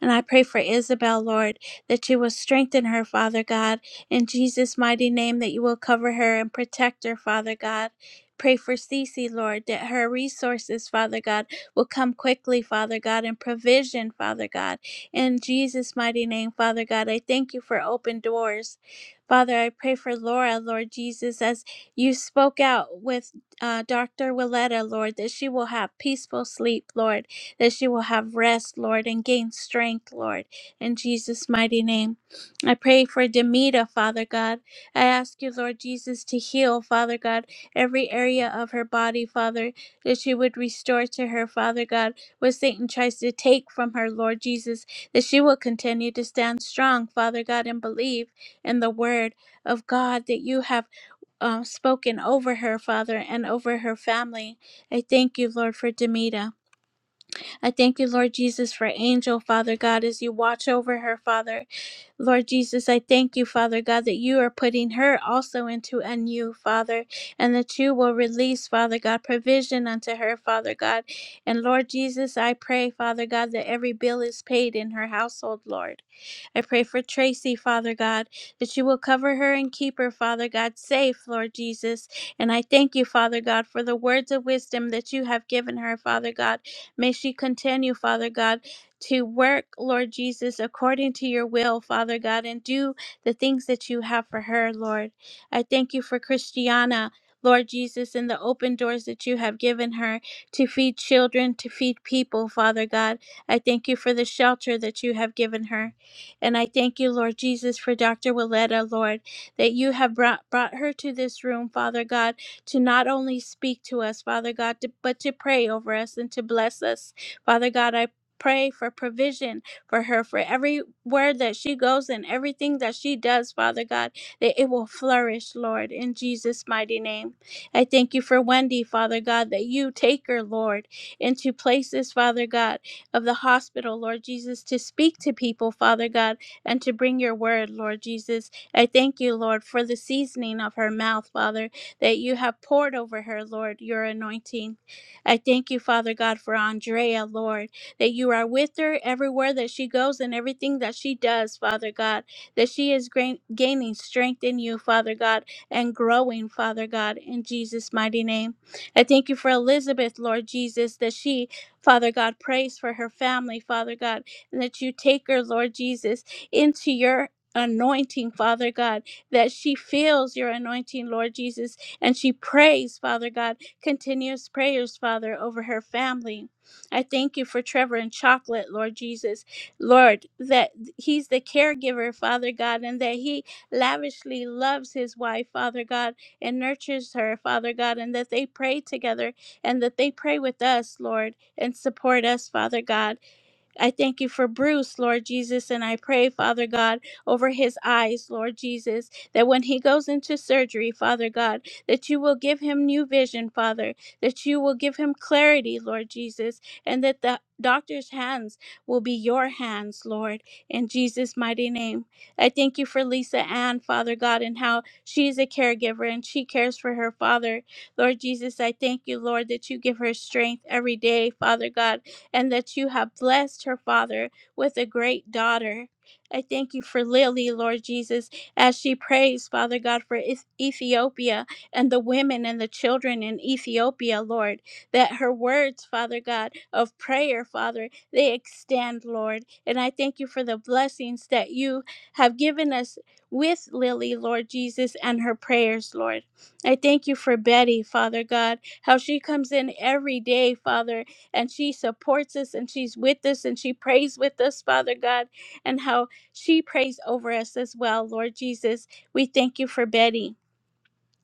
S4: And I pray for Isabel, Lord, that you will strengthen her, Father God, in Jesus' mighty name, that you will cover her and protect her, Father God. Pray for Cece, Lord, that her resources, Father God, will come quickly, Father God, and provision, Father God. In Jesus' mighty name, Father God, I thank you for open doors. Father, I pray for Laura, Lord Jesus, as you spoke out with uh, Dr. Willetta, Lord, that she will have peaceful sleep, Lord that she will have rest, Lord, and gain strength, Lord, in Jesus' mighty name. I pray for Demita, Father God. I ask you, Lord Jesus, to heal, Father God, every area of her body, Father, that you would restore to her, Father God, what Satan tries to take from her, Lord Jesus, that she will continue to stand strong, Father God, and believe in the word of God that you have um, spoken over her, Father, and over her family. I thank you, Lord, for Demita. I thank you, Lord Jesus, for Angel, Father God, as you watch over her, Father. Lord Jesus, I thank you, Father God, that you are putting her also into a new, Father, and that you will release, Father God, provision unto her, Father God. And Lord Jesus, I pray, Father God, that every bill is paid in her household, Lord. I pray for Tracy, Father God, that you will cover her and keep her, Father God, safe, Lord Jesus. And I thank you, Father God, for the words of wisdom that you have given her, Father God. May she continue, Father God, to work, Lord Jesus, according to your will, Father God, and do the things that you have for her, Lord. I thank you for Christiana. Lord Jesus, and the open doors that you have given her to feed children, to feed people, Father God. I thank you for the shelter that you have given her. And I thank you, Lord Jesus, for Dr. Willetta, Lord, that you have brought, brought her to this room, Father God, to not only speak to us, Father God, to, but to pray over us and to bless us. Father God, I pray for provision for her, for every word that she goes and everything that she does, Father God, that it will flourish, Lord, in Jesus' mighty name. I thank you for Wendy, Father God, that you take her, Lord, into places, Father God of the hospital, Lord Jesus, to speak to people, Father God, and to bring your word, Lord Jesus. I thank you, Lord, for the seasoning of her mouth, Father, that you have poured over her, Lord, your anointing. I thank you, Father God, for Andrea, Lord, that you are with her everywhere that she goes and everything that she does, Father God, that she is grain- gaining strength in you, Father God, and growing, Father God, in Jesus' mighty name. I thank you for Elizabeth, Lord Jesus, that she Father God, prays for her family, Father God, and that you take her, Lord Jesus, into your anointing, Father God, that she feels your anointing, Lord Jesus, and she prays, Father God, continuous prayers, Father, over her family. I thank you for Trevor and Chocolate, Lord Jesus. Lord, that he's the caregiver, Father God, and that he lavishly loves his wife, Father God, and nurtures her, Father God, and that they pray together and that they pray with us, Lord, and support us, Father God. I thank you for Bruce, Lord Jesus, and I pray, Father God, over his eyes, Lord Jesus, that when he goes into surgery, Father God, that you will give him new vision, Father, that you will give him clarity, Lord Jesus, and that the doctor's hands will be your hands, Lord, in Jesus' mighty name. I thank you for Lisa Ann, Father God, and how she is a caregiver and she cares for her father. Lord Jesus, I thank you, Lord, that you give her strength every day, Father God and that you have blessed her, Father, with a great daughter. I thank you for Lily, Lord Jesus, as she prays, Father God, for Eth- Ethiopia and the women and the children in Ethiopia, Lord, that her words, Father God, of prayer, Father, they extend, Lord. And I thank you for the blessings that you have given us with Lily, Lord Jesus, and her prayers, Lord. I thank you for Betty, Father God, how she comes in every day, Father, and she supports us and she's with us and she prays with us, Father God, and how she prays over us as well, Lord Jesus. We thank you for Betty.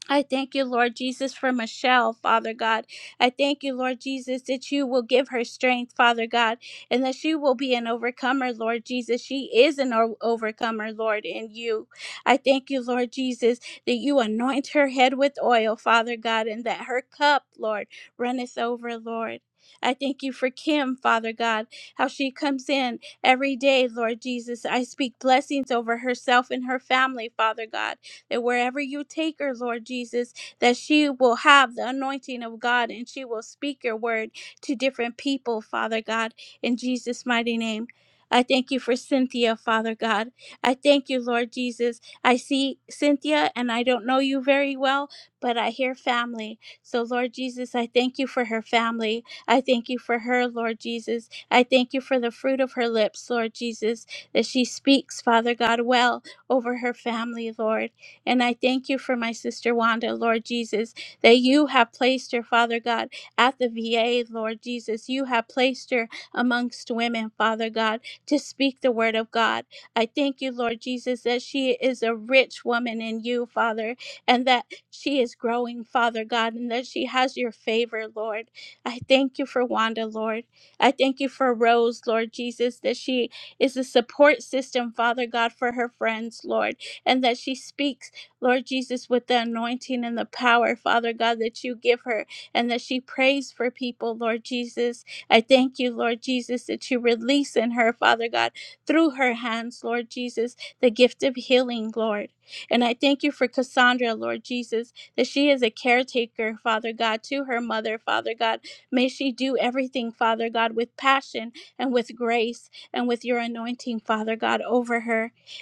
S4: I thank you, Lord Jesus, for Michelle, Father God. I thank you, Lord Jesus, that you will give her strength, Father God, and that she will be an overcomer, Lord Jesus. She is an o- overcomer, Lord, in you. I thank you, Lord Jesus, that you anoint her head with oil, Father God, and that her cup, Lord, runneth over, Lord. I thank you for Kim, Father God, how she comes in every day, Lord Jesus. I speak blessings over herself and her family, Father God that wherever you take her, Lord Jesus, that she will have the anointing of God and she will speak your word to different people, Father God, in Jesus' mighty name. I thank you for Cynthia, Father God. I thank you, Lord Jesus. I see Cynthia and I don't know you very well, but I hear family. So, Lord Jesus, I thank you for her family. I thank you for her, Lord Jesus. I thank you for the fruit of her lips, Lord Jesus, that she speaks, Father God, well over her family, Lord. And I thank you for my sister Wanda, Lord Jesus, that you have placed her, Father God, at the VA, Lord Jesus. You have placed her amongst women, Father God, to speak the word of God. I thank you, Lord Jesus, that she is a rich woman in you, Father, and that she is growing, Father God, and that she has your favor, Lord. I thank you for Wanda, Lord. I thank you for Rose, Lord Jesus, that she is a support system, Father God, for her friends, Lord, and that she speaks. Lord Jesus, with the anointing and the power, Father God, that you give her and that she prays for people, Lord Jesus. I thank you, Lord Jesus, that you release in her, Father God, through her hands, Lord Jesus, the gift of healing, Lord. And I thank you for Cassandra, Lord Jesus, that she is a caretaker, Father God, to her mother, Father God. May she do everything, Father God, with passion and with grace and with your anointing, Father God, over her.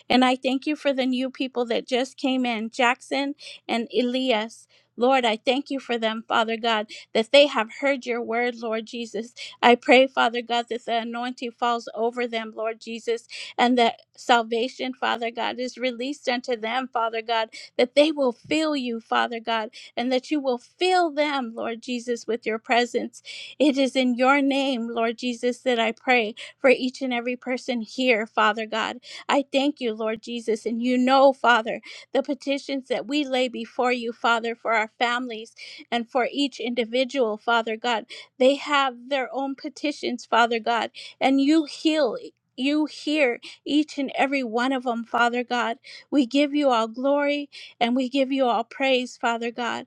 S4: And I thank you for the new people that just came in Jackson and Elias. Lord, I thank you for them, Father God, that they have heard your word, Lord Jesus. I pray, Father God, that the anointing falls over them, Lord Jesus, and that salvation, Father God, is released unto them, Father God, that they will feel you, Father God, and that you will fill them, Lord Jesus, with your presence. It is in your name, Lord Jesus, that I pray for each and every person here, Father God. I thank you, Lord Jesus. And you know, Father, the petitions that we lay before you, Father, for our families and for each individual, Father God. They have their own petitions, Father God, and you heal. You hear each and every one of them, Father God. We give you all glory and we give you all praise, Father God.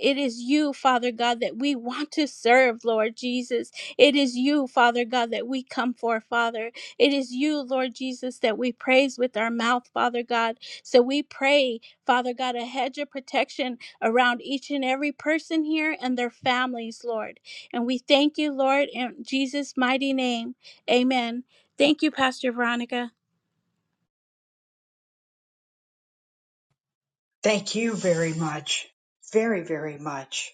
S4: It is you, Father God, that we want to serve, Lord Jesus. It is you, Father God, that we come for, Father. It is you, Lord Jesus, that we praise with our mouth, Father God. So we pray, Father God, a hedge of protection around each and every person here and their families, Lord. And we thank you, Lord, in Jesus' mighty name. Amen. Thank you, Pastor Veronica.
S1: Thank you very much. Very, very much.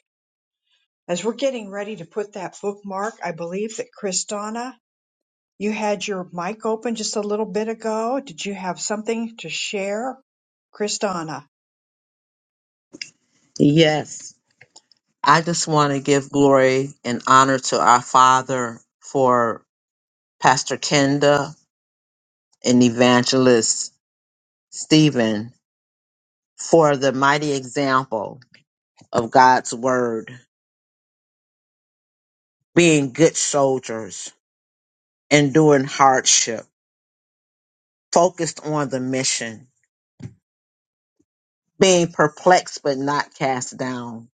S1: As we're getting ready to put that bookmark, I believe that Kristana, you had your mic open just a little bit ago. Did you have something to share? Kristana.
S7: Yes. I just want to give glory and honor to our Father for. Pastor Kenda, and Evangelist Stephen for the mighty example of God's Word, being good soldiers, enduring hardship, focused on the mission, being perplexed but not cast down,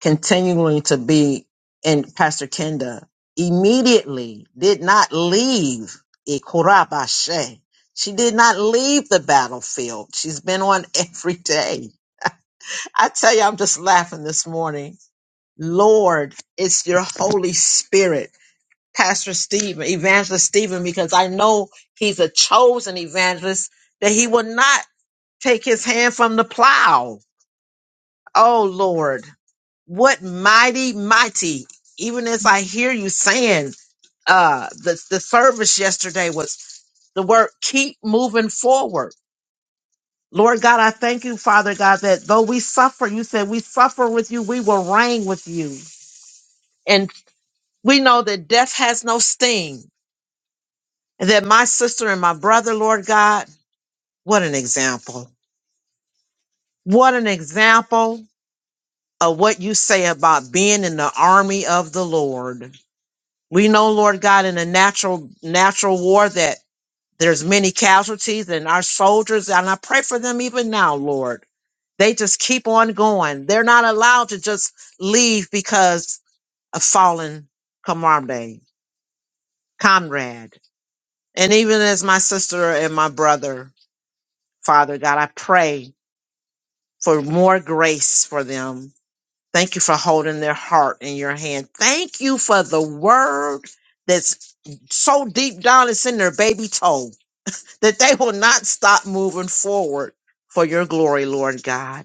S7: continuing to be in Pastor Kenda immediately did not leave Ikurabashe. She did not leave the battlefield. She's been on every day I tell you, I'm just laughing this morning. Lord, it's your Holy Spirit, Pastor Stephen, Evangelist Stephen, because I know he's a chosen evangelist that he will not take his hand from the plow. Oh, Lord, what mighty, mighty, even as I hear you saying, uh the the service yesterday was the word keep moving forward lord god i thank you father god that though we suffer you said we suffer with you we will reign with you And we know that death has no sting. And that my sister and my brother, Lord God, what an example. What an example of what you say about being in the army of the Lord. We know, Lord God, in a natural natural war that there's many casualties and our soldiers, and I pray for them even now, Lord. They just keep on going. They're not allowed to just leave because of fallen comrade, comrade. And even as my sister and my brother, Father God, I pray for more grace for them. Thank you for holding their heart in your hand. Thank you for the word that's so deep down it's in their baby toe that they will not stop moving forward for your glory, Lord God.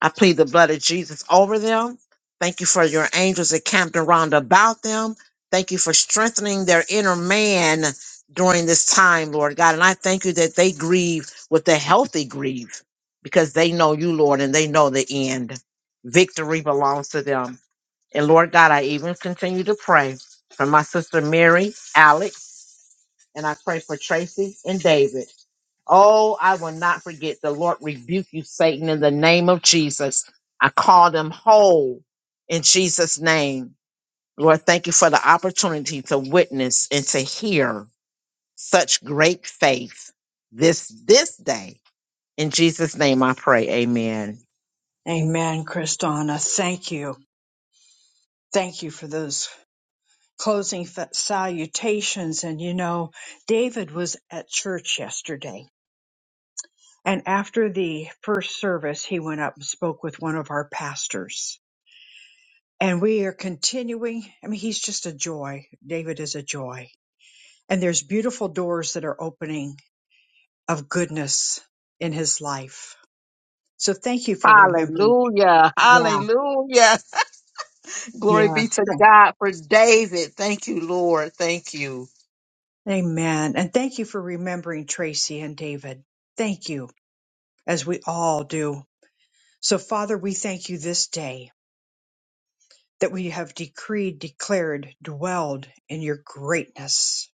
S7: I plead the blood of Jesus over them. Thank you for your angels encamped around about them. Thank you for strengthening their inner man during this time, Lord God. And I thank you that they grieve with the healthy grieve because they know you, Lord, and they know the end. Victory belongs to them. And Lord God, I even continue to pray for my sister Mary, Alex, and I pray for Tracy and David. Oh, I will not forget. The Lord rebuke you, Satan, in the name of Jesus. I call them whole in Jesus' name. Lord, thank you for the opportunity to witness and to hear such great faith this this day. In Jesus' name I pray. Amen.
S1: Amen, Kristana. Thank you. Thank you for those closing fa- salutations. And you know, David was at church yesterday. And after the first service, he went up and spoke with one of our pastors And we are continuing. I mean, he's just a joy. David is a joy. And there's beautiful doors that are opening of goodness in his life. So thank you for remembering.
S7: Hallelujah.
S1: Yeah.
S7: Hallelujah. Glory be
S1: Yes.
S7: to
S1: Thank-
S7: God for David. Thank you, Lord. Thank you.
S1: Amen. And thank you for remembering Tracy and David. Thank you, as we all do. So, Father, we thank you this day that we have decreed, declared, dwelled in your greatness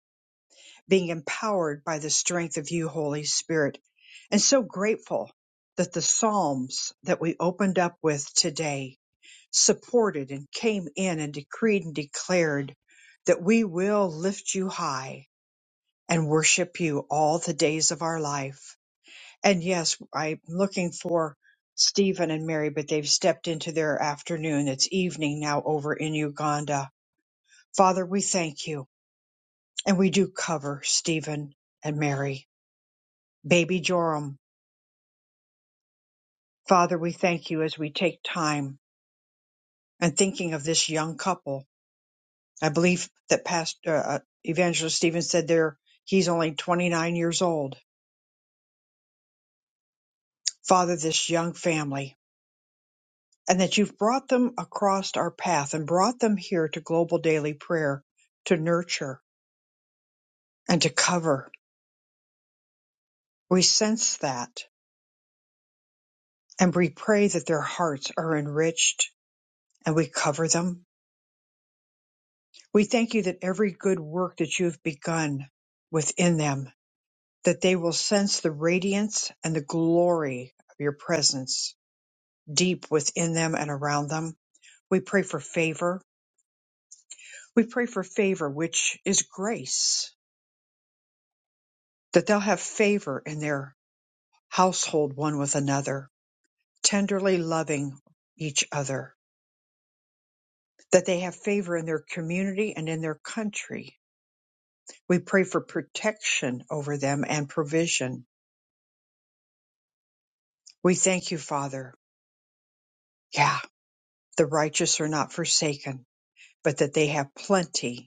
S1: being empowered by the strength of you, Holy Spirit, and so grateful that the Psalms that we opened up with today supported and came in and decreed and declared that we will lift you high and worship you all the days of our life. And yes, I'm looking for Stephen and Mary, but they've stepped into their afternoon. It's evening now over in Uganda. Father, we thank you and we do cover Stephen and Mary. Baby Joram, Father, we thank you as we take time and thinking of this young couple. I believe that Pastor uh, uh, Evangelist Stephen said there he's only 29 years old. Father, this young family, and that you've brought them across our path and brought them here to Global Daily Prayer to nurture and to cover. We sense that and we pray that their hearts are enriched and we cover them. We thank you that every good work that you've begun within them that they will sense the radiance and the glory of your presence deep within them and around them. We pray for favor. We pray for favor, which is grace, that they'll have favor in their household one with another, tenderly loving each other, that they have favor in their community and in their country. We pray for protection over them and provision. We thank you, Father. Yeah, the righteous are not forsaken, but that they have plenty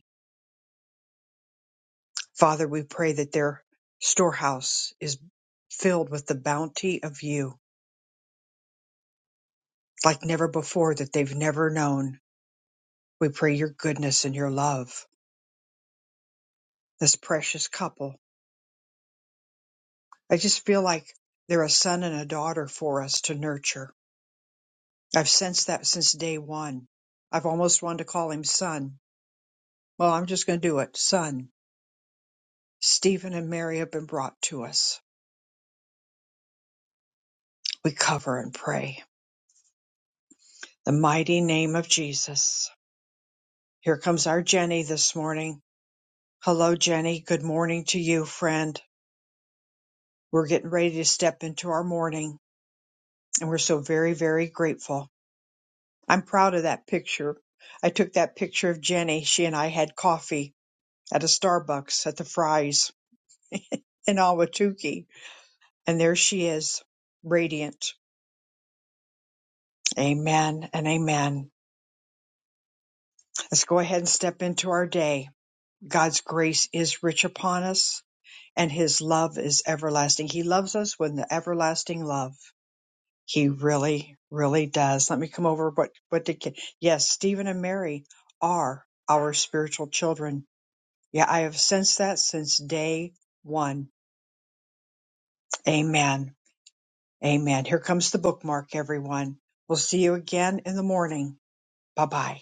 S1: Father, we pray that their storehouse is filled with the bounty of you like never before that they've never known. We pray your goodness and your love, this precious couple. I just feel like they're a son and a daughter for us to nurture. I've sensed that since day one. I've almost wanted to call him son. Well, I'm just going to do it. Son, Stephen and Mary have been brought to us. We cover and pray. The mighty name of Jesus. Here comes our Jenny this morning. Hello, Jenny. Good morning to you, friend. We're getting ready to step into our morning, and we're so very, very grateful. I'm proud of that picture. I took that picture of Jenny. She and I had coffee at a Starbucks at the Fry's in Awatuki, and there she is, radiant. Amen and amen. Let's go ahead and step into our day. God's grace is rich upon us, and His love is everlasting. He loves us with an everlasting love. He really, really does. Let me come over. What, what did, Ki- yes, Stephen and Mary are our spiritual children. Yeah, I have sensed that since day one. Amen. Amen. Here comes the bookmark, everyone. We'll see you again in the morning. Bye bye.